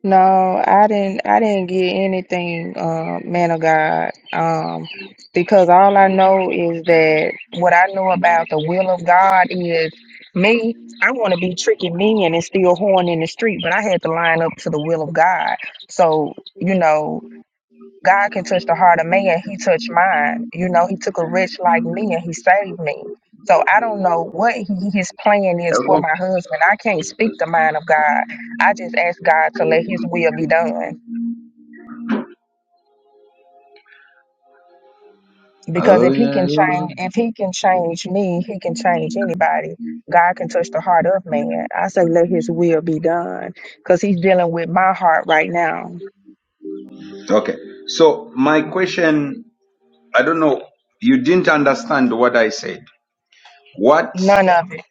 Speaker 11: no, I didn't. I didn't get anything, uh, man of God. Um, because all I know is that what I know about the will of God is me. I want to be tricking me and it's still horn in the street, but I had to line up to the will of God. So you know. God can touch the heart of man. He touched mine. You know, he took a wretch like me and he saved me. So I don't know what he, his plan is for my husband. I can't speak the mind of God. I just ask God to let his will be done. Because if he can change if he can change me, he can change anybody. God can touch the heart of man. I say let his will be done. Because he's dealing with my heart right now.
Speaker 1: Okay. So my question, I don't know, you didn't understand what I said. What
Speaker 11: None of it.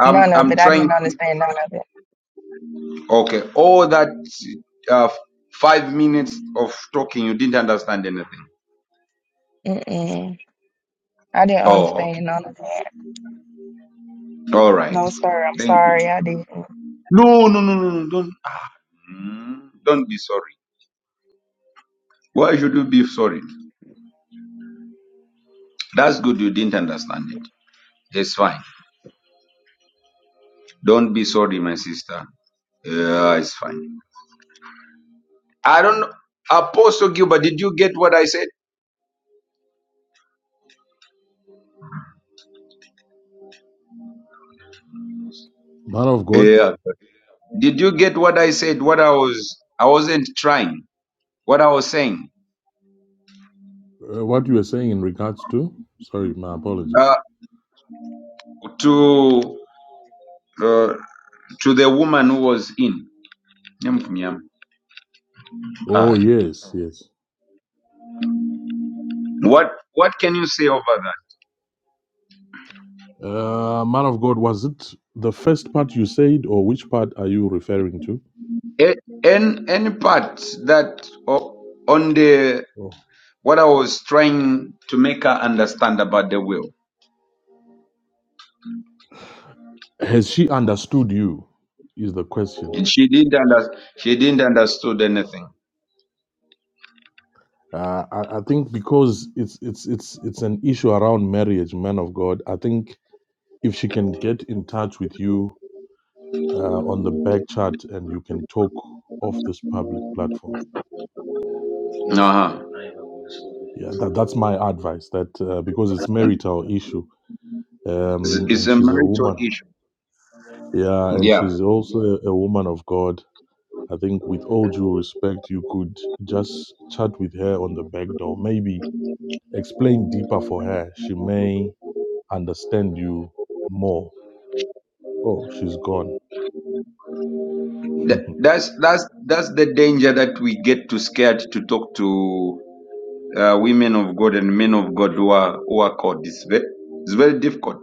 Speaker 1: I'm
Speaker 11: None of
Speaker 1: I'm
Speaker 11: it. I
Speaker 1: trying
Speaker 11: didn't
Speaker 1: to,
Speaker 11: understand none of it.
Speaker 1: okay, all that uh, five minutes of talking, you didn't understand anything.
Speaker 11: Mm-mm. I didn't
Speaker 1: Oh, okay.
Speaker 11: understand none of it.
Speaker 1: All right.
Speaker 11: No, sir. I'm
Speaker 1: Thank
Speaker 11: sorry.
Speaker 1: you.
Speaker 11: I did.
Speaker 1: No, no, no, no, no. Don't Mm, don't be sorry. Why should you be sorry? That's good. You didn't understand it. It's fine. Don't be sorry, my sister. Yeah, it's fine. I don't know. Apostle Gilbert, did you get what I said?
Speaker 5: Man of God,
Speaker 1: Yeah. Did you get what I said? What I was, I wasn't trying. What I was saying
Speaker 5: uh, what you were saying in regards to, sorry, my
Speaker 1: uh,
Speaker 5: apologies.
Speaker 1: to uh, to the woman who was in. Nyam kum
Speaker 5: Oh, yes, yes.
Speaker 1: What what can you say over
Speaker 5: Uh, man of God, was it the first part you said, or which part are you referring to?
Speaker 1: that? A- Any any part that o- on the
Speaker 5: Oh.
Speaker 1: what I was trying to make her understand about the will,
Speaker 5: Has she understood you? Is the question.
Speaker 1: and she didn't under, she didn't understood anything.
Speaker 5: Uh, I, I think because it's it's it's it's an issue around marriage, man of God. I think if she can get in touch with you uh, on the back chat and you can talk off this public platform,
Speaker 1: Uh huh.
Speaker 5: yeah, that that's my advice. That uh, because it's marital issue,
Speaker 1: It's,
Speaker 5: um,
Speaker 1: it's
Speaker 5: and
Speaker 1: a
Speaker 5: she's a
Speaker 1: marital
Speaker 5: woman.
Speaker 1: issue.
Speaker 5: Yeah, and
Speaker 1: Yeah.
Speaker 5: she's also a, a woman of God. I think, with all due respect, you could just chat with her on the back door. Maybe explain deeper for her. She may understand you more. Oh, she's gone.
Speaker 1: Th- that's that's that's the danger that we get too scared to talk to uh, women of God and men of God who are who are called. It's very it's very difficult.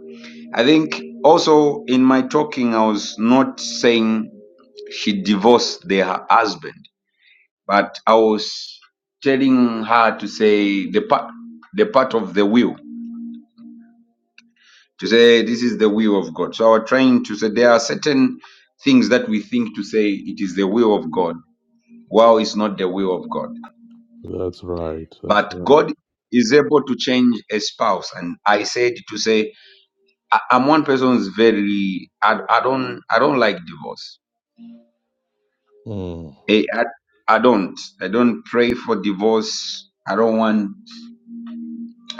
Speaker 1: I think also in my talking, I was not saying she divorced their husband, but I was telling her to say the part the part of the will to say this is the will of God. So I was trying to say there are certain things that we think to say it is the will of God Wow is not the will of God.
Speaker 5: that's right. That's
Speaker 1: But
Speaker 5: right.
Speaker 1: God is able to change a spouse. And I said to say, I, I'm one person who's very, I, I don't, I don't like divorce.
Speaker 5: Mm,
Speaker 1: Eh, I, I don't, I don't pray for divorce. I don't want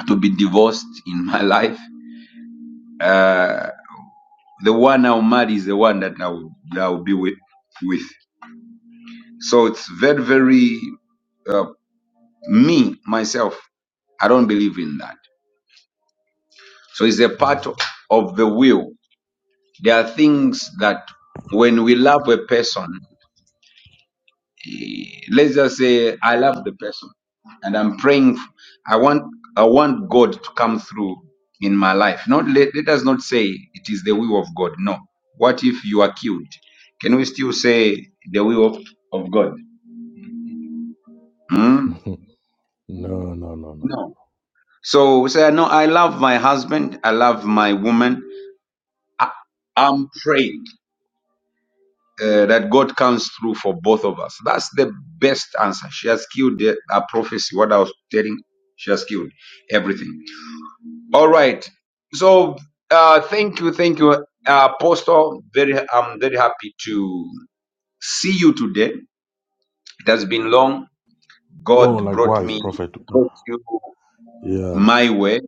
Speaker 1: to be divorced in my life. Uh, the one I'll marry is the one that I will, that I will be with, with. So it's very, very, uh, me, myself, I don't believe in that. So it's a part
Speaker 5: mm.
Speaker 1: of the will. There are things that when we love a person, eh, let's just say I love the person and I'm praying. f- I want I want God to come through in my life. Not let, let us not say it is the will of God. No. What if you are killed? Can we still say the will of, of God? Hmm?
Speaker 5: no, no, no, no, no.
Speaker 1: No. So say no, I love my husband, I love my woman. I, I'm praying. uh, that God comes through for both of us. That's the best answer. She has killed the, her prophecy, what I was telling. She has killed everything. All right. So uh, thank you, thank you, uh, Apostle. Very, I'm very happy to see you today. It has been long.
Speaker 5: Oh,
Speaker 1: God brought
Speaker 5: likewise,
Speaker 1: me,
Speaker 5: Prophet.
Speaker 1: brought you
Speaker 5: Yeah,
Speaker 1: my way.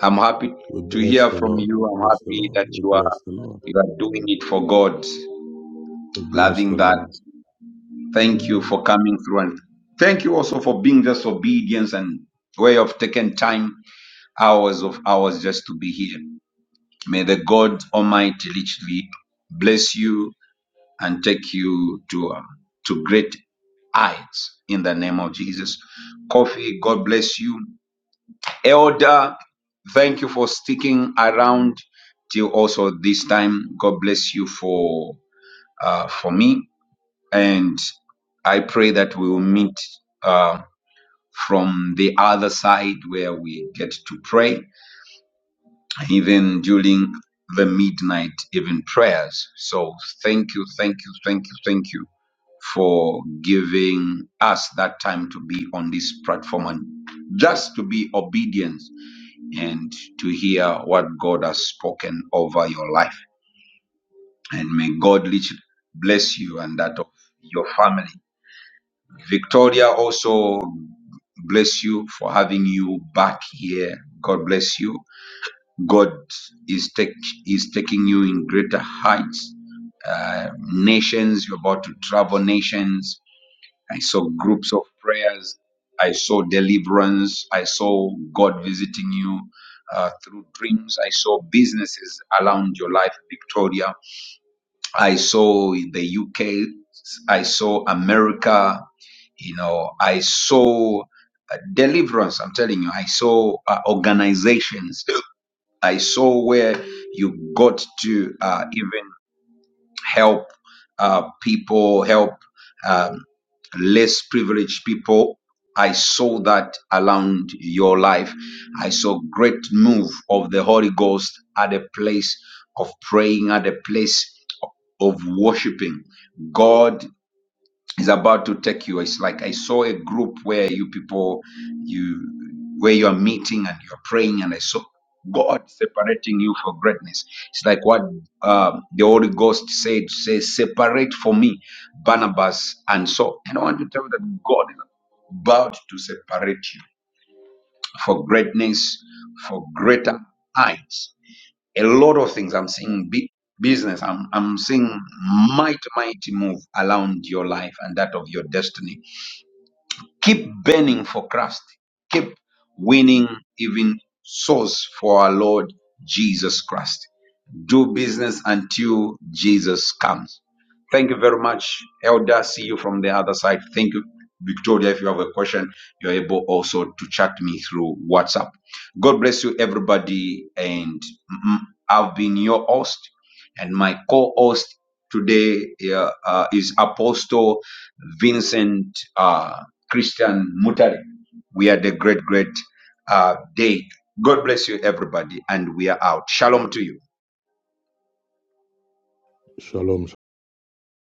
Speaker 1: I'm happy
Speaker 5: we
Speaker 1: to
Speaker 5: bless
Speaker 1: hear
Speaker 5: the
Speaker 1: from
Speaker 5: Lord.
Speaker 1: you.
Speaker 5: We
Speaker 1: I'm
Speaker 5: bless the
Speaker 1: happy
Speaker 5: Lord.
Speaker 1: that
Speaker 5: We
Speaker 1: you are
Speaker 5: bless the Lord.
Speaker 1: you are doing it for God.
Speaker 5: We bless
Speaker 1: Loving
Speaker 5: the
Speaker 1: that.
Speaker 5: Lord.
Speaker 1: Thank you
Speaker 5: Mm.
Speaker 1: for coming through and thank you also for being just obedience and way of taking time, hours of hours just to be here. May the God Almighty richly bless you and take you to, um, to great heights in the name of Jesus. Coffee, God bless you. Elder, thank you for sticking around till also this time. God bless you for uh, for me and I pray that we will meet uh, from the other side where we get to pray, even during the midnight even prayers. So thank you, thank you, thank you, thank you for giving us that time to be on this platform and just to be obedient and to hear what God has spoken over your life. And may God richly bless you and that of your family Victoria, also bless you for having you back here. God bless you. God is take, is taking you in greater heights, uh, nations. You're about to travel nations. I saw groups of prayers. I saw deliverance. I saw God visiting you uh, through dreams. I saw businesses around your life, Victoria. I saw in the UK, I saw America, you know, I saw uh, deliverance. I'm telling you, I saw uh, organizations. I saw where you got to uh, even help uh, people, help um, less privileged people. I saw that around your life. I saw great move of the Holy Ghost at a place of praying, at a place of worshiping. God is about to take you. It's like I saw a group where you people, you where you are meeting and you're praying, and I saw God separating you for greatness. It's like what um, the Holy Ghost said, say, separate for me Barnabas and Saul. And I want to tell you that God is about to separate you for greatness, for greater heights. A lot of things I'm seeing big business. I'm I'm seeing might mighty move around your life and that of your destiny Keep burning for Christ. Keep winning even souls for our Lord Jesus Christ. Do business until Jesus comes. Thank you very much, Elder. See you from the other side. Thank you, Victoria. If you have a question, you're able also to chat me through WhatsApp. God bless you, everybody. And mm, I've been your host. And my co host today uh, uh, is Apostle Vincent uh, Christian Mutare. We had a great, great uh, day. God bless you, everybody, and we are out. Shalom to you.
Speaker 5: Shalom,